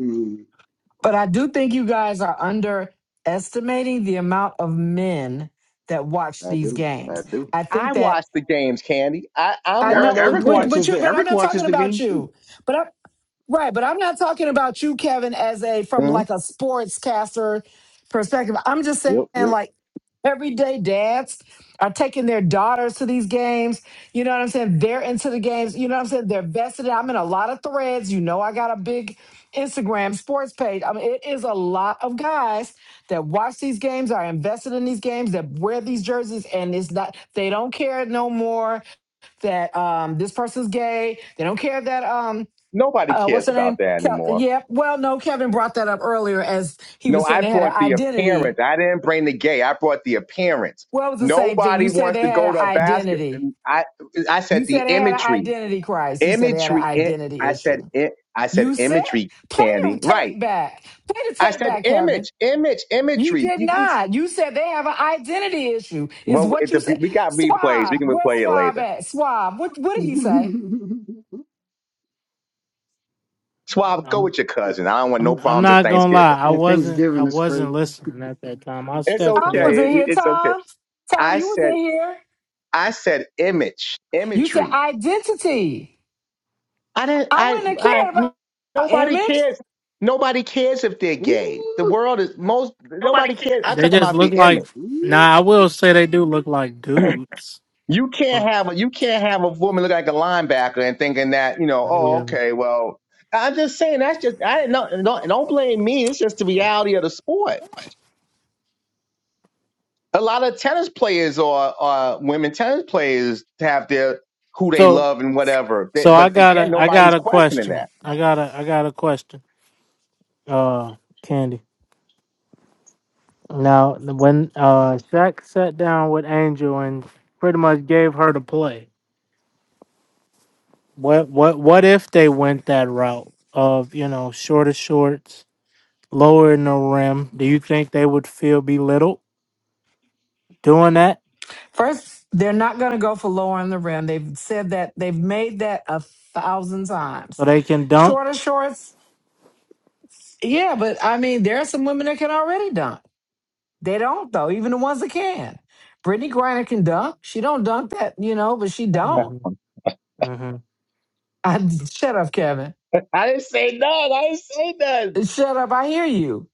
I: Mm.
D: But I do think you guys are underestimating the amount of men that watch
L: I
D: these
L: do. I
D: games.
L: do.
D: I think
B: I
D: that
B: watch the games, Candy. I, I'm
D: I
B: one
I: Eric,
B: of
D: know,
B: those
D: but
I: Eric
D: but,
B: men.
D: but
I: watches
D: you
I: the,
D: but I'm
I: Eric
D: not
I: watches
D: talking
I: the
D: about
I: games too.
D: you. But I, Right, but I'm not talking about you, Kevin, as a from
B: Mhm.
D: like a sportscaster perspective. I'm just saying
L: Yep, yep.
D: like everyday dads are taking their daughters to these games. You know what I'm saying? They're into the games. You know what I'm saying? They're vested. I'm in a lot of threads. You know, I got a big Instagram sports page. I mean, it is a lot of guys that watch these games, are invested in these games, that wear these jerseys, and it's not they don't care no more that um this person's gay. They don't care that um
B: Nobody
D: uh, what's
B: cares
D: her
B: about
D: name?
B: that
D: Kel-
B: anymore.
D: yeah. Well, no, Kevin brought that up earlier as he
B: No,
D: was saying
B: I
D: they had an
B: brought the
D: identity.
B: appearance. I didn't bring the gay. I brought the appearance.
D: Well, it was the same thing. You
B: Nobody
D: said
B: wants
D: they
B: to
D: had
B: go
D: an
B: to a basket.
D: identity.
B: I I said
D: You
B: the
D: said they had an
B: imagery,
D: identity crisis. You said they had an
B: imagery. i-
D: identity
B: I said
D: issue.
B: it. I said
D: You said,
B: imagery,
D: play the
B: Candy. Right.
D: tape back. Play the
B: I
D: tape
B: said
D: back, Kevin.
B: image, image,
D: You
B: imagery.
D: did
B: You, you
D: not. You said they have an identity issue, is
B: well, if
D: what you
B: the,
D: said.
B: we got replays. We
D: Swab,
B: can
D: where's
B: replay it
D: Swab
B: later.
D: at? Swab, what, what did
I: and
D: he say?
B: Swab, go
A: I'm
B: with your cousin. I don't want no
A: I'm I'm
B: problems at
A: not gonna
B: Thanksgiving.
A: lie. I wasn't I
I: Thanksgiving is
A: wasn't
I: crazy.
A: listening at that time. I
B: It's
A: stepped
D: I was
A: away.
B: okay.
D: in
B: It-
D: here,
B: it's okay.
D: Tom. Tom,
B: I
D: you was
B: said
D: in here.
B: I said image,
D: You said
B: imagery.
D: identity.
B: I didn't.
D: I
B: I.
D: wouldn't have
B: I.
D: cared about
B: Nobody
D: image.
B: cares. Nobody cares if they're gay. The world is most.
A: Nobody
B: Nobody
A: can.
B: cares. I'm
A: They
B: talking
A: just
B: about the
A: look
B: image.
A: like. Nah, I will say they do look like dudes.
B: You can't
A: Oh,
B: have a. You can't have a woman look like a linebacker and thinking that you know. Oh,
A: yeah.
B: okay. Well, I'm just saying. That's just. I didn't know. Don't, don't blame me. It's just the reality of the sport. A lot of tennis players or uh, women tennis players have their who they
A: So
B: love and whatever. They,
A: so I
B: but
A: got
B: again,
A: a I
B: nobody's
A: got a
B: questioning
A: question.
B: that.
A: I got a I got a question. Uh, Candy. Now when uh Shaq sat down with Angel and pretty much gave her the play. What what what if they went that route of you know shorter shorts? lowering the rim, do you think they would feel belittled doing that
D: First, they're not going to go for lower on the rim. They've said that. They've made that a thousand
A: so
D: times.
A: they can dunk?
D: Shorter shorts, yeah, but I mean, there are some women that can already dunk. They don't though. Even the ones that can. Brittany Griner can dunk. She don't dunk that, you know, but she don't.
A: hmm hmm
D: I shut up, Kevin.
B: I didn't say none. I didn't say none.
D: Shut up. I hear you.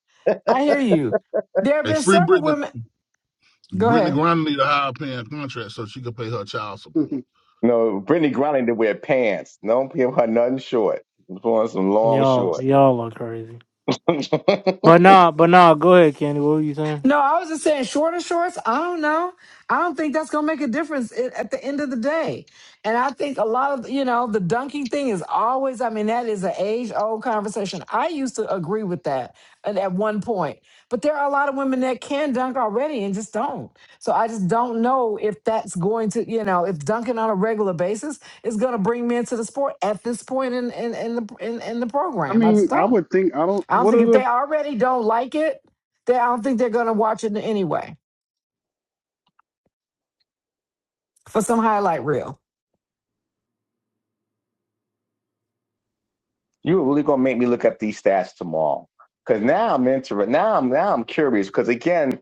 D: I hear you. There have
J: Hey,
D: been
J: free
D: several
J: Brittany,
D: women. Go
J: Brittany
D: ahead.
J: Griner need a higher paying contract so she can pay her child support.
I: I
B: No, Brittany Griner to wear pants. Don't give her nothing short. I'm throwing some long
A: Y'all,
B: short.
A: y'all are crazy.
B: You're
A: But nah, but nah. Go ahead, Kenny. What were you saying?
D: No, I was just saying shorter shorts. I don't know. I don't think that's gonna make a difference i- at the end of the day. And I think a lot of you know the dunking thing is always. I mean, that is an age old conversation. I used to agree with that at, at one point, but there are a lot of women that can dunk already and just don't. So I just don't know if that's going to you know if dunking on a regular basis is going to bring men to the sport at this point in in in the in, in the program. I
I: mean,
D: just
I: I
D: don't.
I: would think, I don't,
D: I don't
I: what
D: think
I: are
D: if
I: the,
D: they already don't like it, then I don't think they're going to watch it anyway for some highlight reel.
B: really gonna make me look up these stats tomorrow, because now I'm interested. Now I'm now I'm curious. Because again,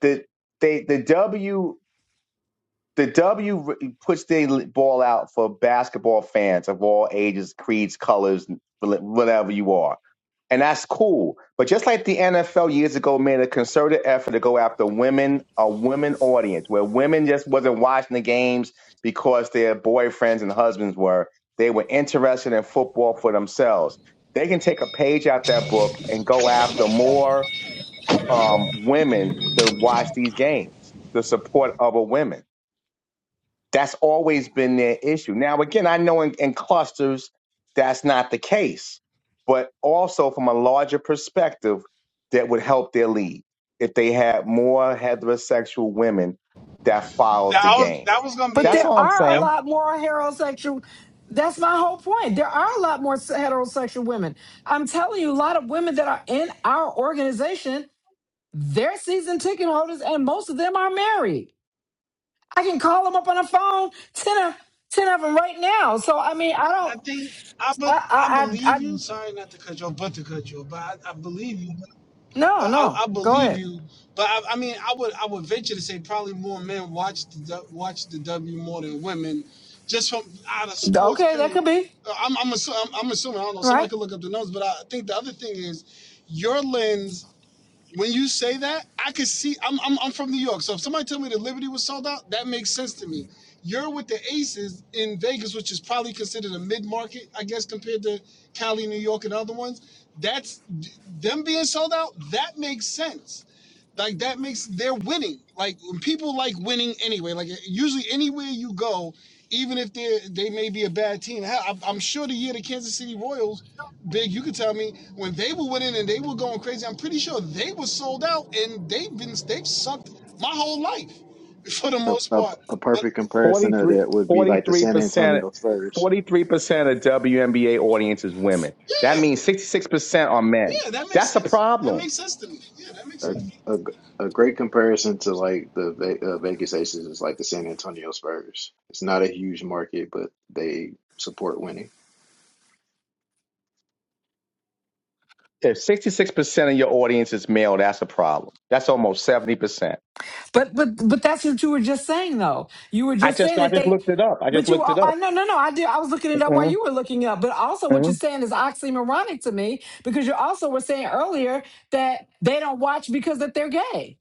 B: the they the W the W puts the ball out for basketball fans of all ages, creeds, colors, whatever you are. And that's cool. But just like the NFL years ago made a concerted effort to go after women, a women audience, where women just wasn't watching the games because their boyfriends and husbands were. They were interested in football for themselves. They can take a page out that book and go after more um, women to watch these games, the support of a women. That's always been their issue. Now, again, I know in, in clusters that's not the case, but also from a larger perspective, that would help their lead if they had more heterosexual women that followed the game.
D: But
B: That's
D: there
B: all I'm
D: are a
B: saying.
D: lot more heterosexual. That's my whole point. There are a lot more heterosexual women. I'm telling you, a lot of women that are in our organization, they're season ticket holders, and most of them are married. I can call them up on the phone, 10 of, 10 of them right now. So, I mean, I
I: I
D: don't,
I: think I be,
D: I,
I: I
D: I, I,
I: believe
D: I
I: you. Sorry, not to cut you off, but to cut you off. But I, I believe you. But
D: no, no.
I: I, I
D: Go
I: believe
D: ahead.
I: you. But I, I mean, I would I would venture to say probably more men watch the du- watch the W more than women, just from out of sports.
D: Okay, that
I: Period.
D: could be,
I: Uh, I'm I'm, assu- I'm I'm assuming I don't know.
D: right?
I: Somebody could look up the numbers, but I think the other thing is your lens when you say that, I could see. I'm, I'm I'm from New York, so if somebody told me that Liberty was sold out, that makes sense to me. You're with the Aces in Vegas, which is probably considered a mid market, I guess, compared to Cali, New York, and other ones. That's them being sold out. That makes sense. Like that makes they're winning. Like when people like winning anyway. Like usually anywhere you go, even if they they may be a bad team. Hell, I'm I'm sure the year the Kansas City Royals Big, you could tell me when they were winning and they were going crazy. I'm pretty sure they were sold out and they've been they've sucked my whole life for the
L: A,
I: most
L: a,
I: part.
L: a
I: But
L: perfect comparison of
B: 43,
L: that would be like the San
B: 43%,
L: Antonio Spurs.
B: 43% of WNBA audience is women. That
I: yeah,
B: means 66% are men.
I: yeah, that makes
B: That's a
I: sense. That
B: problem.
I: makes sense to me. Yeah, that makes
L: A,
I: sense.
L: a, g- a great comparison to like the Ve- uh, Vegas Aces is like the San Antonio Spurs. It's not a huge market, but they support winning.
B: If 66% of your audience is male, that's a problem. That's almost 70%.
D: But but but that's what you were just saying though. You were
B: I
D: just
B: just
D: saying
B: I
D: that
B: just
D: they
B: looked it up. I
D: but
B: just
D: you
B: looked it
D: I
B: up.
D: no no no I did I was looking it up while
B: Mhm,
D: you were looking it up. But also what you're
B: mhm.
D: saying is oxymoronic to me because you also were saying earlier that they don't watch because that they're gay.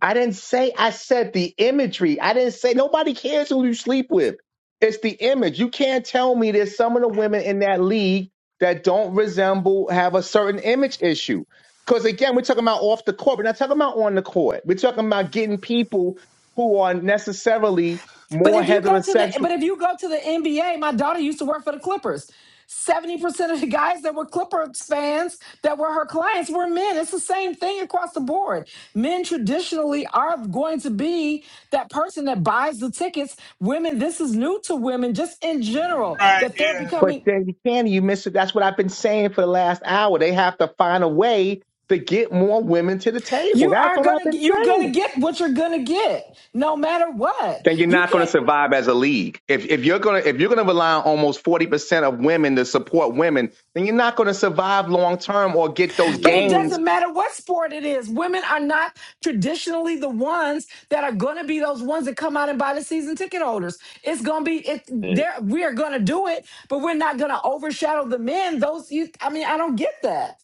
B: I didn't say I said the imagery. I didn't say nobody cares who you sleep with. It's the image. You can't tell me there's some of the women in that league that don't resemble have a certain image issue. Because again, we're talking about off the court. We're not talking about on the court. We're talking about getting people who are necessarily
D: But
B: more
D: if you go to the
B: heterosexual.
D: but if you go to the NBA, my daughter used to work for the Clippers. 70% of the guys that were Clippers fans that were her clients were men. It's the same thing across the board. Men traditionally are going to be that person that buys the tickets. Women, this is new to women just in
I: All
D: general
I: Right,
D: that they're
I: yeah.
B: But
D: becoming
B: then you can you miss it. That's what I've been saying for the last hour. They have to find a way to get more women to the table.
D: you
B: That's
D: are
B: all I've
D: going to
B: been
D: you're going
B: saying.
D: to get what you're going to get no matter what.
B: Then you're
D: You
B: not going to
D: can't
B: survive as a league. If if you're gonna if you're gonna rely on almost forty percent of women to support women, then you're not going to survive long term or get those
D: But it
B: gains.
L: Yeah.
D: doesn't matter what sport it is. Women are not traditionally the ones that are going to be those ones that come out and buy the season ticket holders. It's going to be it.
L: It,
D: There, we are going to do it, but we're not going to overshadow the men. Those, you, I mean, I don't get that.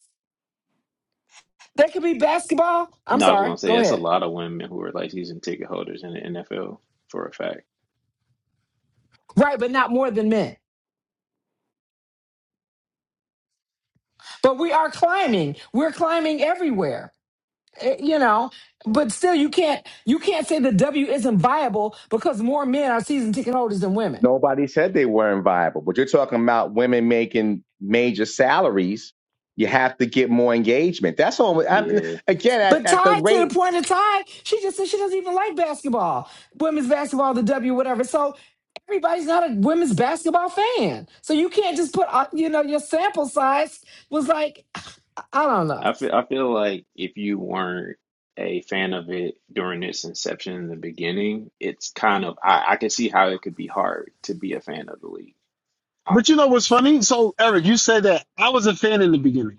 D: There could be basketball. I'm
L: no, I was
D: sorry.
L: gonna say
D: Go
L: it's a
D: ahead.
L: lot of women who are like season ticket holders in the NFL for a fact.
D: Right, but not more than men. But we are climbing. We're climbing everywhere. eh, You know, but still, you can't you can't say the W isn't viable because more men are season ticket holders than women.
B: Nobody said they weren't viable, but you're talking about women making major salaries. You have to get more engagement. That's all. I,
L: Yeah.
B: again, at,
D: But
B: at the
D: Ty, to
B: rate
D: the point of Ty, she just said she doesn't even like basketball, women's basketball, the W, whatever. So everybody's not a women's basketball fan. So you can't just put, uh, you know, your sample size was like, I I don't know.
L: I feel I feel like if you weren't a fan of it during its inception in the beginning, it's kind of I, I can see how it could be hard to be a fan of the league. I,
I: But you know what's funny? So Eric, you said that I was a fan in the beginning.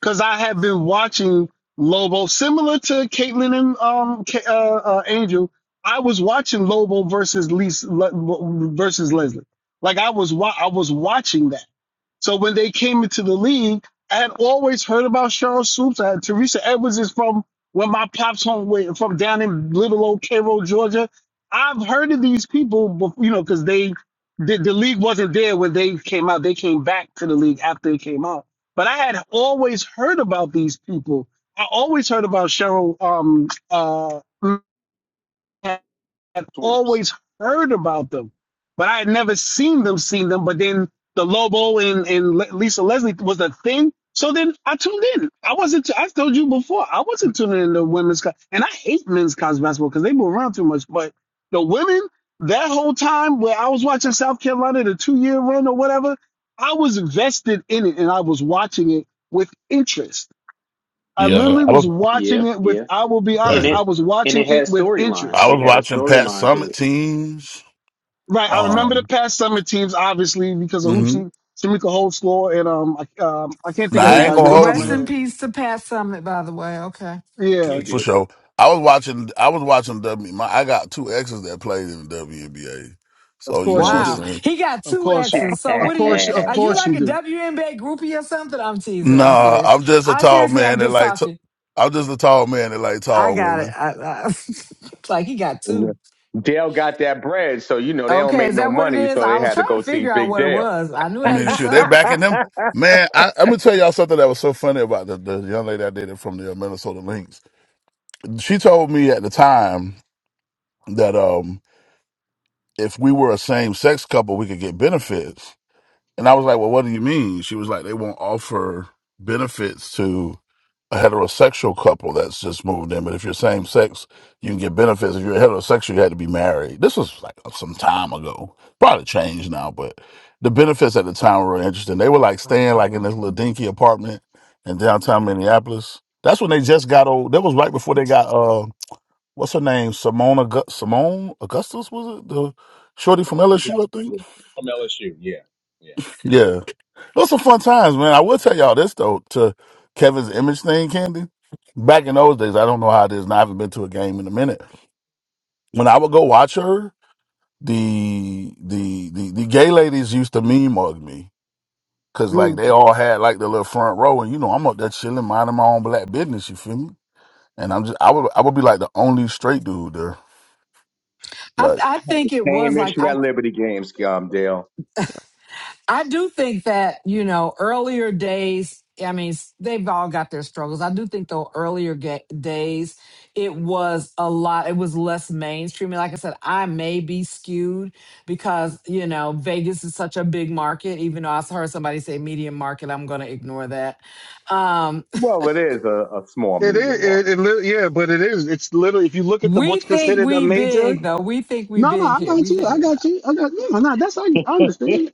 I: because I have been watching Lobo, similar to Caitlyn and um, K, uh, uh, Angel. I was watching Lobo versus Lisa, Le- versus Leslie. Like I was, wa- I was watching that. So when they came into the league, I had always heard about Cheryl Swoops. I had, Teresa Edwards is from when my pops home went from down in little old Cairo, Georgia. I've heard of these people, before, you know, because they the, the league wasn't there when they came out. They came back to the league after it came out but I had always heard about these people. I always heard about Cheryl um, uh, had
B: swoops.
I: always heard about them, but I had never seen them, seen them. But then the Lobo and, and Lisa Leslie was a thing. So then I tuned in. I wasn't, I told you before, I wasn't tuning into women's, co- and I hate men's college basketball because they move around too much. But the women, that whole time where I was watching South Carolina, the two year run or whatever, I was vested in it and I was watching it with interest. I
J: Yeah,
I: literally
J: I
I: was
J: was
L: yeah,
I: watching it with,
L: yeah.
I: I will be
L: And
I: honest,
J: Dang.
I: I
L: it
I: was
L: and
I: watching
L: it had
I: it with
L: storyline.
J: I
I: interest
L: It
J: was
L: had a
J: watching Pat
L: storyline to
J: Summit
L: it.
J: teams.
I: Right, I remember the
J: Um,
I: past summit teams, obviously, because of who she
J: mhm.
I: Shamika Holds and um, I, um, I can't
J: now
I: think of
J: I ain't
D: Rest,
I: everybody's
J: gonna
I: name off the top
J: hold
I: of my
D: rest
J: you.
D: in
I: head.
D: peace to Pat Summit, by the way. Okay.
I: Yeah,
L: Yep,
J: for
L: yep.
J: sure. I was watching. I was watching W. My I got two exes that played in the WNBA,
I: of
J: so you know
I: course you
J: what
D: Wow.
I: do.
J: I'm saying.
D: He got
I: Of
D: two
I: course you,
D: X's. So
I: of
D: what are you,
I: course, of
D: are you
I: course
D: like
I: you
D: a
I: do.
D: WNBA groupie or something? I'm teasing. I'm
J: Nah,
D: serious.
J: I'm just a
D: I
J: tall
D: seriously, I'm
J: man that
D: just
J: like. T-
D: talking.
J: I'm just a tall man that like
D: I
J: tall
D: got it.
J: women.
D: I, I, like he got two.
B: Mhm. Dale got that bread, so you know they don't
D: Okay,
B: make
D: is
B: no
D: that what it
B: money,
D: is?
B: so they
D: I was
B: had to
D: trying
B: go
D: to
B: see
D: figure out
B: Big
D: what it
B: Dale.
D: was. I knew
J: I
D: it had to
J: mean,
D: be
J: sure. they are
D: something.
J: backing them. Man, I, I'm gonna tell y'all something that was so funny about the, the young lady I dated from the uh, Minnesota Lynx. She told me at the time that um, if we were a same sex couple, we could get benefits. And I was like, well, what do you mean? She was like, they won't offer benefits to a heterosexual couple that's just moved in. But if you're same sex, you can get benefits. If you're heterosexual, you had to be married. This was like some time ago. Probably changed now, but the benefits at the time were really interesting. They were like staying like in this little dinky apartment in downtown Minneapolis. That's when they just got old. That was right before they got uh, what's her name, Simone August- Simone Augustus was it the shorty from
B: Simone
J: LSU, I think.
B: Blackman from LSU, yeah, yeah.
J: Yeah, those some fun times, man. I will tell y'all this though, to Kevin's image thing, Candy. Back in those days, I don't know how it is, and I haven't been to a game in a minute. When I would go watch her, the the the, the gay ladies used to meme mug me. Cause like
I: Mm.
J: they all had like the little front row, and you know I'm up there chilling, minding my own black business. You feel me? And I'm just I would I would be like the only straight dude there.
D: I th-
J: Like
D: I think it
B: Same
D: was like
B: issue
D: I.
B: at Liberty Games, um, Dale.
D: I do think that, you know, earlier days, I mean, s- they've all got their struggles. I do think though, earlier ga- days, it was a lot, it was less mainstream. And Like I said, I may be skewed because, you know, Vegas is such a big market, even though I heard somebody say medium market, I'm going to ignore that. Um,
B: Well, it is a, a small
I: It
B: media
I: is,
B: market.
I: it, it, li- yeah, but it is. It's literally if you look at the
D: we
I: what's
D: think
I: considered a
D: we
I: major.
D: big though. We think we
I: No, no,
D: big
I: I
D: here.
I: got
D: We
I: you. I
D: think it not.
I: got you. I got no, no. That's I, I understand.
B: it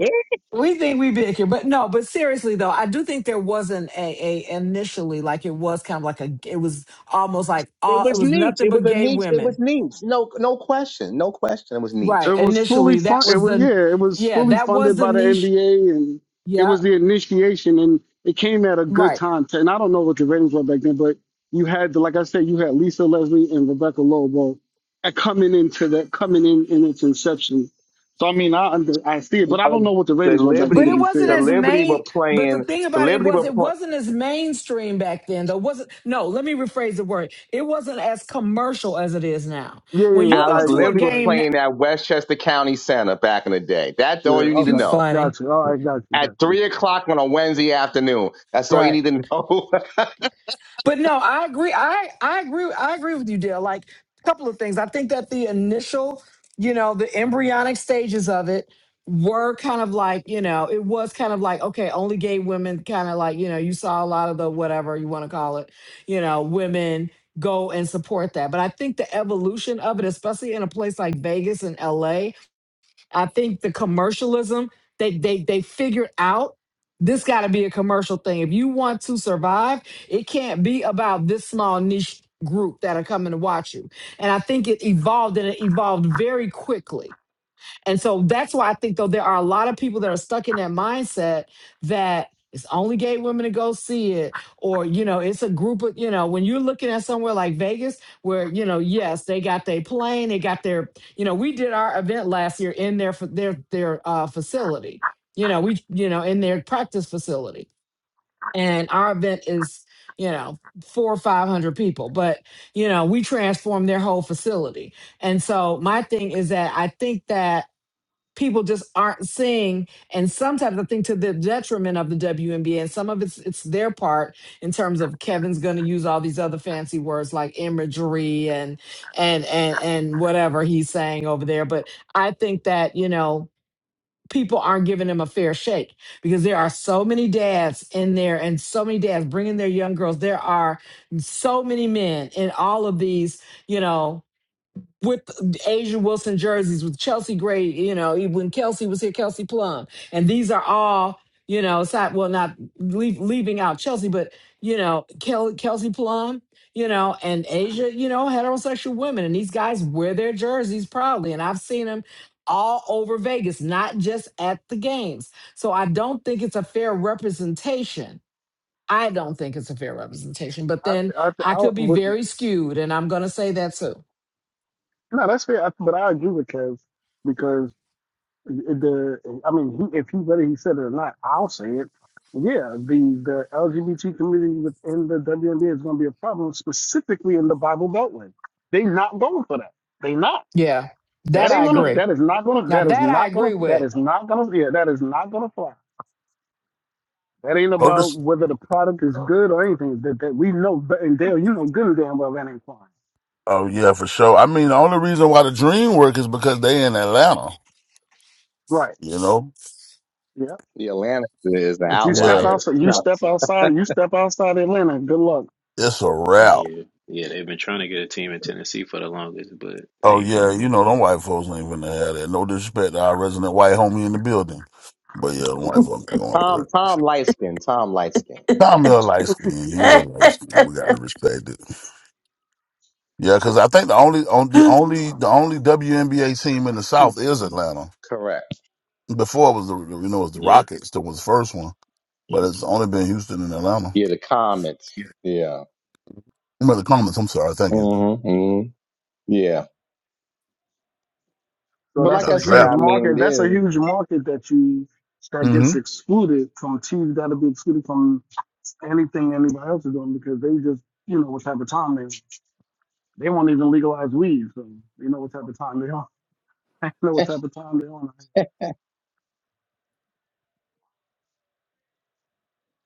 D: We think we big here, but no, but seriously though, I do think there wasn't a, a initially like it was kind of like a it was almost like all it
B: was
D: was
B: niche.
D: nothing
B: It was
D: but
B: a
D: gay
B: niche. It was
D: women.
B: niche. No, no question. No question. It was niche.
D: Right.
I: It was fully
D: Initially that
I: fun. It
D: was
I: was
D: the
I: yeah. It was
D: yeah,
I: fully
D: that was
I: funded
D: the
I: by the
D: niche.
I: NBA, and it
D: Yeah,
I: was the initiation, and it came at a good
D: right.
I: time. To, and I don't know what the ratings were back then, but you had, like I said, you had Lisa Leslie and Rebecca Lobo at coming into that coming in in its inception. So I mean, I under, I see it, but I don't
B: Alex,
I: know what the
B: the
I: ratings were back then.
D: But
I: To
D: it
I: be
B: Liberty,
D: wasn't
B: the
I: fair.
D: as
B: Liberty were
D: main but the
B: playing.
D: thing
B: The
D: about it
B: Liberty
D: was
B: were
D: it
B: pl-
D: wasn't as mainstream back then though. Wasn't no, let me rephrase the word. It wasn't as commercial as it is now.
I: Yeah,
D: When
I: yeah, yeah.
D: you go
I: I
B: Alex. The
D: to
I: agree.
D: a
B: Liberty were
I: I
D: game
I: agree.
D: na-
B: playing at Westchester County Center back in the day. That's
I: Yeah.
B: all you need to
D: you
I: Okay.
B: know.
D: funny.
I: Got you. All right. Got you.
B: at
I: Got you.
B: three o'clock on a Wednesday afternoon. That's all you
D: Right.
B: need to know.
D: But no, I agree. I I agree. I agree with you, Dale. Like a couple of things. I think that the initial, you know, the embryonic stages of it were kind of like, you know, it was kind of like, okay, only gay women kind of like, you know, you saw a lot of the whatever you want to call it, you know, women go and support that. But I think the evolution of it, especially in a place like Vegas and LA, I think the commercialism they they they figured out this got to be a commercial thing. If you want to survive, it can't be about this small niche group that are coming to watch you. And I think it evolved and it evolved very quickly. And so that's why I think though there are a lot of people that are stuck in that mindset that it's only gay women to go see it, or you know, it's a group of you know, when you're looking at somewhere like Vegas, where you know, yes, they got their plane, they got their, you know, we did our event last year in their fa- their their uh, facility, you know, we you know in their practice facility, and our event is you know four or five hundred people, but you know, we transformed their whole facility, and so my thing is that I think that people just aren't seeing and sometimes i think to the detriment of the WNBA and some of it's it's their part in terms of Kevin's going to use all these other fancy words like imagery and and and and whatever he's saying over there but i think that you know people aren't giving him a fair shake because there are so many dads in there and so many dads bringing their young girls there are so many men in all of these you know with Asia Wilson jerseys, with Chelsea Gray, you know, e, when Kelsey was here, Kelsey Plum. And these are all, you know, side, well, not leave, leaving out Chelsea, but, you know, Kel, Kelsey Plum, you know, and Asia, you know, heterosexual women. And these guys wear their jerseys proudly. And I've seen them all over Vegas, not just at the games. So I don't think it's a fair representation. I don't think it's a fair representation, but
I: I,
D: then
I: th- I, th-
D: I
I: I,
D: could be
I: but,
D: very skewed, and I'm going to say that too.
I: no, that's fair. I, but I agree with Kev because. the I mean, he, if he whether he said it or not, I'll say it. Yeah, the the LGBT community within the WNBA is going to be a problem, specifically in the Bible Beltway. They not going for that. They not.
D: Yeah,
I: That
D: that
L: That's a
I: ain't
D: I
I: gonna.
L: fact.
D: agree.
I: That is not gonna.
D: Now
I: That is
D: that I
I: not gonna.
D: agree
I: That
D: with.
I: is not gonna. Yeah, that is not gonna fly. That ain't
J: oh
I: about
J: this
I: whether the product is good or anything. That, that we know. but- And Dale, you know good and damn well that ain't flying.
J: oh yeah for sure. I mean the only reason why the dream work is because they in Atlanta.
I: Right.
J: You know?
I: Yeah.
B: the Atlanta is an
I: But you step
J: Yeah,
B: outlier.
I: outside.
B: It's
I: You
B: not-
I: step outside. You step outside Atlanta. Good luck.
J: it's a wrap.
L: Yeah. Yeah, they've been trying to get a team in Tennessee for the longest, but they
J: Oh
L: ain't
J: yeah,
L: playing
J: you
L: it.
J: know them white folks ain't finna have that. No disrespect to our resident white homie in the building, but yeah, them white folks ain't going for
B: Tom,
J: that.
B: Tom Lightskin, Tom Lightskin, He
J: Tommy
B: lights-
J: a light skin, he a light skin. We gotta respect it. Yeah, because I think the only on the only the only WNBA team in the South is Atlanta.
B: correct.
J: Before it was the you know it was the
L: Yeah,
J: Rockets that was the first one, but
L: yep.
J: it's only been Houston and Atlanta.
B: Yeah, the comments.
J: Yeah.
B: Yeah.
J: Remember the comments. I'm sorry. Thank you.
B: hmm hmm Yeah.
I: So
B: But
I: that's
B: like
J: About
B: I
J: the
I: a
B: said,
I: huge
B: I
J: draft.
B: mean,
I: market. That's a huge market that you that gets
J: Mm-hmm.
I: excluded from teams that'll be excluded from anything anybody else is doing because they just you know what type of time they they won't even legalize weed, so they know what type of time they on. They know what
B: yeah.
I: type of time they on.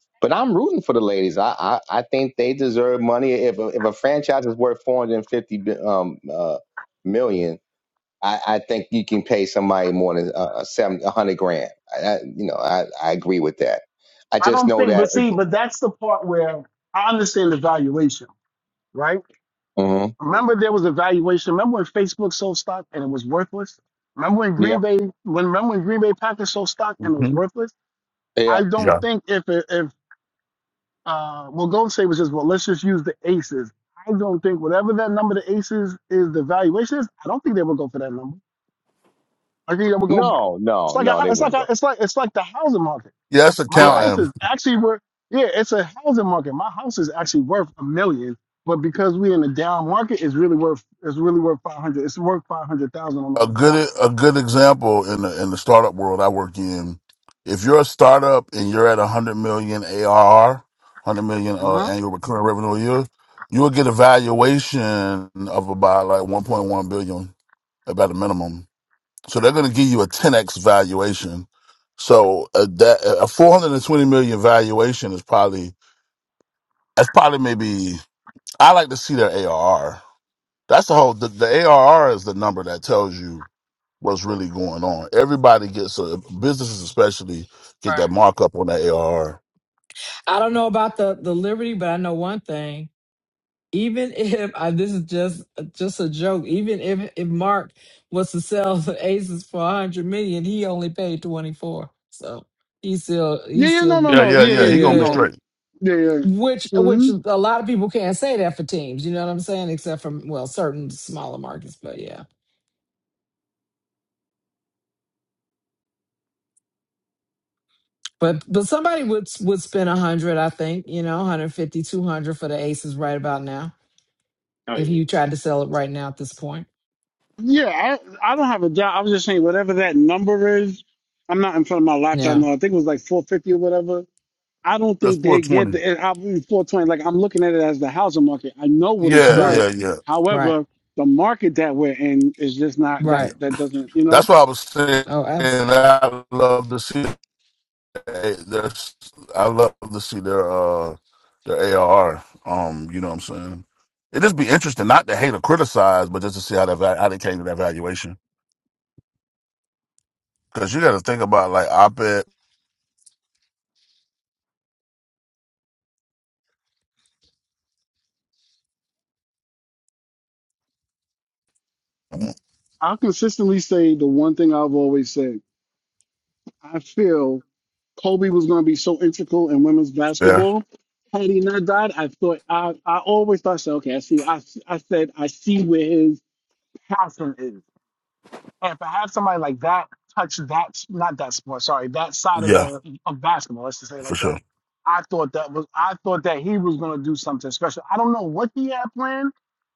B: but I'm rooting for the ladies. I, I, I think they deserve money. If a, if a franchise is worth 450 bi- um, uh, million, I, I think you can pay somebody more than uh, uh, seven, a hundred grand. I, I, you know, I, I agree with that. I
I: I
B: just
I: don't
B: know
I: think,
B: that
I: but see,
B: again.
I: but that's the part where I understand the valuation, right?
B: hmm
I: Remember there was a valuation. Remember when Facebook sold stock and it was worthless? Remember when
B: Yeah,
I: Green Bay when remember when Green Bay Packers sold stock and it was
J: hmm
I: worthless?
B: yeah.
I: I don't
J: Yeah.
I: think if it, if uh, well, Golden State was just, well, let's just use the aces. I don't think whatever that number, the aces is the valuation is. I don't think they would go for that number. I think they would go.
B: No,
I: It's
B: no,
I: like a,
B: no,
I: hou-
B: they
I: it's like
B: wouldn't
I: a,
B: go.
I: it's like it's like the housing market.
J: Yeah, that's a
I: My
B: Right.
I: house
J: count.
I: is actually worth. Yeah, it's a housing market. My house is actually worth a million, but because we're in the down market, it's really worth it's really worth five hundred. It's worth five hundred thousand on the
J: a
I: open
J: good
I: market.
J: a good example in the in the startup world I work in. If you're a startup and you're at 100 million ARR, 100 million
I: Uh
J: uh,
I: huh.
J: annual recurring revenue a year, you will get a valuation of about like 1.1 billion, about a minimum. So they're going to give you a 10x valuation. So uh, that a 420 million valuation is probably that's probably maybe I like to see their ARR. That's the whole the, the ARR is the number that tells you what's really going on. Everybody gets a businesses especially get
D: Right.
J: that markup on that ARR.
D: I don't know about the the liberty, but I know one thing. Even if I, this is just just a joke, even if if Mark was to sell the Aces for a hundred million, he only paid twenty four. So he's still
I: Yeah,
D: he's
I: yeah, no,
D: still
I: no,
D: good.
J: Yeah,
I: no.
J: yeah,
I: Yeah,
J: yeah.
I: yeah,
J: He
D: He
I: yeah.
J: gonna be
D: good.
I: No,
J: straight.
I: yeah, yeah.
D: Which
I: mm
D: which a lot of people can't say that for teams. You know what I'm saying? Except for well, certain smaller markets. But yeah. But but somebody would would spend a hundred, I think, you know, 150, 200 for the aces right about now.
L: Oh
D: If
L: yeah.
D: you tried to sell it right now at this point.
I: Yeah, I, I don't have a job. I was just saying whatever that number is. I'm not in front of my laptop
D: Yeah.
I: now. I think it was like 450 or whatever. I don't
J: That's
I: think
J: four
I: they get
J: twenty.
I: the it- I'll be 420. Like I'm looking at it as the housing market. I know what it's
J: Yeah,
I: worth.
D: Right.
J: yeah, yeah,
D: Right.
I: However, the market that we're in is just not that
J: yeah.
D: Right.
I: that doesn't, you know.
J: That's why I was saying.
D: Oh, absolutely.
J: I love to see that. There's, I love to see their uh their ARR. Um, you know what I'm saying? It just be interesting, not to hate or criticize, but just to see how that va- how they came to that valuation. Because you got to think about like op ed.
I: I'll consistently say the one thing I've always said. I feel Kobe was going to be so integral in women's
J: Yeah,
I: basketball. Had he not died, I thought I, I always thought, so, okay, I see. I, I said I see where his passion is. And if I have somebody like that touch that not that sport, sorry, that side of
J: yeah,
I: the of basketball, let's just say it
J: for
I: like
J: sure.
I: that. I thought that was I thought that he was gonna do something special. I don't know what he had planned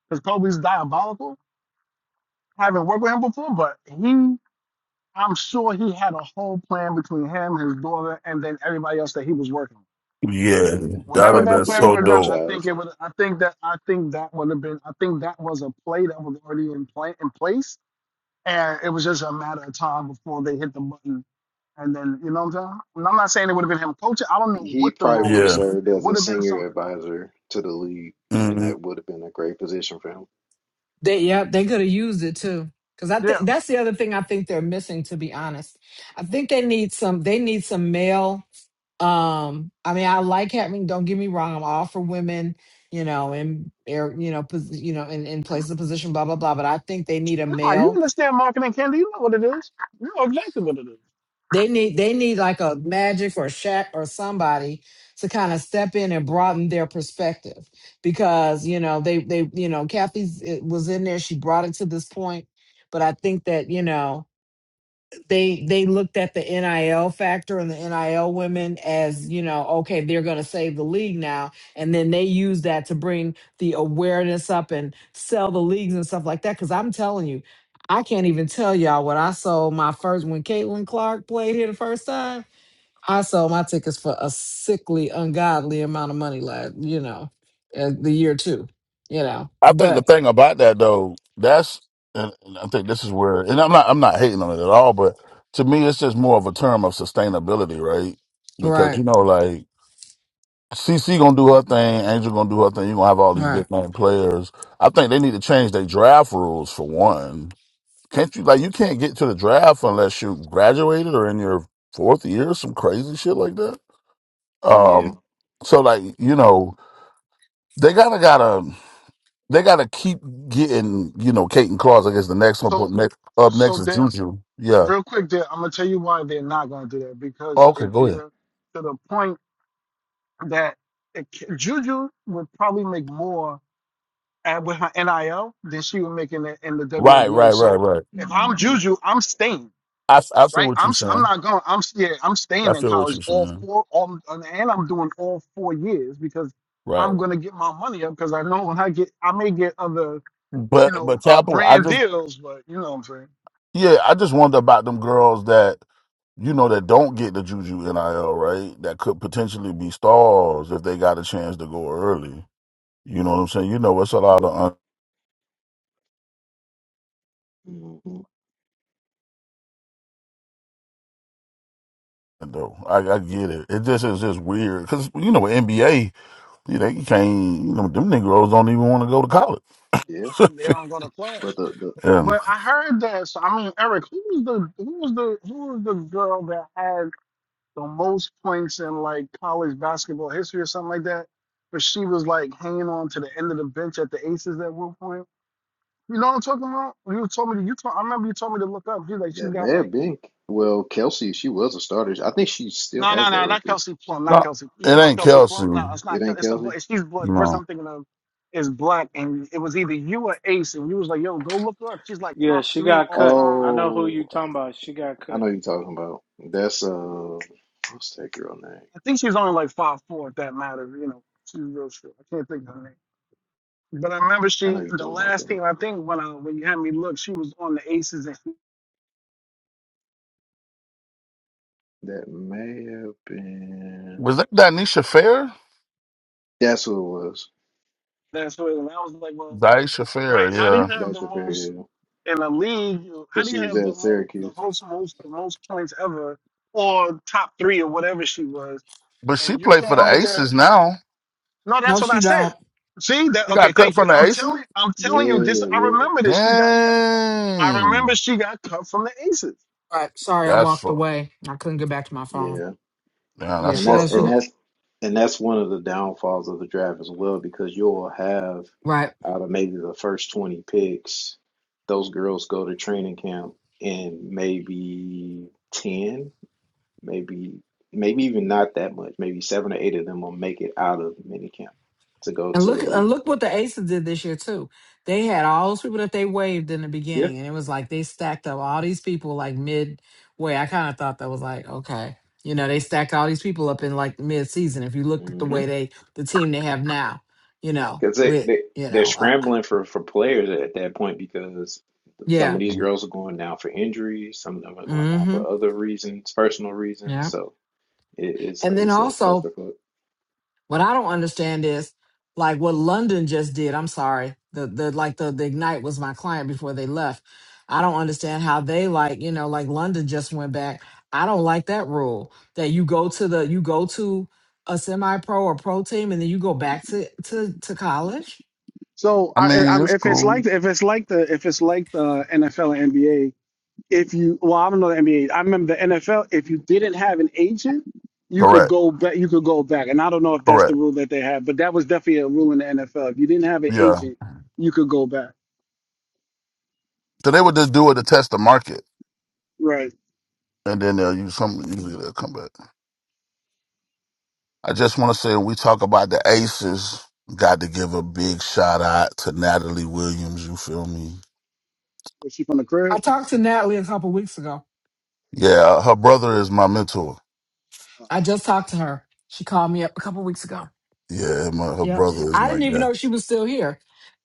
I: because Kobe's diabolical. I haven't worked with him before, but he I'm sure he had a whole plan between him, his daughter, and then everybody else that he was working with.
J: Yeah,
L: Yeah. He's
J: that'd
I: Whatever
L: probably
J: have
I: that
J: been
L: about to get
I: plan
L: a
I: would
J: so
I: have done,
J: dope.
I: I think
L: franchise.
I: it would I think that I think that would have been I think that was a play that was already in play in place And it was just a matter of time before they hit the button. And then, you know what I'm saying? And I'm not saying it would have been him coaching. I don't know
L: He
I: what the
L: probably
I: role
L: would
I: would
L: have
I: have
J: Yeah.
I: been.
L: served
I: It
L: as
I: would
L: a
I: have been
L: senior
I: something.
L: advisor to the league, and
J: hmm
L: that would have been a great position for him.
D: They yeah, they could have used it too. Cause I think
I: Yeah.
D: that's the other thing I think they're missing, to be honest. I think they need some they need some male. Um, I mean, I like having, don't get me wrong, I'm all for women, you know, in air, you know, pos, you know, in, in places of position, blah, blah, blah. But I think they need a
I: Nah, you
D: male
I: understand marketing, Candy. You know what it is. You know exactly what it is.
D: They need they need like a magic or Shaq or somebody to kind of step in and broaden their perspective because you know they they you know Kathy's it was in there she brought it to this point, but I think that you know they they looked at the NIL factor and the NIL women as, you know, okay, they're going to save the league now and then they use that to bring the awareness up and sell the leagues and stuff like that cuz I'm telling you, I can't even tell y'all what I sold my first when Caitlin Clark played here the first time. I sold my tickets for a sickly ungodly amount of money like, you know, uh, the year 2, you know.
J: I think the
D: But
J: thing about that though, that's and and I think this is where and I'm not I'm not hating on it at all, but to me it's just more of a term of sustainability, right? Because
D: right,
J: you know, like CC gonna do her thing, Angel gonna do her thing, you're gonna have all these
D: right.
J: big name players. I think they need to change their draft rules for one. Can't you like you can't get to the draft unless you graduated or in your fourth year, some crazy shit like that.
L: Yeah.
J: Um so like, you know, They gotta gotta they gotta keep getting you know Kate and Claus. I guess the next one, but
I: So,
J: next up
I: so
J: next is
I: there,
J: Juju. Yeah.
I: real quick, there, I'm going to tell you why they're not going to do that. Because
J: okay,
I: if
J: go ahead.
I: you're to the point that it, ca- Juju would probably make more at, with her NIL than she would make in the, in the
J: Right, right,
I: WNBA.
J: right,
I: So
J: right.
I: if I'm
L: hmm
I: Juju, I'm staying.
J: I f- I feel
I: right?
J: what
I: I'm
J: you're
I: s- I'm
J: saying.
I: not going. I'm yeah. I'm
J: I
I: staying in
J: feel what
I: college
J: you're
I: all
J: saying.
I: four. All and I'm doing all four years because
J: Right.
I: I'm gonna get my money up because I know when I get I may get other you
J: But
I: know
J: but
I: uh,
J: Capital, I
I: brand
J: just
I: deals, but you know what I'm saying
J: yeah, I just wonder about them girls that you know that don't get the Juju NIL right. That could potentially be stars if they got a chance to go early. You know what I'm saying? You know, it's a lot
L: But
J: of
L: mhm,
J: un- though. I, I get it. It just is just weird because you know with NBA. Yeah, they can't. You know, them Negroes don't even want to go to college.
L: yeah,
I: they don't go to class.
L: but the the
J: yeah.
I: But I heard that. So I mean, Eric, who was the who was the who was the girl that had the most points in like college basketball history or something like that? But she was like hanging on to the end of the bench at the Aces at one point. You know what I'm talking about? You told me to, you told, I remember you told me to look up. She's like, she's
L: that
I: got
L: may
I: like,
L: have been well, Kelsey. She was a starter. I think she still
I: no, no,
L: has that
I: no, not
L: record.
I: Kelsey Plum, not
J: No,
I: Kelsey. You
J: it
I: talking about
J: ain't
I: Kelsey
J: Kelsey.
I: Plum? No, it's
J: You
I: not.
L: It
I: Kel-
L: ain't
I: It's a,
L: Kelsey.
I: bla- she's black. The person
J: know,
I: I'm thinking of is black, and it was either you or Ace, and you was like, yo, go look her up. She's like
A: Yeah,
I: top
A: she
I: three
A: got
I: all
A: cut. I
I: time.
A: know who you
L: Oh,
A: talking about. She got
L: I
A: cut.
L: know you're talking about. That's uh, what's that girl name?
I: I think she's only like five four, if that matters. You know, she's real short. I can't think of her name. But I remember
L: I know
I: she,
L: you're
I: the
L: talking about
I: last
L: though.
I: team I think when I when you had me look, she was on the Aces, and
L: That may have been.
J: was that Danisha Fair?
L: That's who it was.
I: that's what. And I was like, well,
J: Daisha
I: right?
J: Fair,
I: How do you
J: yeah.
I: have the
L: That's your
I: most?
L: favorite.
I: in a league, how
L: Because
I: do
L: she
I: you
L: was
I: have the
L: at
I: most, the
L: Syracuse.
I: host most the most points ever, or top three or whatever she was,
J: But she
I: and you
J: played for
I: can't
J: the
I: make a?
J: Aces now.
I: No, that's
D: No,
I: what
D: she
I: I said.
D: don't.
I: See that?
J: She
I: Okay,
J: got cut
I: thank you.
J: from the
I: I'm
J: Aces.
I: telling, I'm telling you. Just I
L: Yeah, yeah,
I: remember this. She got cut. I remember
J: Dang,
I: she got cut from the Aces.
D: Right. Sorry, I
J: that's
D: walked
J: fucked.
D: away. I couldn't get back to my phone.
L: yeah.
J: Yeah,
D: Yeah,
J: that's
L: And
D: she
L: that's
J: fucked
D: does. She
L: and
J: up.
D: does.
L: that's and that's one of the downfalls of the draft as well, because you'll have
D: right.
L: out of maybe the first 20 picks, those girls go to training camp and maybe 10, maybe maybe even not that much, maybe seven or eight of them will make it out of minicamp to go
D: And
L: to the
D: look and
L: league.
D: look what the Aces did this year too. They had all those people that they waived in the
L: Yeah.
D: beginning, and it was like they stacked up all these people like midway. I kind of thought that was like okay, you know, they stacked all these people up in like mid season. If you look at the way they the team they have now, you know,
L: Because they,
D: with
L: they
D: you
L: they're
D: know, uh,
L: scrambling for for players at that point because some
D: yeah,
L: of these
J: I
L: girls are going down for injuries, some of them are going down
D: mm-hmm,
L: for other reasons, personal reasons.
D: yeah.
L: So it, it's a,
D: And then
L: it's a
D: also
L: clusterfuck.
D: What I don't understand is like what London just did. I'm sorry. The the like the, the Ignite was my client before they left. I don't understand how they like, you know, like London just went back. I don't like that rule that you go to the you go to a semi pro or pro team and then you go back to, to to college.
I: So I, I,
J: mean,
I: am
J: it's
I: if it's
J: cool.
I: like the, if it's like the if it's like the NFL and NBA. if you well, I don't know the NBA. I remember the NFL. If you didn't have an agent, you could
J: Correct.
I: go back. You could go back, and I don't know if that's the
J: Correct.
I: rule that they have, but that was definitely a rule in the NFL. If you didn't have an
J: Yeah.
I: agent, you could go back.
J: So they would just do it to test the market,
I: Right?
J: and then they'll use some. Usually they'll come back. I just want to say when we talk about the aces, got to give a big shout out to Natalie Williams. You feel me?
I: Was she from the crib?
D: I talked to Natalie a couple weeks ago.
J: Yeah, her brother is my mentor.
I: Uh, I
D: I just talked to her. She called me up a couple weeks ago.
J: Yeah, my, her
D: Yep.
J: brother is
D: I
J: my
D: didn't even
J: guy.
D: know she was still here.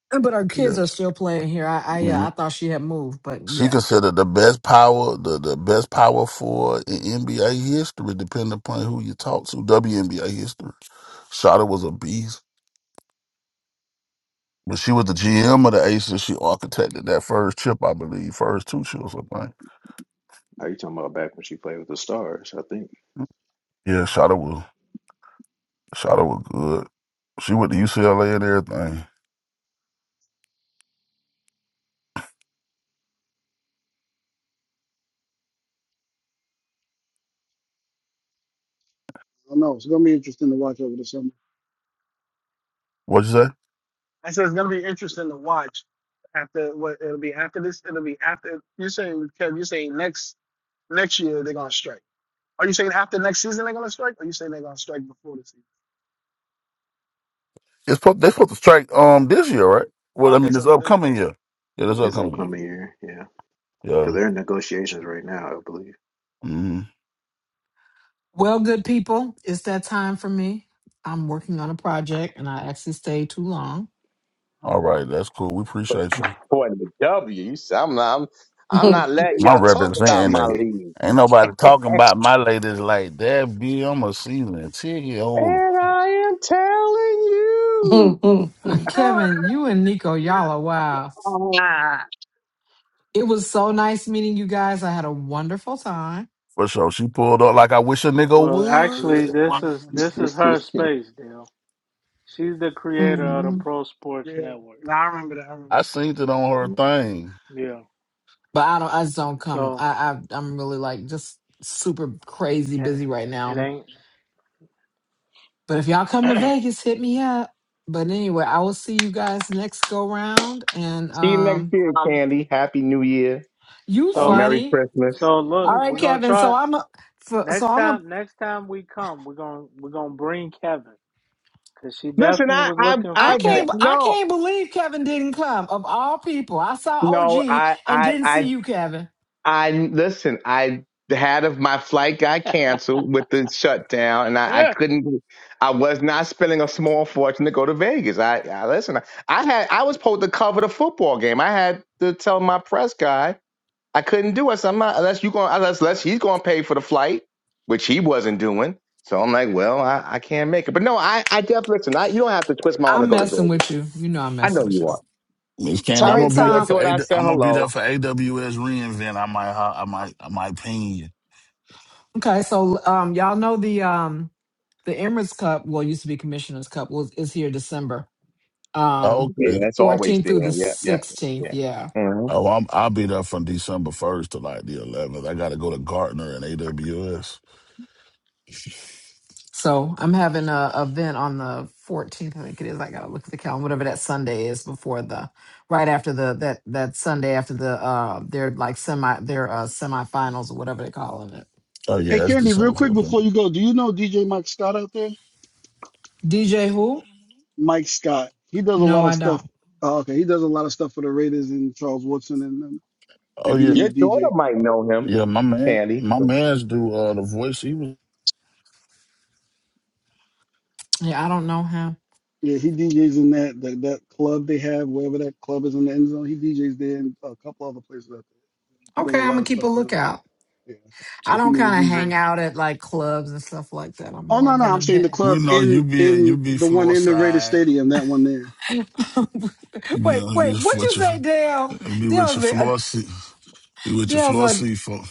D: But her
J: Yeah,
D: kids are still playing here. I I,
J: hmm
D: uh, I thought she had moved, but
J: she
D: yeah.
J: considered the best power, the, the best power forward in NBA history, depending upon who you talk to. WNBA history. Shada was a beast. But she was the GM of the Aces. She architected that first chip, I believe, first two chips, I think.
L: Are you talking about back when she played with the Stars? I think
J: Yeah, Shada was Shada was good. She went to UCLA and everything.
I: don't know. It's gonna be interesting to watch over the summer.
J: What'd you say?
I: I said it's gonna be interesting to watch after what it'll be after this. It'll be after you're saying Kev. You're saying next next year they're gonna strike. Are you saying after next season they're gonna strike? Or are you saying they're gonna strike before the season?
J: It's supposed, they're supposed to strike um this year, right? Well, I
I: Okay,
J: mean,
I: so
J: this
I: then
J: upcoming year. Yeah, this
I: they-
L: this
J: upcoming year.
L: upcoming year, yeah, because
J: Yeah.
L: they're in negotiations right now, I believe.
J: Mm-hmm.
D: Well, good people, it's that time for me. I'm working on a project and I actually stayed too long.
J: All right, that's cool. We appreciate you.
B: According to W, you see, I'm not, I'm, I'm not letting
J: My
B: y'all talk about
J: representing
B: my
J: that.
B: league.
J: Ain't nobody talking about my ladies like that, B. I'm a season ticket holder.
B: And I am telling you.
G: Mhm.
D: Kevin, you and Nico, y'all are wow. It was so nice meeting you guys. I had a wonderful time.
J: For sure. She pulled up like I wish a
A: I know-
J: nigga
A: Well, actually,
J: would.
A: this is
I: yeah.
A: this is her space, Dale. She's the creator of the Pro Sports
I: Yeah,
A: Network.
I: no, I remember that. I remember.
J: I seen it on her thing.
A: Yeah.
D: But I don't I just don't come.
A: So
D: I, I I'm really like just super crazy
A: it,
D: busy right
A: it
D: now.
A: ain't.
D: But if y'all come to Vegas, hit me up. But anyway, I will see you guys next go round. And
B: See you next
D: um
B: year, Candy. Happy New Year.
D: you
B: Uh,
A: so
B: Merry
D: funny.
B: Christmas.
A: so
D: All
A: look,
D: right,
A: we're gonna
D: Kevin. So
A: try.
D: I'm a for, so
A: Next
D: I'm a
A: time, next time we come, we're gonna we're gonna bring Kevin because she
B: Listen,
A: definitely
B: I,
A: was
B: I,
A: looking for
D: I
B: I,
D: can't
A: Kevin.
D: I
B: no,
D: can't believe Kevin didn't come. Of all people, I saw
B: no,
D: OG
B: I,
D: and
B: I,
D: didn't
B: I
D: see you, Kevin.
B: I listen. I had of my flight got canceled with the shutdown, and I, I
A: Yeah.
B: couldn't. I was not spending a small fortune to go to Vegas. I, I listen. I I had. I was supposed to cover the football game. I had to tell my press guy I couldn't do it. So I'm not unless you going unless unless he's going to pay for the flight, which he wasn't doing. So I'm like, well, I, I can't make it. But no, I I definitely listen. I, you don't have to twist my arm to
D: I'm
B: go to
D: messing
B: Vegas.
D: with you. You know I'm
B: I know
D: messing with
B: you
D: you.
B: are.
J: Miss Candy,
B: Tell
D: All
J: I'm
B: your
D: right,
J: gonna be
B: tell your
J: there
D: Tom.
J: for A.
B: daughter I said
J: I'm gonna be there
B: hello.
J: for AWS reinvent. I might, I might, I might ping you.
D: Okay, so um y'all know the um the Emirates Cup, well used to be Commissioner's Cup, was is here December. Um
B: Yeah,
J: Okay,
B: that's always
D: 14th through
B: there.
D: the
B: Yeah, yeah,
D: 16th,
B: yeah.
D: yeah.
B: hmm
J: Oh, I'm I'll be there from December first to like the eleventh. I gotta go to Gartner and AWS.
D: So I'm having a a event on the 14th, I think it is. I gotta look at the calendar, whatever that Sunday is before the right after the that that Sunday after the uh their like semi their uh semifinals or whatever they're calling it.
J: Oh
I: that. Hey,
J: yeah, it's
I: Candy, real
J: December
I: quick
J: fourth.
I: before you go, do you know DJ Mike Scott out there?
D: DJ who?
I: Mike Scott. He does a lot
D: No,
I: of
D: I
I: stuff.
D: don't.
I: Oh, okay, he does a lot of stuff for the Raiders and Charles Woodson and them.
J: Oh
I: If you
J: yeah,
I: need a
B: Your daughter
I: DJ,
B: might know him,
J: yeah. My man,
B: Candy.
J: my man's do uh the voice. He was.
D: Yeah, I don't know him.
I: yeah, he DJs in that that, that club they have, wherever that club is in the end zone. He DJs there and a couple other places out there. He does a
D: Okay, I'm
I: lot
D: gonna
I: of
D: keep a
I: stuff for them.
D: lookout.
I: Yeah,
D: I
I: if you
D: don't
I: need a
D: kind of hang
I: DJ.
D: out at like clubs and stuff like that. I'm
I: Oh
D: more
I: no,
D: of
I: no,
D: an
I: I'm saying the
D: event.
J: We
I: club
J: know you
I: in
J: be you
I: in
J: be
I: the one
J: floor
I: in the Raiders
J: side.
I: Stadium, that one there.
J: You be,
D: wait,
J: you
D: wait,
J: just
D: what you
J: with your
D: say, Dale?
J: be with
D: Dale's
J: your
D: been, uh,
J: floor seat. Be with your
D: Dale's
J: floor
D: like
J: seat for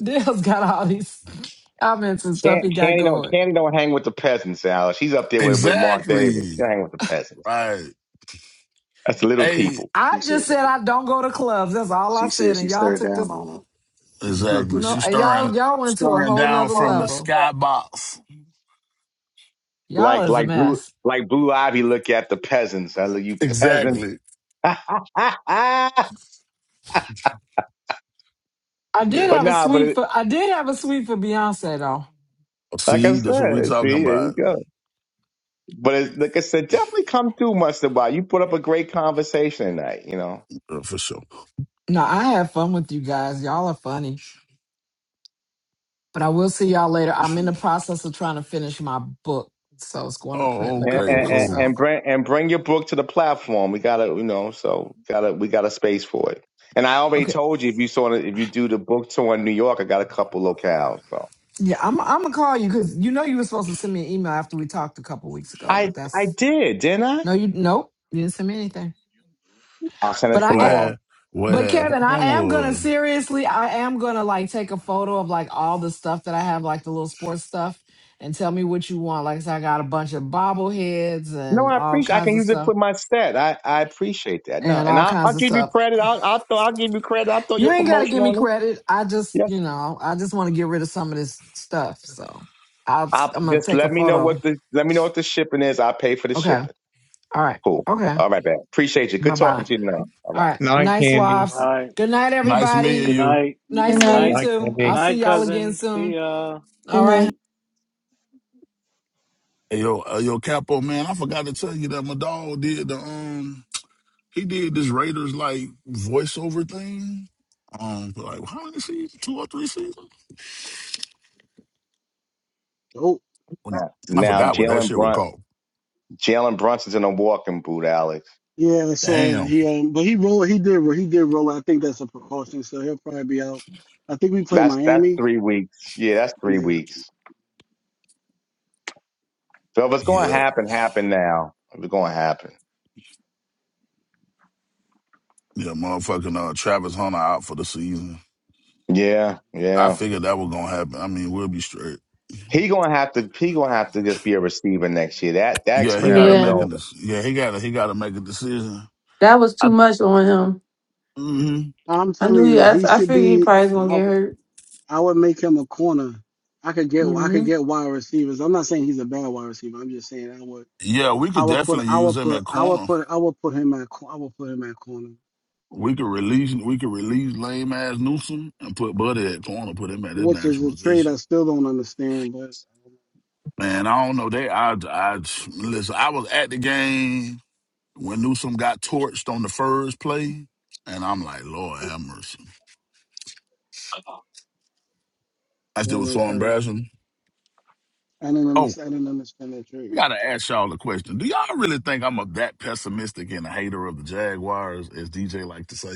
D: Dale's got all these comments and stuff
B: Can
D: he got
B: Candy don't
D: going.
B: Candy don't hang with the peasants, Alice. She's up there with, with Mark Davis.
J: exactly
B: She don't hang with the peasants.
J: right.
B: That's little
J: Hey,
B: people.
D: I
L: she
D: just
L: says
D: said I don't go to clubs. That's all I
L: she
D: said.
L: says she
D: And y'all
L: stared
D: took
L: down
D: this
L: on them.
J: exactly.
I: All
D: no
J: She
D: and
J: stirring
D: y'all y'all went to a
J: stirring
D: whole
J: down
D: nother
J: from the
D: level.
J: skybox.
D: Y'all
B: Like
D: is a
B: like blue
D: mess.
B: like Blue Ivy look at the peasants. I look you peasants.
J: Exactly.
B: but
D: I did
J: Yeah.
D: have a
B: nah, but
D: sweep
B: it,
D: for I did have a sweep for Beyonce though.
B: like I
J: See, that's what we
B: said, see,
J: talking
B: there you
J: about.
B: go. But it, like I said, definitely come through, Mustard Bob. You put up a great conversation tonight, you know.
J: Uh, for sure.
D: No, I had fun with you guys. Y'all are funny. But I will see y'all later. I'm in the process of trying to finish my book. So it's going to print
J: Oh,
D: in a
B: and
D: couple
J: okay,
D: of
B: and
D: weeks.
B: and
J: cool.
D: So
B: bring and bring your book to the platform. We gotta, you know, so gotta we got a space for it. And I already
D: okay.
B: told you if you saw if you do the book tour in New York, I got a couple locales. So
D: Yeah, I'm I'm gonna call you because you know you were supposed to send me an email after we talked a couple of weeks ago,
B: I
D: but
B: I
D: that's
B: did, didn't I?
D: no you nope, you didn't send me anything.
B: I'll send it
D: But
J: What
D: I,
B: tomorrow.
J: had, what
D: But
J: had
D: Kevin, I
J: happened
D: am gonna
J: was
D: seriously, I am gonna like take a photo of like all the stuff that I have, like the little sports stuff, and tell me what you want. Like I said, I got a bunch of bobbleheads
B: No,
D: and
B: I
D: all
B: appreciate. I can
D: kinds of
B: use it for
D: stuff,
B: my stat. I, I appreciate that. No,
D: and
B: and
D: all
B: I, I'll
D: kinds of
B: give you
D: stuff.
B: credit. I'll I throw I'll give you credit. I'll throw
D: You
B: your
D: ain't gotta
B: promotion
D: give me
B: on it.
D: credit. I just,
B: Yes.
D: you know, I just want to get rid of some of this stuff. So I'll,
B: I will
D: I'm gonna
B: just
D: take a
B: let me know what
D: photo.
B: the let me know what the shipping is. I will pay for the
D: Okay.
B: shipping.
D: All right.
B: Cool.
D: Okay.
B: All right, man. Appreciate you.
D: Bye
B: Good talking
D: bye.
B: to you now. All right.
D: All right.
E: Night,
D: Nice
E: candy.
A: All
D: swaps.
A: right.
D: Good night,
J: nice meeting
A: Good
D: everybody.
J: you.
A: night.
G: good
D: Nice
I: right.
A: Good
D: meeting you
A: night.
G: night.
E: night,
D: too.
A: Good
E: candy.
D: I'll see
A: night,
D: y'all again
A: cousin. See
D: soon.
A: ya.
G: Good
D: All right.
G: night.
J: And Yo, uh, yo, Capo, man, I forgot to tell you that my dog did the um, he did this Raiders like voiceover thing. Um, for like how many seasons? Two or three seasons?
I: Dope.
J: When-
B: Now,
J: I
B: now
J: forgot what that
B: Jalen
J: shit was
B: Brun
J: called.
B: Jalen Brunson's in a walking boot, Alex.
I: Yeah, so
J: Damn.
I: he um, but he rolled. He did. He did roll. I think that's a precaution. So he'll probably be out. I think we play
B: That's that's
I: Miami.
B: three weeks. Yeah, that's three
I: Yeah,
B: weeks. So if it's going to
J: Yeah,
B: happen, happen now. If it's going to happen,
J: yeah, motherfucking uh, Travis Hunter out for the season.
B: yeah,
J: I
B: yeah.
J: figured that was gonna happen. I mean, we'll be straight.
B: He going to have to. He going to have to just be a receiver next year. That that
J: Yeah, he got to
B: experiment is
J: make
G: Yeah,
J: a
B: over.
J: dec- yeah, he got to he got to make a decision.
G: that was
J: I
G: too much on him.
J: mhm.
I: I'm
G: I
I: telling
G: knew he,
I: you,
G: I,
I: he
G: I
I: should
G: figured he
I: be.
G: probably was
I: I
G: going to get
I: w-
G: hurt.
I: I would make him a corner. I could get. I
G: hmm
I: could get wide receivers. I'm not saying he's a bad wide receiver. I'm just saying I would.
J: Yeah, we
I: I
J: could
I: would put.
J: definitely
I: I
J: use
I: would
J: him
I: put.
J: at
I: I would
J: corner.
I: put. I would put him at. cor- I would put him at corner,
J: We could release we could release lame ass Newsom and put Buddy at corner, put him at his
I: which is
J: natural
I: a trade
J: position.
I: I still don't understand. But
J: Man, I don't know. They I I listen, I was at the game when Newsom got torched on the first play, and I'm like, Lord have mercy. I still was so
I: and, and,
J: embarrassing.
I: I don't
J: Oh,
I: understand. I don't understand that
J: I
I: trade.
J: gotta ask y'all a question. Do y'all really think I'm a, that pessimistic and a hater of the Jaguars, as DJ like to say?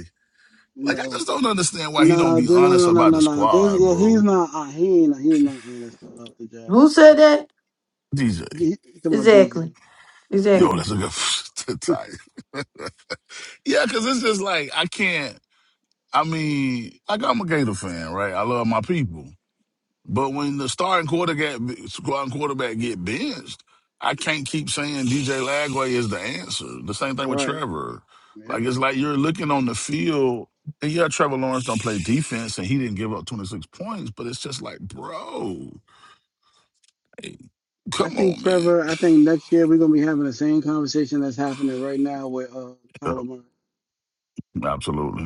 J: Like I
I: No.
J: just don't understand why he don't
I: No,
J: be
I: no,
J: honest
I: no, no,
J: about
I: no,
J: the
I: no. There's,
J: squad,
I: yeah, he's
J: bro.
I: not. Uh, he ain't. He's not honest about the job.
G: Who said that?
J: DJ.
I: He, he's talking about DJ.
G: Exactly.
J: Yo,
G: Exactly.
J: that's a good tight. Yeah, because it's just like, I can't. I mean, like, I'm a Gator fan, right? I love my people. But when the starting quarterback, starting quarterback get benched, I can't keep saying DJ Lagway is the answer. The same thing with
I: Right.
J: Trevor.
I: Yep.
J: Like, it's like you're looking on the field, and yeah, Trevor Lawrence don't play defense, and he didn't give up 26 points, but it's just like, bro, hey,
I: I
J: come
I: think
J: on, man.
I: Trevor. I think next year we're gonna be having the same conversation that's happening right now with uh
J: Yep,
I: Kyler Murray.
J: absolutely.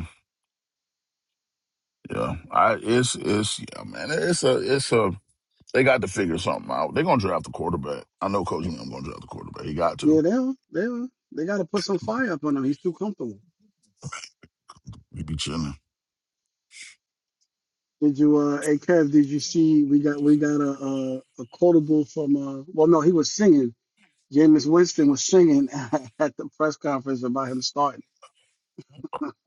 J: Yeah, I it's it's yeah, man. It's a it's a they got to figure something out. They're gonna draft the quarterback. I know Coach Liam gonna draft the quarterback. He got to.
I: Yeah, they'll they'll they are. They got to put some fire up on him. He's too comfortable.
J: He be chilling.
I: Did you uh hey Kev? Did you see we got we got a a, a quotable from uh well no he was singing. Jameis Winston was singing at the press conference about him starting.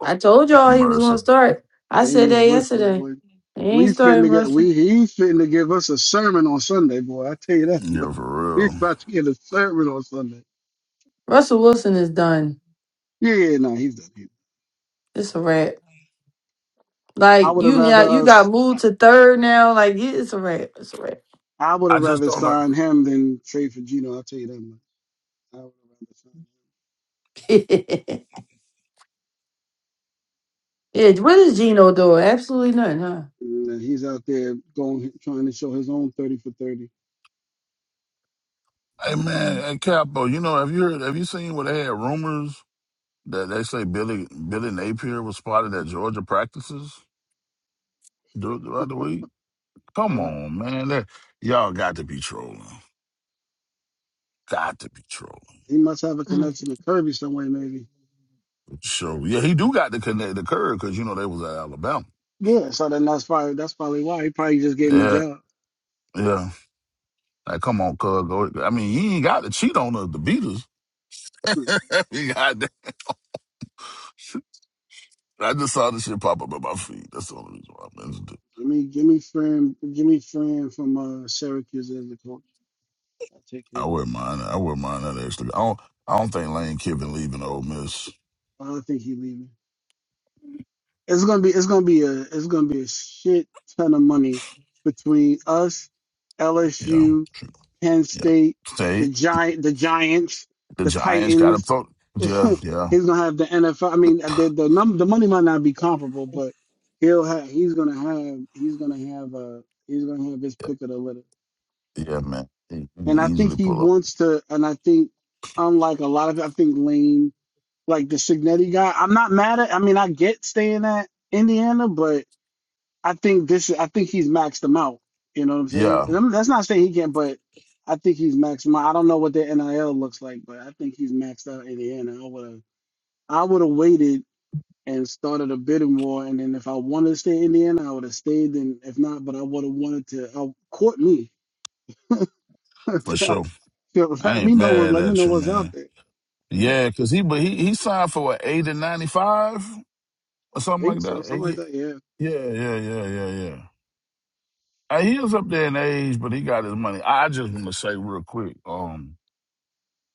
G: I told
J: Have
G: y'all he was going
J: mercy.
G: to start. I said that
I: Jameis Winston,
G: yesterday.
I: boy.
G: He
I: We
G: ain't starting
I: finna get
G: Russell.
I: we he's finna give us a sermon on Sunday, boy. I tell you that boy.
J: Yeah, for
I: He's
J: real.
I: about to get a sermon on Sunday.
G: Russell Wilson is done.
I: Yeah, yeah, no, he's done. He,
G: It's a wrap.
I: I
G: Like
I: would have
G: you,
I: rather
G: yeah, you got
I: us I,
G: moved to third now. Like yeah, it's a wrap. It's a wrap.
I: I would
J: I
I: have
J: just
I: rather
J: don't like.
I: signed him than trade for Gino, I'll tell you that much. I would have rather signed
G: yeah, what is Gino doing? Absolutely nothing,
I: him. And, uh, he's out there going trying to show his own thirty for thirty.
J: Hey man, hey Capo, you know have you heard, have you seen where they had rumors that they say Billy Billy Napier was spotted at Georgia practices dur- throughout the week? Come
I: Uh,
J: on, man. That, y'all got to be trolling. Got to be trolling.
I: he must have a
G: huh?
I: connection to Kirby some way, maybe.
J: Sure. Yeah, he do got to connect the curve because you know they was at Alabama.
I: Yeah, so then that's probably that's probably why. He probably just gave him a
J: Yeah.
I: job.
J: Yeah. Like, come on, cuz. Go. I mean, he ain't got to cheat on the, the Beatles.
I: Hmm.
J: I mean, goddamn. I just saw this shit pop up at my feet. That's the only reason why I mentioned it.
I: Give me, give me Fran, give me Fran from uh, Syracuse as the coach. I'll take
J: I
I: him.
J: wouldn't mind. I wouldn't mind that extra. I don't. I don't think Lane Kiffin leaving Ole Miss.
I: I don't think he's leaving. It's gonna be, it's gonna be a, it's gonna be a shit ton of money between us,
J: Yeah,
I: LSU, Penn
J: yeah.
I: State, the
J: State.
I: giant, the Giants,
J: The
I: the
J: Giants got to
I: Titans.
J: throw. Yeah, yeah,
I: he's gonna have the NFL. I mean, the the num- the money might not be comparable, but he'll have, he's gonna have, he's gonna have, uh, he's gonna have his pick of the litter.
J: yeah, man. He, he can
I: And I think
J: easily
I: he
J: pull up.
I: wants to, and I think, unlike a lot of, I think Lane, like the Signetti guy, I'm not mad at, I mean, I get staying at Indiana, but I think this, I think he's maxed them out. You know what I'm saying?
J: Yeah,
I: And I'm- that's not saying he can't, but I think he's maxed 'em out. I don't know what the NIL looks like, but I think he's maxed out Indiana. I would have, I would have waited and started a bidding war. And then if I wanted to stay in Indiana, I would have stayed. And if not, but I would have wanted to, I, court me.
J: for sure. I
I: let me
J: ain't
I: know what
J: mad
I: let me
J: at
I: know
J: you,
I: what's out
J: man.
I: there.
J: Yeah, cause he but he he signed for what eight and ninety five or something
I: think
J: like
I: so,
J: that.
I: something like
J: Eight-
I: that. Yeah.
J: yeah, yeah, yeah, yeah, yeah. Uh, he was up there in age, but he got his money. I just want to say real quick, um,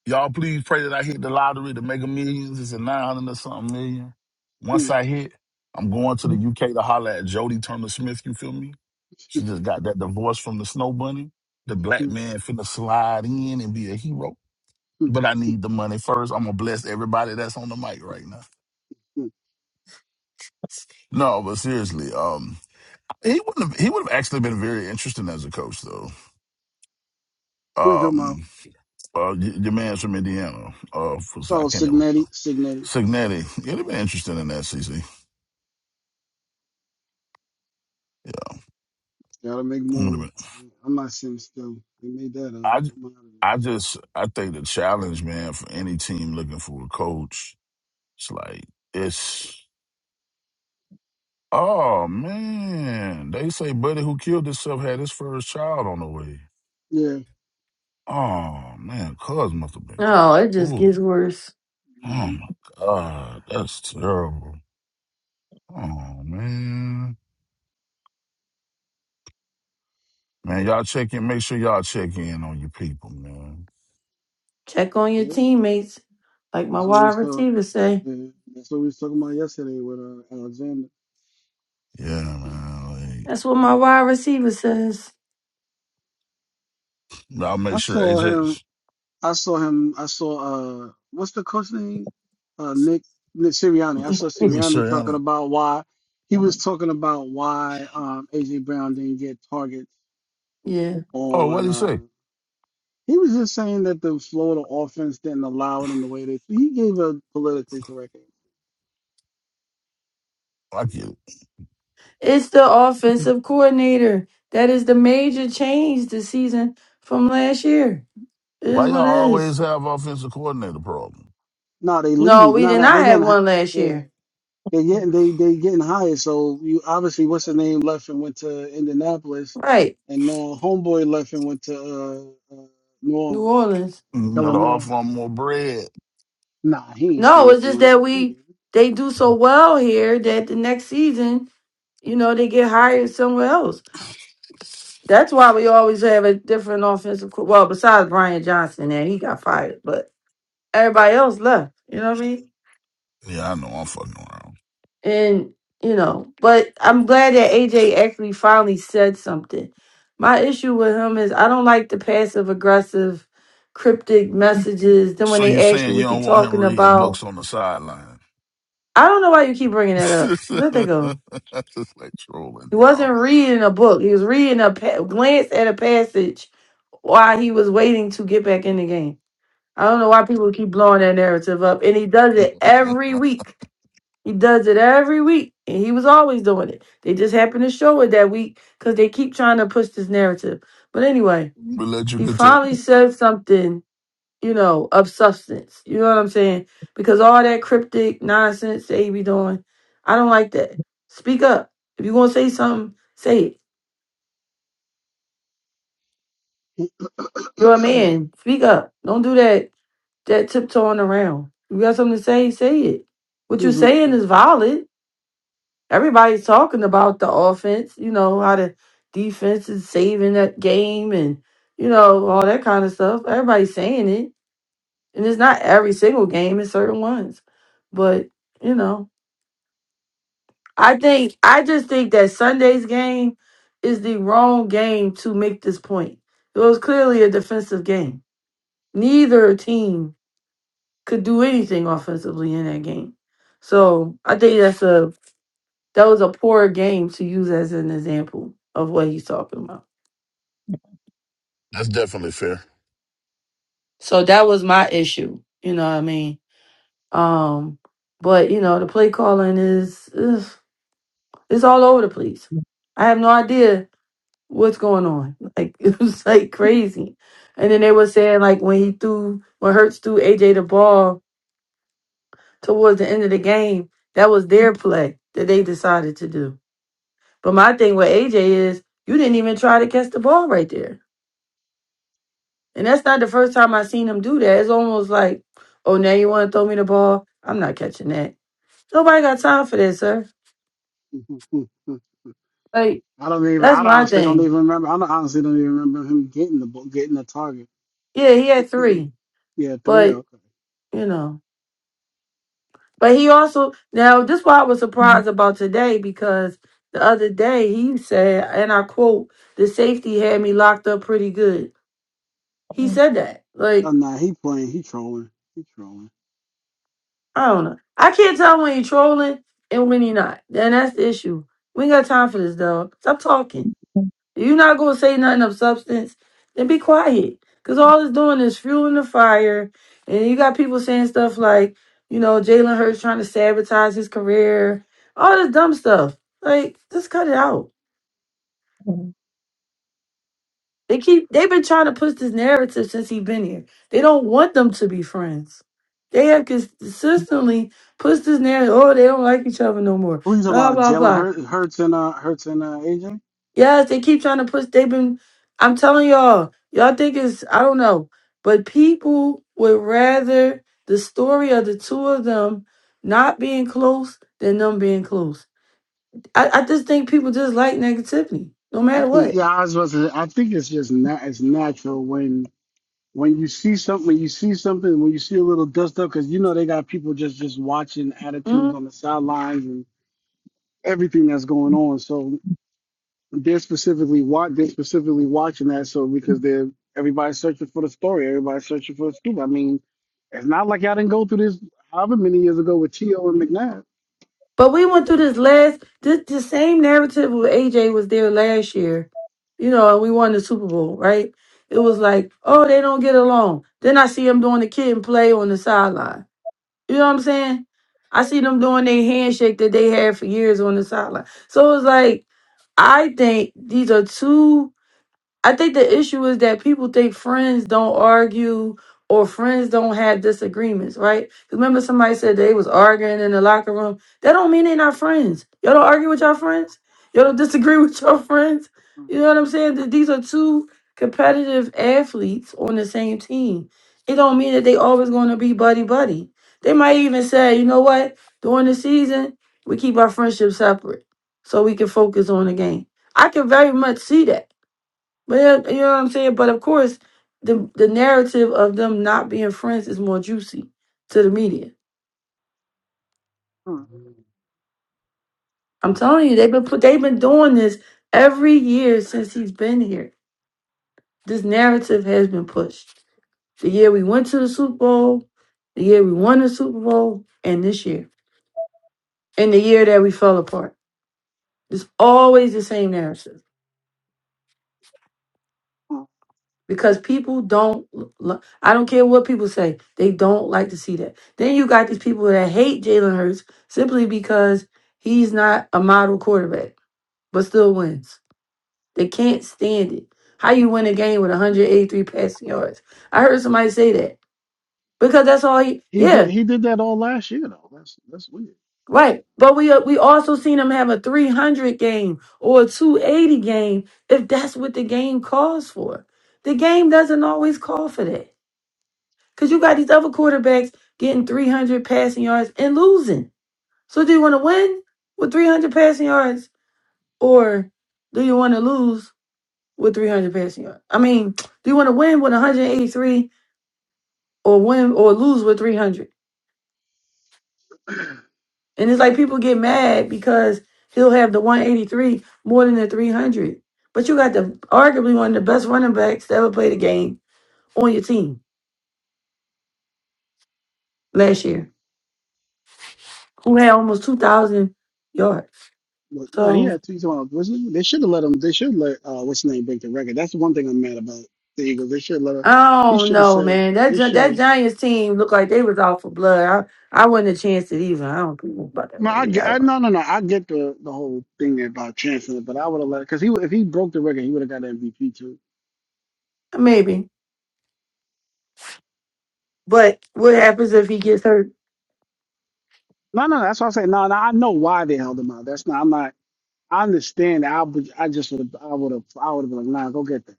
J: y'all please pray that I hit the lottery, the Mega Millions. It's a nine hundred or something million. Once
I: Mm,
J: I hit, I'm going to the UK to holler at Jody Turner Smith. You feel me? She just got that divorce from the Snow Bunny. The black man finna slide in and be a hero. But I need the money first. I'm gonna bless everybody that's on the mic right now. No, but seriously, um, he wouldn't have, he would have actually been very interesting as a coach though.
I: Who you talking about?
J: Um, Uh, y- your man's from Indiana. Uh, for, I
I: Oh,
J: can't never.
I: Signetti. Signetti.
J: Signetti. Yeah, they've been interested in that, CC. Wait
I: Gotta make
J: a
I: moves.
J: minute.
I: Mm-hmm. I'm not sitting still. They made that up.
J: I,
I: I'm out of
J: I just, I think the challenge, man, for any team looking for a coach, it's like, it's, oh, man. They say Buddy who killed himself had his first child on the way.
I: it. Yeah.
J: Oh, man. Cuz must have been going.
G: No, it just
J: Ooh.
G: gets worse.
J: Oh,
I: hmm
J: my God. That's terrible. Oh, man. Man, y'all check in. Make sure y'all check in on your people, man.
G: Check on your
I: Yeah.
G: teammates, like my
I: That's what we
G: wide
I: was talking.
G: receiver
I: That's what,
G: say.
I: yeah. That's what we was talking about yesterday with uh, Alexander.
J: Yeah, man.
G: That's what my wide receiver says.
J: like, I'll make
I: I
J: sure
I: saw
J: AJ.
I: him. I saw him. I saw uh, what's the coach name? Uh, Nick Nick Sirianni. I saw
J: Make
I: Sirianni
J: sure y'all.
I: talking
J: ain't-
I: about why he was talking about why um AJ Brown didn't get targets
G: yeah.
J: Oh, what
I: on.
J: do you say?
I: Uh, he was just saying that the Florida offense didn't allow it in the way that he gave a politically correct. answer.
J: I get it.
G: It's the offensive coordinator. That is the major change this season from last year. It is
J: Why y'all
G: what it is.
J: always have offensive coordinator problem?
I: No, they
G: No,
I: leave.
G: we
I: No,
G: did
I: no, they
G: not
I: getting
G: have
I: hi-
G: one last
I: yeah,
G: year.
I: they getting they they getting hired. So you obviously what's the name left and went to Indianapolis,
G: Right.
I: and now homeboy left and went to uh, uh, New
G: New
I: Orleans.
G: Orleans.
J: You
I: Kellen
J: gotta
I: Moore.
J: offer them more bread.
I: Nah, he ain't
G: No,
I: staying
G: it's
I: for
G: just
I: money.
G: that
I: Nah, he ain't
G: we
I: getting
G: they do so well here that the next season, you know, they get hired somewhere else. That's why we always have a different offensive. co- Well, besides Brian Johnson, and he got fired, but
J: Right.
G: everybody else left. You know what I mean?
J: Yeah, I know. I'm fucking around.
G: And you know, but I'm glad that AJ actually finally said something. My issue with him is I don't like the passive aggressive, cryptic messages. Then when
J: So you
G: they ask you
J: saying you
G: what you're
J: don't want him
G: talking
J: reading
G: about,
J: books on the sideline?
G: I don't know why you keep bringing that up. Let that go.
J: That's just like trolling,
G: He
J: y'all.
G: wasn't reading a book. He was reading a pa- glance at a passage while he was waiting to get back in the game. I don't know why people keep blowing that narrative up. And he does
J: we
G: it every week. He does it every week. And he was always doing it. They just happened to show it that week because they keep trying to push this narrative. But anyway,
J: let you
G: he
J: continue.
G: finally said something, you know, of substance. You know what I'm saying? Because all that cryptic nonsense that he be doing, I don't like that. Speak up. If you going to say something, say it.
I: it.
G: You're a man. Speak up. Don't do that that tiptoeing around. You got something to say, say it. What you're saying is valid. Everybody's talking about the offense, you know, how the defense is saving that game and, you know, all that kind of stuff. Everybody's saying it. And it's not every single game, it's certain ones. But, you know, I think, I just think that Sunday's game is the wrong game to make this point. It was clearly a defensive game. Neither team could do anything offensively in that game. So I think that's a that was a poor game to use as an example of what he's talking about.
J: That's definitely fair.
G: So that was my issue. You know what I mean? Um, but you know the play calling is is it's all over the place. I have no idea what's going on. Like it was like crazy. And then they were saying like when he threw when Hurts threw AJ the ball towards the end of the game, that was their play that they decided to do. But my thing with AJ is you didn't even try to catch the ball right there. And that's not the first time I've seen him do that. It's almost like, oh, now you want to throw me the ball? I'm not catching that. Nobody got time for that, sir. Like,
I: I don't even.
G: that's
I: I
G: my
I: honestly don't
G: thing.
I: even remember. I don't, honestly don't even remember him getting the ball- getting the target.
G: Yeah, he had three,
I: Yeah, three.
G: but,
I: Okay.
G: you know. But he also, now, this is why I was surprised about today because the other day he said, and I quote, the safety had me locked up pretty good. He said that. Like,
I: Oh, nah, he playing. He trolling. He trolling.
G: I don't know. I can't tell when you're trolling and when you're not. And that's the issue. We ain't got time for this, dog. Stop talking. If you not gonna say nothing of substance, then be quiet. Cause all it's doing is fueling the fire. And you got people saying stuff like, you know, Jalen Hurts trying to sabotage his career. All this dumb stuff. Like, just cut it out. They keep they've been trying to push this narrative since he's been here. They don't want them to be friends. They have consistently pushed this narrative. Oh, they don't like each other no more.
I: Who you talking
G: Blah
I: about?
G: blah
I: Jalen
G: blah.
I: Hurts, Hurts and uh, Hurts and uh, AJ.
G: Yes, they keep trying to push. They've been. I'm telling y'all. Y'all think it's I don't know, but people would rather the story of the two of them not being close than them being close. I, I just think people just like negativity, no
I: I
G: matter
I: think.
G: what.
I: Yeah, I was supposed to. I think it's just not. It's natural when when you see something. When you see something. When you see a little dust up, because you know they got people just just watching
G: Mm-hmm.
I: attitudes on the sidelines and everything that's going on. So they're specifically watch. they're specifically watching that so because they're everybody's searching for the story, everybody's searching for the scoop. I mean, it's not like y'all didn't go through this however many years ago with Tio and McNabb.
G: But we went through this last this the same narrative with AJ was there last year. You know, and we won the Super Bowl, right? It was like, oh, they don't get along. Then I see them doing the kid and play on the sideline. You know what I'm saying? I see them doing their handshake that they had for years on the sideline. So it was like, I think these are two I think the issue is that people think friends don't argue or friends don't have disagreements, right? 'Cause Remember somebody said they was arguing in the locker room. That don't mean they're not friends. Y'all don't argue with your friends. Y'all don't disagree with your friends. You know what I'm saying? Th- These are two competitive athletes on the same team. It don't mean that they always going to be buddy buddy. They might even say, you know what? During the season, we keep our friendship separate so we can focus on the game. I can very much see that. But yeah, you know what I'm saying? But of course, the the narrative of them not being friends is more juicy to the media.
I: Huh.
G: I'm telling you, they've been put, they've been doing this every year since he's been here. This narrative has been pushed. The year we went to the Super Bowl, the year we won the Super Bowl, and this year, and the year that we fell apart. It's always the same narrative.
I: Huh.
G: because people don't li- I don't care what people say, they don't like to see that. Then you got these people that hate Jalen Hurts simply because he's not a model quarterback, but still wins. They can't stand it. How you win a game with 183 passing yards? I heard somebody say that because that's all he.
I: He did
G: Yeah,
I: he did that all last year though. That's that's weird.
G: right. But we uh, we also seen him have a 300 game or a 280 game if that's what the game calls for. The game doesn't always call for that. Because you got these other quarterbacks getting 300 passing yards and losing. So do you want to win with 300 passing yards or do you want to lose with 300 passing yards? I mean, do you want to win with 183 or win or lose with 300? And it's like people get mad because he'll have the 183 more than the 300. But you got the arguably one of the best running backs to ever play the game on your team last year, who had almost 2,000 yards.
I: But no, he
G: So
I: had two times. Wasn't it? They should have let him. They should let uh, what's his name break the record. That's the one thing I'm mad about the Eagles. They should let her.
G: I
I: He
G: don't
I: should have
G: know,
I: said.
G: man. That
I: They
G: Gi-
I: should
G: that
I: have.
G: Giants team looked like they was out for blood. I, I wouldn't have chanced it even. I don't think about that.
I: No,
G: word
I: I
G: He
I: get.
G: got
I: I, no, no, no. I get the the whole thing about chancing it, but I would have let it because he would- if he broke the record, he would have got MVP too.
G: on. maybe, but what happens if he gets hurt?
I: No, no, that's what I'm saying. No, no, I know why they held him out. That's not. I'm not. I understand. I would. I just would. I would have. I would have been like, nah, go get that.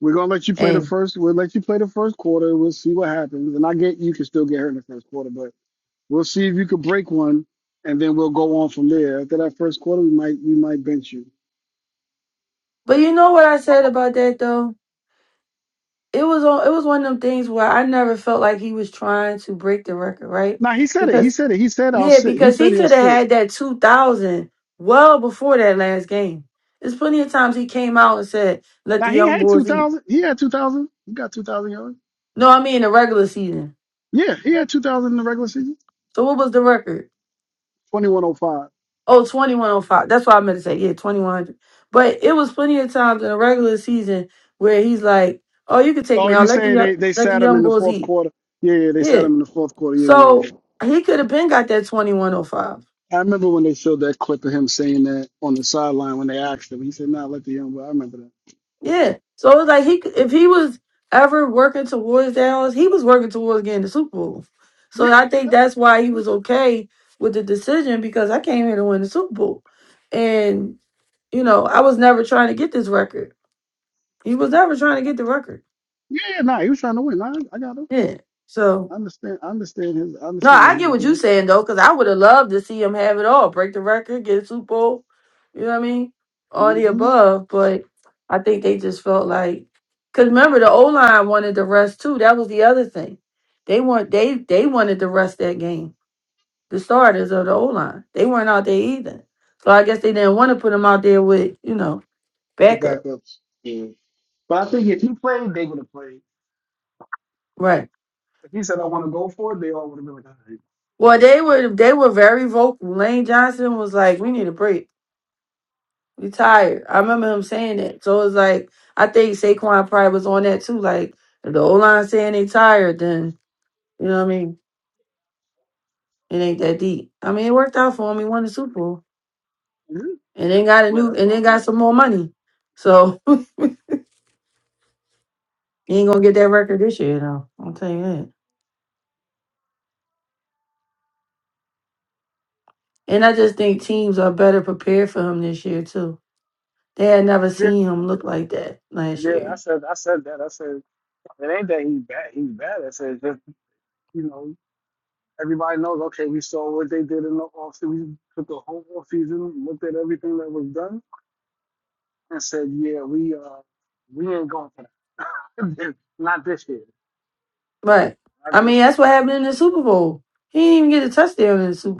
I: We're gonna let you play the
G: Hey,
I: first. We'll let you play the first quarter. We'll see what happens. And I get you can still get hurt in the first quarter, but we'll see if you can break one, and then we'll go on from there. After that first quarter, we might we might bench you.
G: but you know what I said about that though. It was on. It was one of them things where I never felt like he was trying to break the record, right?
I: Now he said it. He
G: Because
I: said it. He said I'll
G: yeah,
I: sit. He
G: because
I: said
G: he
I: he'll
G: could have
I: sit.
G: had that two thousand well before that last game. There's plenty of times he came out and said, "Let
I: Now
G: the
I: he
G: young
I: had two
G: boys eat."
I: thousand. He had two thousand. He got two thousand yards.
G: No, I mean the regular season.
I: Yeah, he had two thousand in the regular season.
G: So what was the record?
I: Twenty one oh five.
G: Oh, 2105. That's what I meant to say. Yeah, 2100. But it was plenty of times in a regular season where he's like, oh, you can take
I: Oh,
G: me
I: you
G: out. Let the
I: saying
G: young,
I: they, they
G: let the
I: sat him in
G: young
I: the
G: bulls
I: fourth
G: eat.
I: quarter? Yeah, yeah, they sat
G: Yeah.
I: him in the fourth quarter. Yeah, yeah, yeah.
G: So he could have been got that 2105.
I: I remember when they showed that clip of him saying that on the sideline when they asked him. He said, "Nah, let the young boy." I remember that.
G: Yeah. So it was like he if he was ever working towards that, he was working towards getting the Super Bowl.
I: Yeah,
G: So I think
I: no, I
G: that's why he was
I: respect that.
G: okay with the decision because I came here to win the Super Bowl. And, you know, I was never trying to get this record. He was never trying to get the record.
I: Yeah, yeah, nah, he was trying to win. Nah, I, got him.
G: Yeah.
I: I
G: So
I: understand. I understand his. I
G: no,
I: understand what
G: I
I: he
G: get
I: was
G: what you're
I: doing.
G: saying though, because I would have loved to see him have it all, break the record, get a Super Bowl. You know what I mean? All the
I: hmm
G: above, but I think they just felt like, because remember the O line wanted the rest too. That was the other thing. They want they they wanted to rest that game. The starters of the O line, they weren't out there either. So I guess they didn't want to put them out there with you know
I: With the
G: backup,
I: backups. Yeah. But I think they would have played.
G: right?
I: If he said, "I want to go for it," they all would have been like, "All right,
G: Well, they
I: I'm like,
G: were they were very vocal. Lane Johnson was like, "We
I: oh, boy."
G: need a break." You tired. I remember him saying that. So it's like I think Saquon probably was on that too. Like if the O line saying they tired, then you know what I mean. It ain't that deep. I mean, it worked out for him. He won the Super Bowl,
I: Mhm.
G: and then got a
I: man,
G: new,
I: that's the
G: and then
I: other
G: got
I: one to
G: some
I: play."
G: more money. So he ain't gonna get that record this year, though. I'll tell you that. And I just think teams are better prepared for him this year too. They had never
I: Yeah,
G: seen
I: I
G: him
I: would
G: look like that last
I: yeah. I
G: year.
I: said, I said that. I said. It ain't that he's bad. He's bad. It's it's just you know everybody knows. Okay, we saw what they did in the off season. We took the whole off season, looked at everything that was done, and said, yeah, we uh we ain't going for that. Not this year.
G: But
I: Not
G: I mean,
I: this year.
G: that's what happened in the Super Bowl. He didn't even get a touchdown in the Super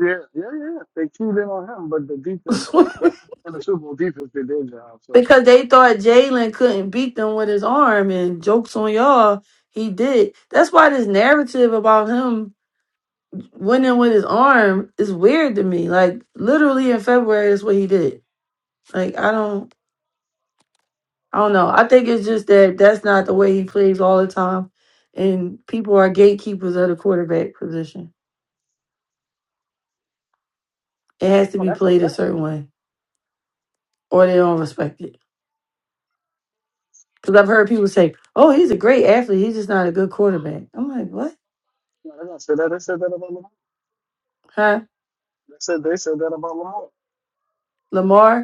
I: Yeah, yeah, yeah. They keyed in on him, but the defense
G: Bowl.
I: and the Super Bowl defense did their job. So,
G: because they thought Jalen couldn't beat them with his arm, and jokes on y'all, he did. That's why this narrative about him winning with his arm is weird to me. Like literally in February, is what he did. Like I don't, I don't know. I think it's just that that's not the way he plays all the time, and people are gatekeepers of the quarterback position. It has to
I: oh,
G: be
I: that's a
G: played a
I: fact.
G: certain way, or they don't respect it. Because I've heard people say, "Oh, he's a great athlete. He's just not a good quarterback." I'm like, "What?
I: No, they done said that. They said that about Lamar.
G: Huh?
I: They said they said that about Lamar.
G: Lamar?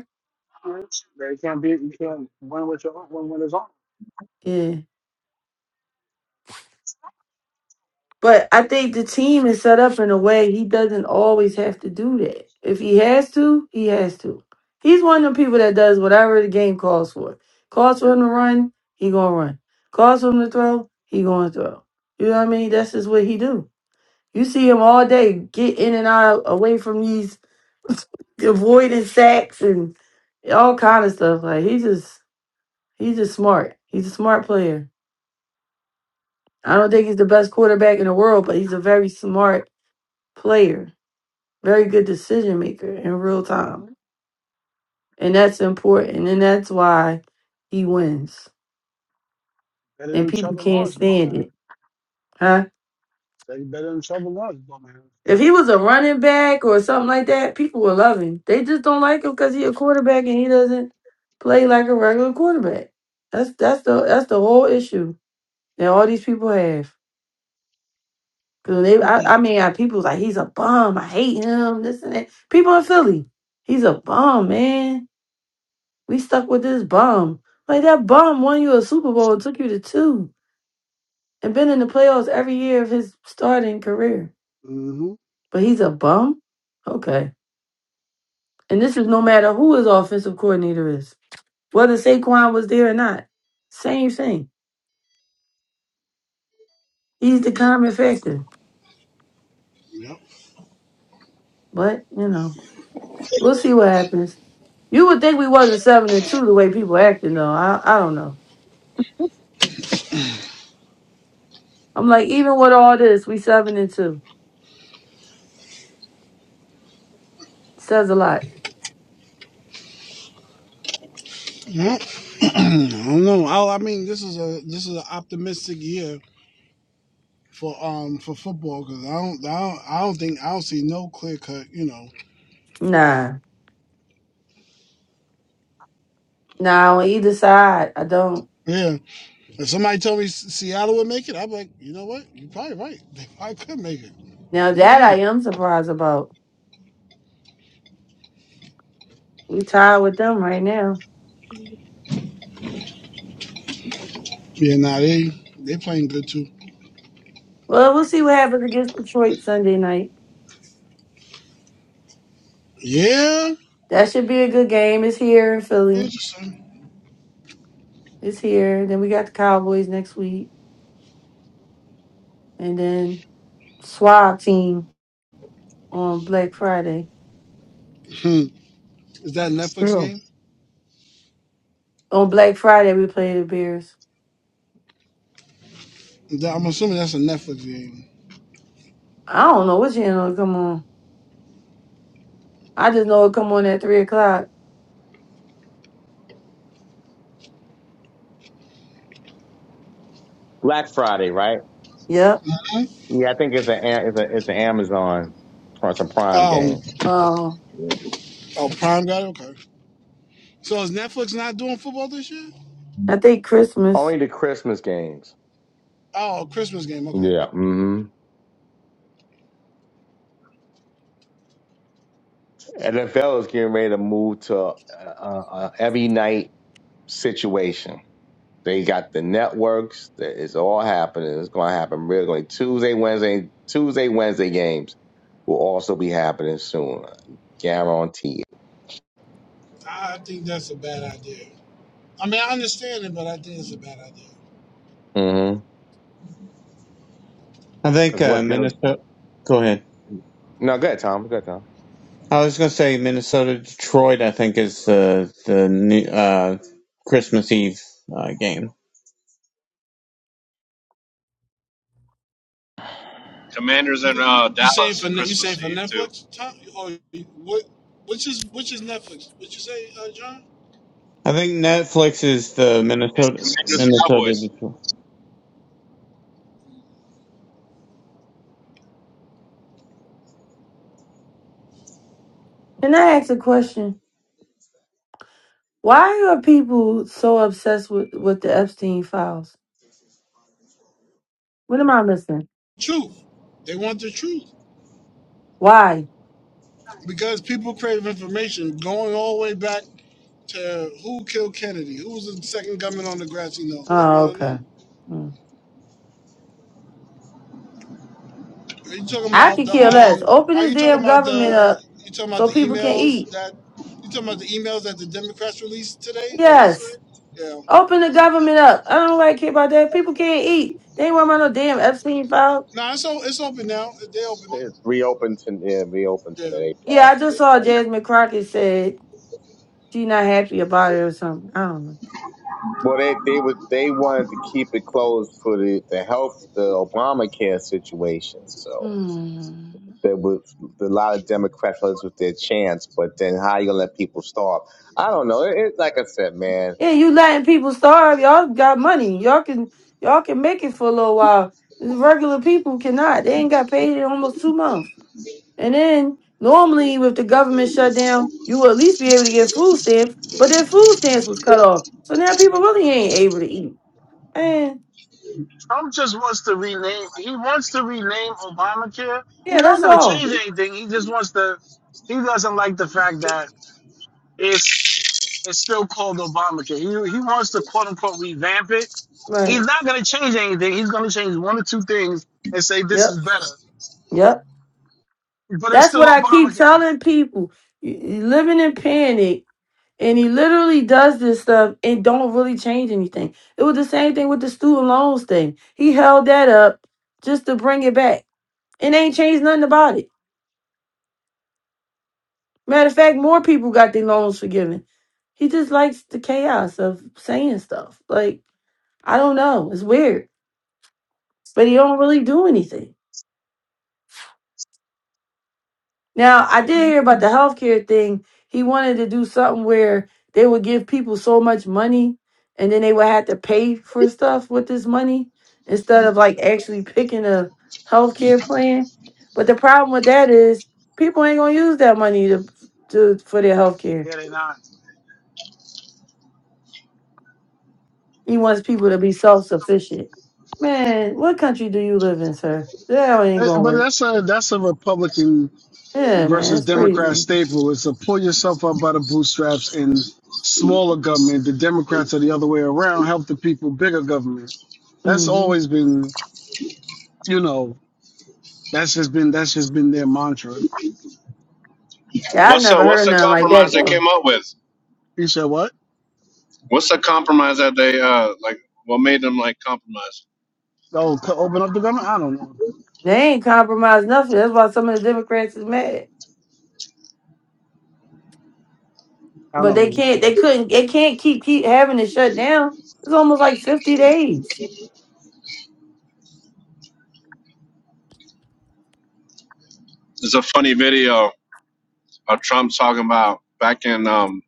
I: Yeah. They can't be. You can't win with your own. Win with his own.
G: Yeah. But I think the team is set up in a way he doesn't always have to do that. If he has to, he has to. He's one of the people that does whatever the game calls for. Calls
I: Yeah.
G: for him to run, he gonna run. Calls for him to throw, he gonna throw. You know what I mean? That's just what he do. You see him all day get in and out away from these avoiding sacks and all kind of stuff. Like he's just he's just smart. He's a smart player. I don't think he's the best quarterback in the world, but he's a very smart player, very good decision maker in real
I: Mm-hmm.
G: time. And that's important. And that's why he wins.
I: Better
G: And
I: than
G: people
I: Trevor
G: can't
I: Lawrence, my man.
G: stand it. Huh?
I: Say better than trouble was, dumbass.
G: If he was a running back or something like that, people would love him. They just don't like him because he a quarterback and he doesn't play like a regular quarterback. That's that's the that's the whole issue that all these people have. 'Cause they, I, I mean, I, people was like he's a bum. I hate him. This and that. People in Philly, he's a bum, man. We stuck with this bum. Like that bum won you a Super Bowl and took you to two and been in the playoffs every year of his starting career.
I: hmm Well,
G: But he's a bum? Okay. And this is no matter who his offensive coordinator is, whether Saquon was there or not. Same thing. He's the common factor. But, you know, we'll see what happens. You would think we wasn't seven and two the way people acting though. I I don't know. I'm like, even with all this, we seven and two. Says a lot.
I: I don't know. I, I mean, this is a this is an optimistic year for um for football because I don't, I don't I don't think I don't see no clear cut. You know,
G: Nah. Nah, on either side. I don't.
I: yeah. If somebody told me S- Seattle would make it, I'd be like, you know what? You're probably right. They probably could make it.
G: Now that
I: hmm
G: I am surprised about. We tied with them right now.
I: Yeah, nah, they they playing good too.
G: Well, we'll see what happens against Detroit Sunday night.
I: Yeah,
G: That should be a good game. It's here in Philly.
I: interesting.
G: It's here. Then we got the Cowboys next week, and then Swab team on Black Friday.
I: Hmm. Is that a Netflix
B: Yeah.
I: game?
G: On Black Friday, we play the Bears.
I: Is that, I'm assuming that's a Netflix game.
G: I don't know what channel it come on. I just know it come on at three o'clock.
B: Black Friday, right?
G: Yep.
I: Hmm?
B: Yeah, I think it's an A- it's a it's an Amazon or it's a Prime
I: Oh,
B: game.
G: Uh,
B: Yeah.
I: oh, Prime got it. Okay. So is Netflix not doing football this year?
G: I think Christmas.
B: Only the Christmas games.
I: Oh, Christmas game. Okay.
B: Yeah. Mm-hmm. NFL is getting ready to move to uh, uh, every night situation. They got the networks. That is all happening. It's going to happen really. Going Tuesday, Wednesday, Tuesday, Wednesday games will also be happening soon. Guarantee
I: I think that's a bad idea. I mean, I understand it, but I think it's a bad idea.
B: it. Mm-hmm.
E: I think
B: Because
E: uh,
B: what they'll
E: Minnesota. Go ahead.
B: No, good, Tom. Good, Tom.
E: I was going to say Minnesota Detroit. I think is the the new, uh, Christmas Eve uh, game.
M: Commanders in
I: You
M: uh,
I: you saying
M: Dallas
I: for
M: for
I: Ne- you saying
M: Christmas
I: for
M: Eve too.
I: Netflix, Tom? Or you- what? Which is which is Netflix? What you say, uh, John?
E: I think Netflix is the
M: And
E: Minnesota
M: Commanders
E: Minnesota
M: Cowboys.
E: Detroit.
G: Can I ask a question? Why are people so obsessed with with the Epstein files? What am I missing?
I: Truth. They want the truth
G: Why?
I: because people crave information. Going all the way back to who killed Kennedy? Who was the second gunman on the grassy knoll? They
G: Oh,
I: want to know.
G: okay. Mm.
I: Are you talking
G: I
I: about
G: could
I: the
G: care less.
I: um?
G: Open
I: Are
G: this
I: you talking
G: damn
I: about
G: government
I: the?
G: up
I: You talking about
G: so
I: the
G: people can
I: emails
G: eat.
I: that? You talking about the emails that the Democrats released today or yesterday?
G: Yes.
I: Yeah.
G: Open the government up. I don't really care about that. People can't eat. They ain't worried about no damn Epstein file.
I: Nah, it's o- it's open now. They open it.
B: they reopened to yeah, reopen to
I: Yeah.
B: they
G: Yeah, I
B: passed it.
G: just
B: They
G: saw
B: passed.
G: Jasmine Crockett said she not happy about it or something. I don't know.
B: Well, they they would they wanted to keep it closed for the the health the Obamacare situation. So.
G: Hmm.
B: There was a lot of Democrats was with their chance, but then how you gonna let people starve? I don't know. It, it, like I said, man.
G: Yeah, you letting people starve. Y'all got money. Y'all can y'all can make it for a little while. These Regular people cannot. They ain't got paid in almost two months. And then normally with the government shutdown, you will at least be able to get food stamps, but their food stamps was cut off. So now people really ain't able to eat. And
I: Trump just wants to rename. He wants to rename Obamacare. He's
G: yeah,
I: not
G: that's
I: going to
G: all.
I: change anything. He just wants to. He doesn't like the fact that it's it's still called Obamacare. He he wants to quote unquote revamp it. He's
G: Right.
I: not going to change anything. He's going to change one or two things and say this is
G: Yep.
I: better.
G: Yep.
I: But it's
G: That's
I: still
G: what I keep
I: Obamacare.
G: telling people. You- you Living in panic. And he literally does this stuff and don't really change anything. It was the same thing with the student loans thing. He held that up just to bring it back. It ain't changed nothing about it. Matter of fact, more people got their loans forgiven. He just likes the chaos of saying stuff. Like, I don't know. It's weird. But he don't really do anything. Now, I did hear about the healthcare thing. He wanted to do something where they would give people so much money and then they would have to pay for stuff with this money instead of like actually picking a healthcare plan. But the problem with that is people ain't gonna use that money to, to for their healthcare.
I: Yeah, they're not.
G: He wants people to be self sufficient. Man, what country do you live in, sir? That ain't
I: Uh,
G: gonna
I: But
G: work.
I: that's a that's a Republican
G: Yeah, man,
I: versus
G: that's crazy.
I: Democrat staple. It's a pull yourself up by the bootstraps and smaller government. The Democrats are the other way around. Help the people, bigger government. That's
G: hmm
I: always been, you know, that's just been that's just been their mantra.
G: Yeah, I
M: What's the
G: never
M: what's
G: heard
M: the
G: nothing like that
M: compromise they
G: though.
M: came up with?
I: You said what?
M: What's the compromise that they uh like? What made them like compromise?
I: Oh, co- open up the government? I don't know.
G: They ain't compromised nothing. That's why some of the Democrats is mad.
I: I
G: But they
I: don't know.
G: can't. They couldn't. They can't keep keep having it shut down. It's almost like fifty days.
M: There's a funny video of Trump talking about back in um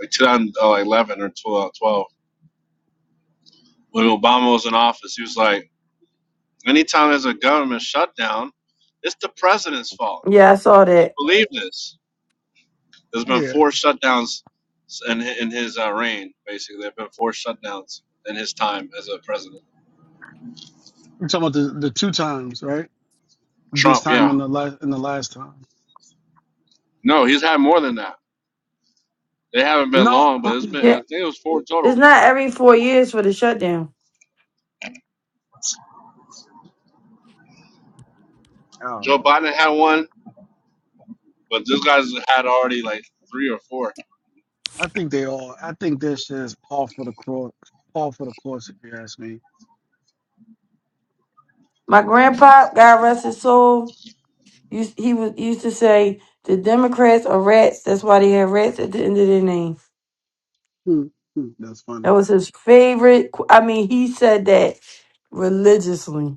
M: like 2011 or 12, when Obama was in office. He was like, anytime there's a government shutdown, it's the president's fault.
G: Yeah, I saw that.
M: Believe this. There's been
I: Yeah,
M: four shutdowns in in his uh, reign. Basically, there've been four shutdowns in his time as a president.
I: you're talking about the, the two times, right? This
M: Trump,
I: time
M: yeah,
I: and the last and the last time.
M: no, he's had more than that. They haven't been
I: No,
M: long, but it's been I
G: Yeah,
M: think it was four
G: it's
M: total.
G: not every four years for the shutdown.
I: I don't
M: Joe
I: know.
M: Biden had one, but this guy's had already like three or four.
I: I think they all. I think this is par for the course. Par for the course, if you ask me.
G: My grandpa, God rest his soul, Used, he was used to say the Democrats are rats. That's why they have rats at the end of their name.
I: Hmm. hmm, That's
G: That
I: funny.
G: was his favorite. qu- I mean, he said that religiously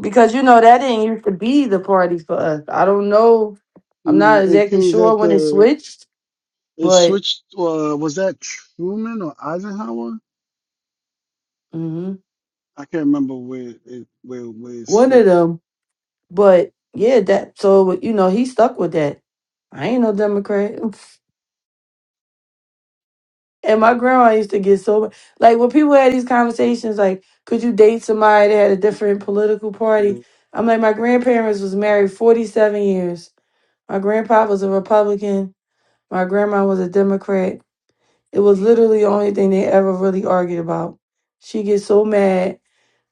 G: because you know that didn't used to be the party for us. I don't know. I'm
I: No,
G: not
I: it
G: exactly
I: seems
G: sure
I: that
G: when it
I: the
G: switched,
I: it
G: but
I: switched. Uh, was that Truman or Eisenhower?
G: mhm,
I: I can't remember where it where where it
G: one of
I: switched.
G: them. But yeah, that so you know he stuck with that. I ain't no Democrat. And my grandma used to get so mad. like when people had these conversations, like, could you date somebody that had a different political
I: Yeah,
G: party? I'm like, my grandparents was married 47 years. My grandpa was a Republican. My grandma was a Democrat. It was literally the only thing they ever really argued about. She gets so mad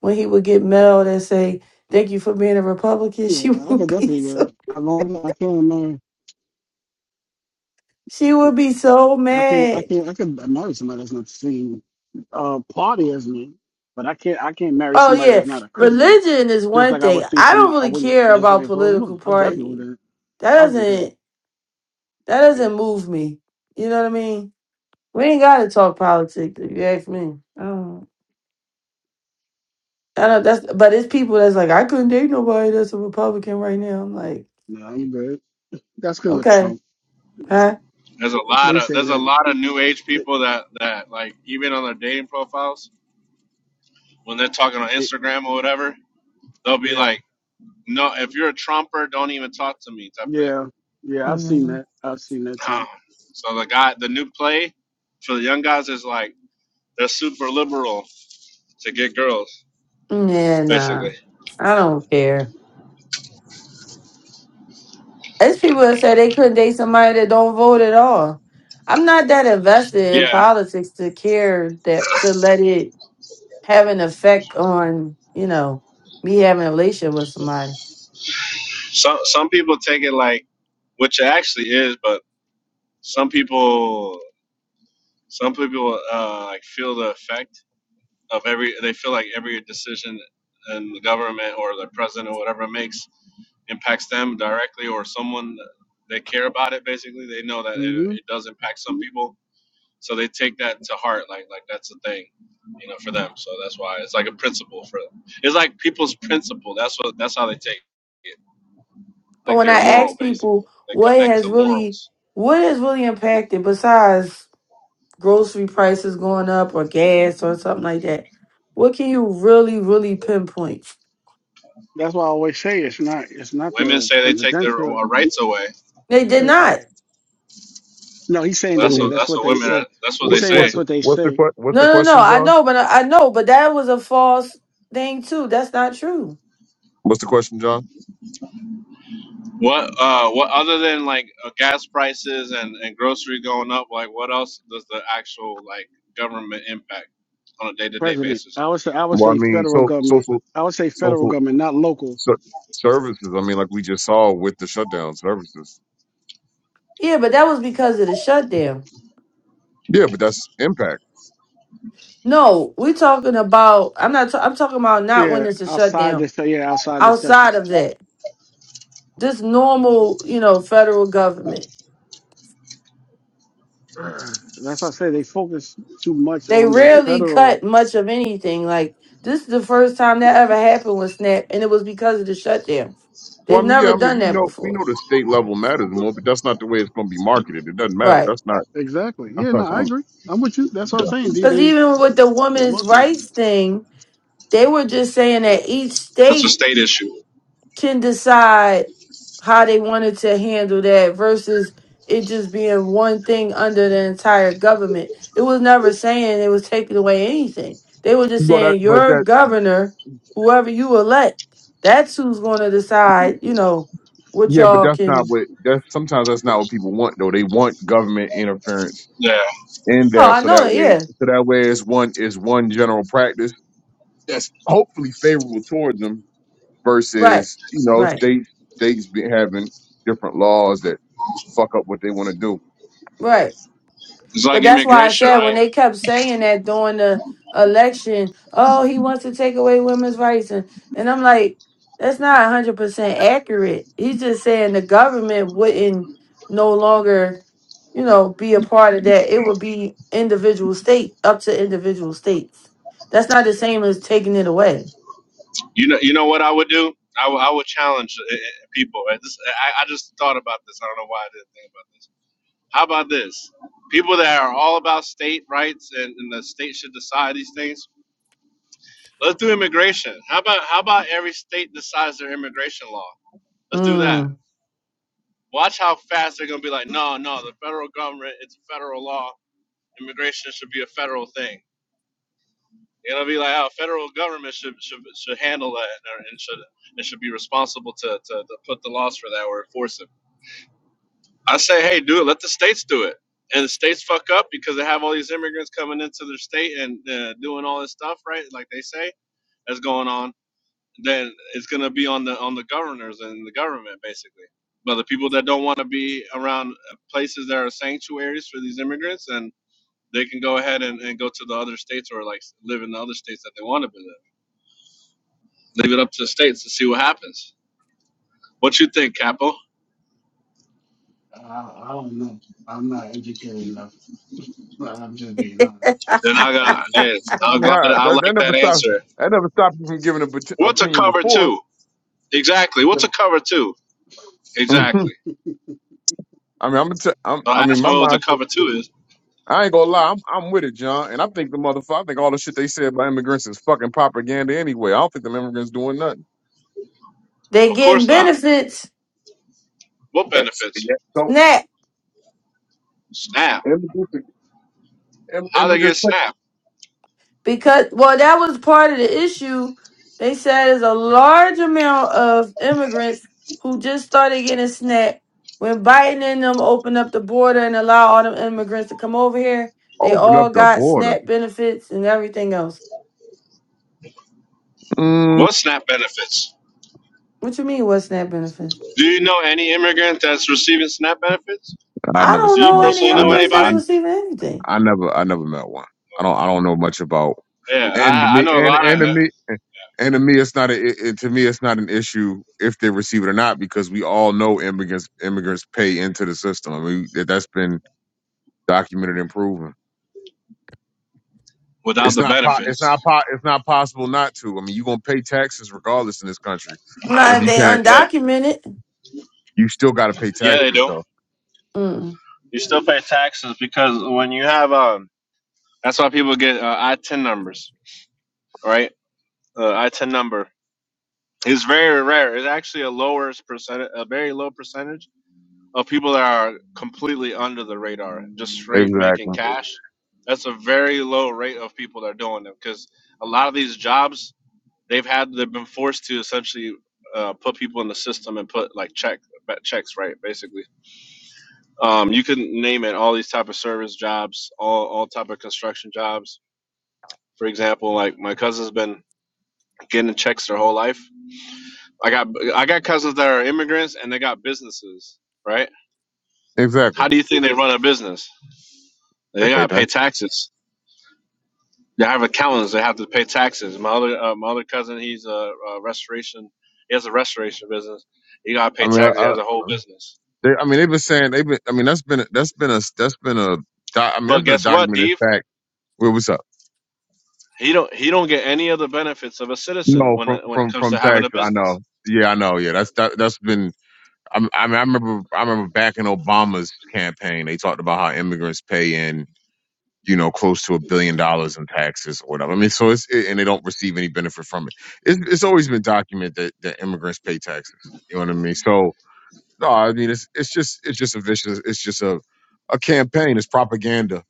G: when he would get mail that say, "Thank you for being a Republican." She
I: I
G: would
I: could
G: be
I: definitely. Look.
G: so
I: I long. I can't remember.
G: she would be so
I: I can't. I
G: mad
I: can't. I could marry somebody that's not the same uh, party as me, but I can't. I can't marry
G: Oh
I: somebody that's
G: yeah,
I: not a Christian.
G: religion is
I: Just
G: one
I: like I
G: thing.
I: would think
G: I don't
I: somebody. I
G: really
I: wouldn't.
G: care
I: Just like
G: about
I: if I was
G: political
I: Muslim, I definitely
G: party.
I: wouldn't.
G: That
I: I went through.
G: doesn't that
I: Yeah,
G: doesn't move me. You know what I mean? We ain't gotta talk politics if you ask me. Um, I know that's but it's people that's like I couldn't date nobody that's a Republican right now. I'm like,
I: no, I'm good. That's because of
G: okay,
I: Trump.
G: huh?
M: There's a lot
I: They
M: of
I: saying
M: there's a
I: that.
M: lot of new age
I: It,
M: people that that like even on their dating profiles when they're talking on
I: it,
M: Instagram or whatever, they'll be
I: yeah,
M: like, no, if you're a Trumper, don't even talk to me type thing
I: yeah, yeah. I've seen
G: hmm
I: that. I've seen that too.
M: Um, so the guy, the new play for the young guys is like they're super liberal to get girls,
G: Yeah, nah,
M: basically.
G: I don't care. It's people that say they couldn't date somebody that don't vote at all. I'm not that invested in
M: Yeah,
G: politics to care that to let it have an effect on, you know, me having a relationship with somebody.
M: some some people take it like, which it actually is, but some people, some people uh, like feel the effect of every. They feel like every decision in the government or the president or whatever makes impacts them directly or someone that they care about it. Basically, they know that it,
I: hmm
M: it does impact some people So they take that to heart, like like that's a thing, you know, for them. So that's why it's like a principle for them. It's like people's principle. That's what that's how they take it.
G: But
M: Like
G: when I
M: they're moral
G: ask
M: basically.
G: people
M: They
G: what
M: connect
G: has
M: to
G: really
M: morals.
G: what has really impacted besides grocery prices going up or gas or something like that, what can you really, really pinpoint?
I: That's why I always say it's not. It's not
M: Women
I: the
M: say they take their
I: presidential.
M: uh, rights away.
G: They did
I: Uh, I,
G: not.
I: no, he's saying
M: Well,
H: What
I: that.
H: are
M: that's
H: we?
I: They,
M: what
I: that's
M: that's
I: what
M: what
I: they
M: women
I: say.
M: are, that's what
I: He's
M: they
H: What,
I: saying
H: what's
M: say.
I: that's
H: the,
I: what they
H: what's the
I: say.
H: que- what's
G: No,
H: the
G: no, no.
H: question,
G: I
H: John?
G: know, but I, know, but that was a false thing too. That's not true.
H: What's the question, John?
M: What uh what other than like uh, gas prices and and grocery going up, like what else does the actual like government impact on a day to day
I: President.
M: basis?
I: I would say. I would
H: Well, I
I: say
H: mean,
I: federal
H: so
I: government.
H: social
I: I would say federal
H: social
I: government, not local.
H: ser- services. I mean, like we just saw with the shutdown services.
G: Yeah, but that was because of the shutdown.
H: Yeah, but that's impact.
G: No, we're talking about. I'm not. i I'm talking about not when
I: Yeah,
G: it's a
I: outside the.
G: shutdown.
I: shut- Yeah, outside the
G: Outside of
I: shutdown.
G: that, Just normal, you know, federal government.
I: Ugh. That's why I say they focus too much
G: They
I: on the
G: rarely
I: federal
G: cut much of anything. Like this is the first time that ever happened with SNAP, and it was because of the shutdown.
H: Well,
G: They've
H: I mean, yeah,
G: never
H: I mean,
G: done
H: we
G: that
H: know we
G: before.
H: know the state level matters more, but that's not the way it's going to be marketed. It doesn't matter.
G: Right,
H: That's not
I: Exactly.
H: that's
I: Yeah, no,
H: not.
I: I
H: going
G: right.
I: agree. I'm with you. That's what I'm
H: yeah.
I: saying. They
G: Because
I: they
G: even with the
I: they
G: women's
I: marketed them.
G: rights thing, they were just saying that each
M: That's a
G: state
M: state issue.
G: can decide how they wanted to handle that versus it just being one thing under the entire government. It was never saying it was taking away anything. They were just
H: But that,
G: saying
H: but
G: your
H: that
G: governor, whoever you elect, that's who's going to decide, you know, what
H: yeah, but
G: y'all
H: that's not
G: can.
H: what that's sometimes that's not what people want though. They want government interference
M: Yeah,
H: in
G: Oh,
H: that,
G: I
H: so
G: know
H: that
G: it.
H: way
G: Yeah.
H: so that way it's one is one general practice that's hopefully favorable towards them
G: Right.
H: versus you know
G: Right.
H: states states be having different laws that fuck up what they want to do.
G: Right.
M: it's
G: But
M: like
G: that's why I
M: immigration,
G: said
M: right?
G: when they kept saying that during the election, oh, he wants to take away women's rights, and and I'm like, that's not 100 percent accurate. He's just saying the government wouldn't no longer, you know, be a part of that. It would be individual state up to individual states. That's not the same as taking it away.
M: You know, you know what I would do? I would I would challenge uh, uh, people. Uh, This, I, I just thought about this. I don't know why I didn't think about this. How about this? People that are all about state rights and, and the state should decide these things. Let's do immigration. How about how about every state decides their immigration law? Let's do that.
G: Mm.
M: Watch how fast they're gonna be like, no, no, the federal government, it's a federal law. Immigration should be a federal thing. You know, be like oh, federal government should should, should handle that and and should and should be responsible to, to, to put the laws for that or enforce it. I say, hey, do it. Let the states do it. And the states fuck up because they have all these immigrants coming into their state and uh, doing all this stuff, right? Like they say that's going on. Then it's gonna be on the on the governors and the government basically. But the people that don't want to be around places that are sanctuaries for these immigrants and they can go ahead and, and go to the other states or like live in the other states that they want to live leave it up to the states to see what happens. What you think, Capo?
I: I, I don't know. I'm not educated enough. Well, I'm just being honest.
M: Then I
I: I ain't
M: got. Hey,
I: educated
H: I
M: I'm
H: mean,
M: glad.
H: I,
M: I
H: that, that
M: like
H: never
M: that
H: stopped.
M: answer.
H: That never stopped me from giving an
M: What's a
H: opinion
M: cover
H: before.
M: two? Exactly. What's a
I: enough.
M: cover two?
H: Mhm.
M: Exactly.
H: I mean, I'm, gonna t- I'm.
M: So
H: I
M: I
H: mean,
M: ask
H: my
M: them what a
H: mindset.
M: cover two is.
H: I ain't gonna lie. I'm. I'm with it, John. And I think the motherfucker. I think all the shit they said about immigrants is fucking propaganda anyway. I don't think them immigrants doing nothing.
G: They
M: Of
G: getting
M: course not.
G: benefits.
M: What
H: That's,
M: benefits?
H: yeah, so
G: snap.
M: SNAP.
H: immigrants, im-
M: How they get
H: immigrants
M: SNAP?
G: because well that was part of the issue they said there's a large amount of immigrants who just started getting snapped when biden and them opened up the border and allow all them immigrants to come over here they
H: open up
G: all
H: the
G: got
H: border.
G: snap benefits and everything else
H: Mm,
M: What SNAP benefits?
G: what you mean what snap benefits
M: Do you know any immigrant that's receiving SNAP benefits?
H: I
G: i
H: never
G: don't
M: Do
H: said
M: you
G: know
H: no.
G: any
M: personally
H: I
M: know
G: immigrants that's
H: know.
M: anybody?
G: receiving anything
H: I never I never met one. I don't I don't know much about
M: Yeah,
H: and to
M: I, I
H: me
M: know a
H: and
M: lot
H: and to
M: of
H: me and to me it's not a it, it- to me it's not an issue if they receive it or not because we all know immigrants immigrants pay into the system. I mean that that's been documented and proven.
M: without
H: It's
M: the
H: not po- it's
M: benefits.
H: not po- it's not possible not to. I mean you're gonna pay taxes regardless in this country.
G: not
H: Whether
G: if
H: you
G: they
H: pay
M: Yeah.
G: undocumented
H: you still gotta pay
M: Yeah, they
H: taxes
M: do.
H: though.
G: Mm-mm.
M: You still pay taxes because when you have um, that's why people get uh, I ten numbers, right? Uh, I ten number is very rare. It's actually a lower percentage, a very low percentage of people that are completely under the radar, just straight making
H: Exactly.
M: cash. That's a very low rate of people that are doing them because a lot of these jobs they've had they've been forced to essentially uh, put people in the system and put like check checks right basically Um, you can name it all these type of service jobs, all all type of construction jobs. For example, like my cousin's been getting checks their whole life. I got I got cousins that are immigrants and they got businesses, right?
H: Exactly.
M: How do you think they run a business?
H: They
M: They
H: pay
M: gotta pay
H: tax.
M: taxes. They have accountants. They have to pay taxes. My other uh, my other cousin, he's a, a restoration. He has a restoration business. He gotta pay
H: I mean
M: taxes. He has a whole
H: I,
M: business.
H: They, I mean, they've been saying they've been. I mean, that's been that's been a that's been a. doc- I mean, that's
M: But
H: been a
M: guess what,
H: documented
M: Dave?
H: fact. Wait, what's up?
M: He don't he don't get any of the benefits of a citizen
H: No,
M: when
H: from
M: it- when it
H: from
M: comes
H: from
M: to having a
H: Texas. I know.
M: business.
H: Yeah, I know. Yeah, that's that, that's been. i I mean, I remember I remember back in Obama's campaign, they talked about how immigrants pay in you know close to a billion dollars in taxes or whatever. I mean, so it's it, and they don't receive any benefit from it. It's it's always been documented that, that immigrants pay taxes. You know what I mean? So No, I mean it's it's just it's just a vicious it's just a a campaign. It's propaganda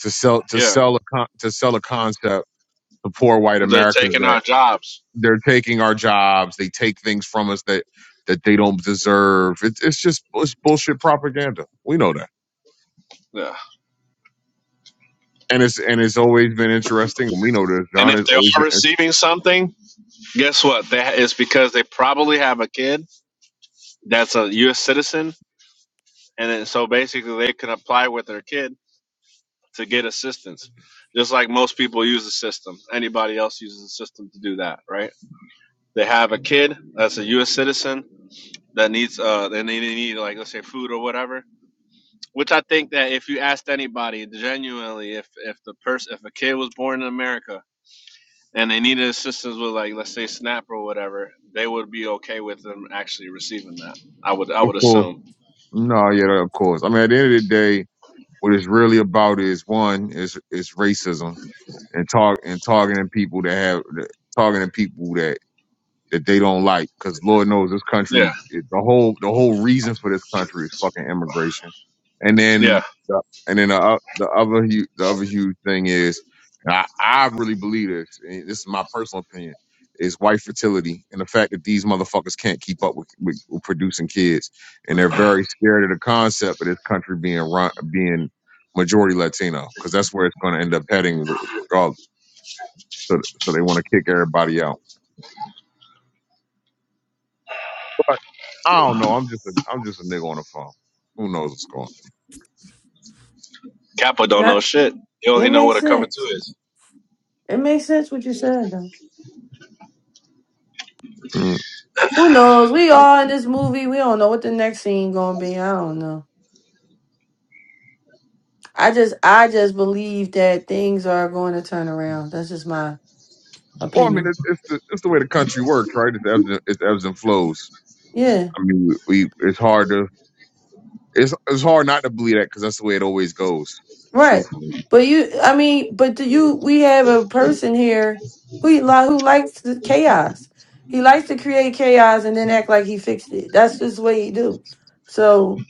H: to sell to
M: Yeah.
H: sell a con, to sell a concept to poor white
M: They're
H: Americans
M: taking
H: that
M: our jobs.
H: they're taking our jobs, they take things from us that that they don't deserve. It's it's just it's bullshit propaganda. We know that,
M: Yeah.
H: and it's and it's always been interesting. We know this,
M: And
H: John.
M: if
H: It's
M: they
H: always
M: are
H: been int-
M: receiving something, guess what? That is because they probably have a kid that's a U.S. citizen, and then, so basically they can apply with their kid to get assistance. Just like most people use the system, anybody else uses the system to do that, right? They have a kid that's a U.S. citizen that needs, uh, and they need like let's say food or whatever. Which I think that if you asked anybody genuinely, if if the person, if a kid was born in America and they needed assistance with like let's say snap or whatever, they would be okay with them actually receiving that. I would I
H: of
M: would
H: course.
M: assume.
H: No, yeah, of course. I mean, at the end of the day, what it's really about is one is is racism and talk and targeting people that have targeting people that that they don't like because Lord knows this
M: Yeah,
H: country it- the whole the whole reason for this country is fucking immigration, and
M: yeah.
H: then the, and then the, o- the other hu- the other huge thing is and I I really believe this and this is my personal opinion is white fertility and the fact that these motherfuckers can't keep up with, with, with producing kids and they're very scared of the concept of this country being run being majority Latino because that's where it's going to end up heading re- regardless. So, so they want to kick everybody out. But I don't know. I'm just a, I'm just a nigga on the phone. Who knows what's going
M: Kappa don't
G: not
M: know shit. He
G: It
M: only know
G: makes
M: what a cover two
G: sense.
M: is.
G: It makes sense what you said though.
H: on? Mm.
G: Who knows? We all in this movie. We don't know what the next scene gonna be. I don't know. I just I just believe that things are going to turn around. That's just my
H: Well, I mean,
G: opinion.
H: it, it's the it's the way the country works, right? It's ebbs and, it's ebbs and flows.
G: Yeah.
H: I mean, we it's hard to it's it's hard not to believe that because that's the way it always goes.
G: Right.
H: Truthfully,
G: But you I mean, but do you we have a person here who he li- who likes the chaos. He likes to create chaos and then act like he fixed it. That's just what he do. So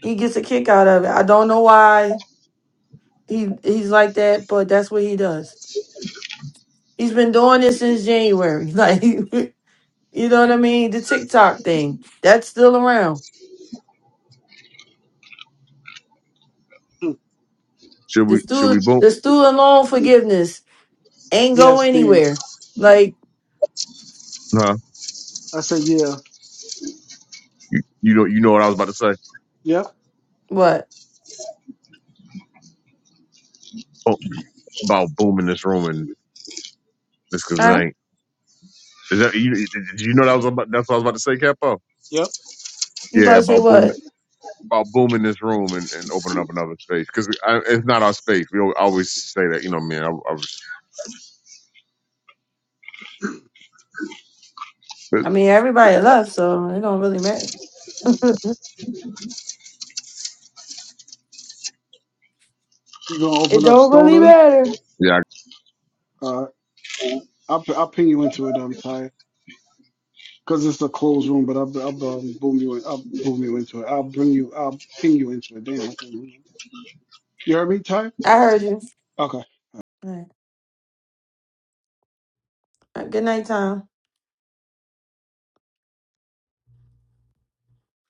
G: he gets a kick out of it. I don't know why he he's like that, but that's what he does. He's been doing this since January. Like, you know what I mean? The TikTok thing. That's still around.
I: Yeah.
H: should
G: The
H: we should we
G: student,
H: boom?
G: the student loan forgiveness ain't go
I: Yes, Steve.
G: anywhere. Like,
H: Huh?
I: I said yeah.
H: You you know you know what I was about to say
I: Yep.
G: what?
H: oh, about booming this room and this because
G: Huh?
H: ain't. Is that, you, did you know that was about, that's what I was about to say, Capo?
I: Yep.
G: You about
H: Yeah,
G: to say
H: about booming.
G: what?
H: about booming this room and, and opening up another space because it's not our space. We al- always say that, you know, man. I, I was, but,
G: I mean, everybody left, so it don't really matter.
I: You're gonna
G: it
I: open up
G: don't really
I: Stoners.
G: matter.
H: yeah,
I: Uh, I'll p- I'll ping you into it. I'm tired because it's a closed room. But I'll b- I'll b- um, boom you. In, I'll boom you into it. I'll bring you. I'll ping you into it. Damn, I can't remember. You heard me, Ty?
G: I heard you.
I: Okay.
G: All right. All right. Good night, Tom.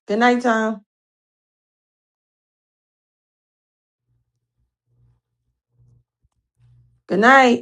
G: Good night, Tom. Good night.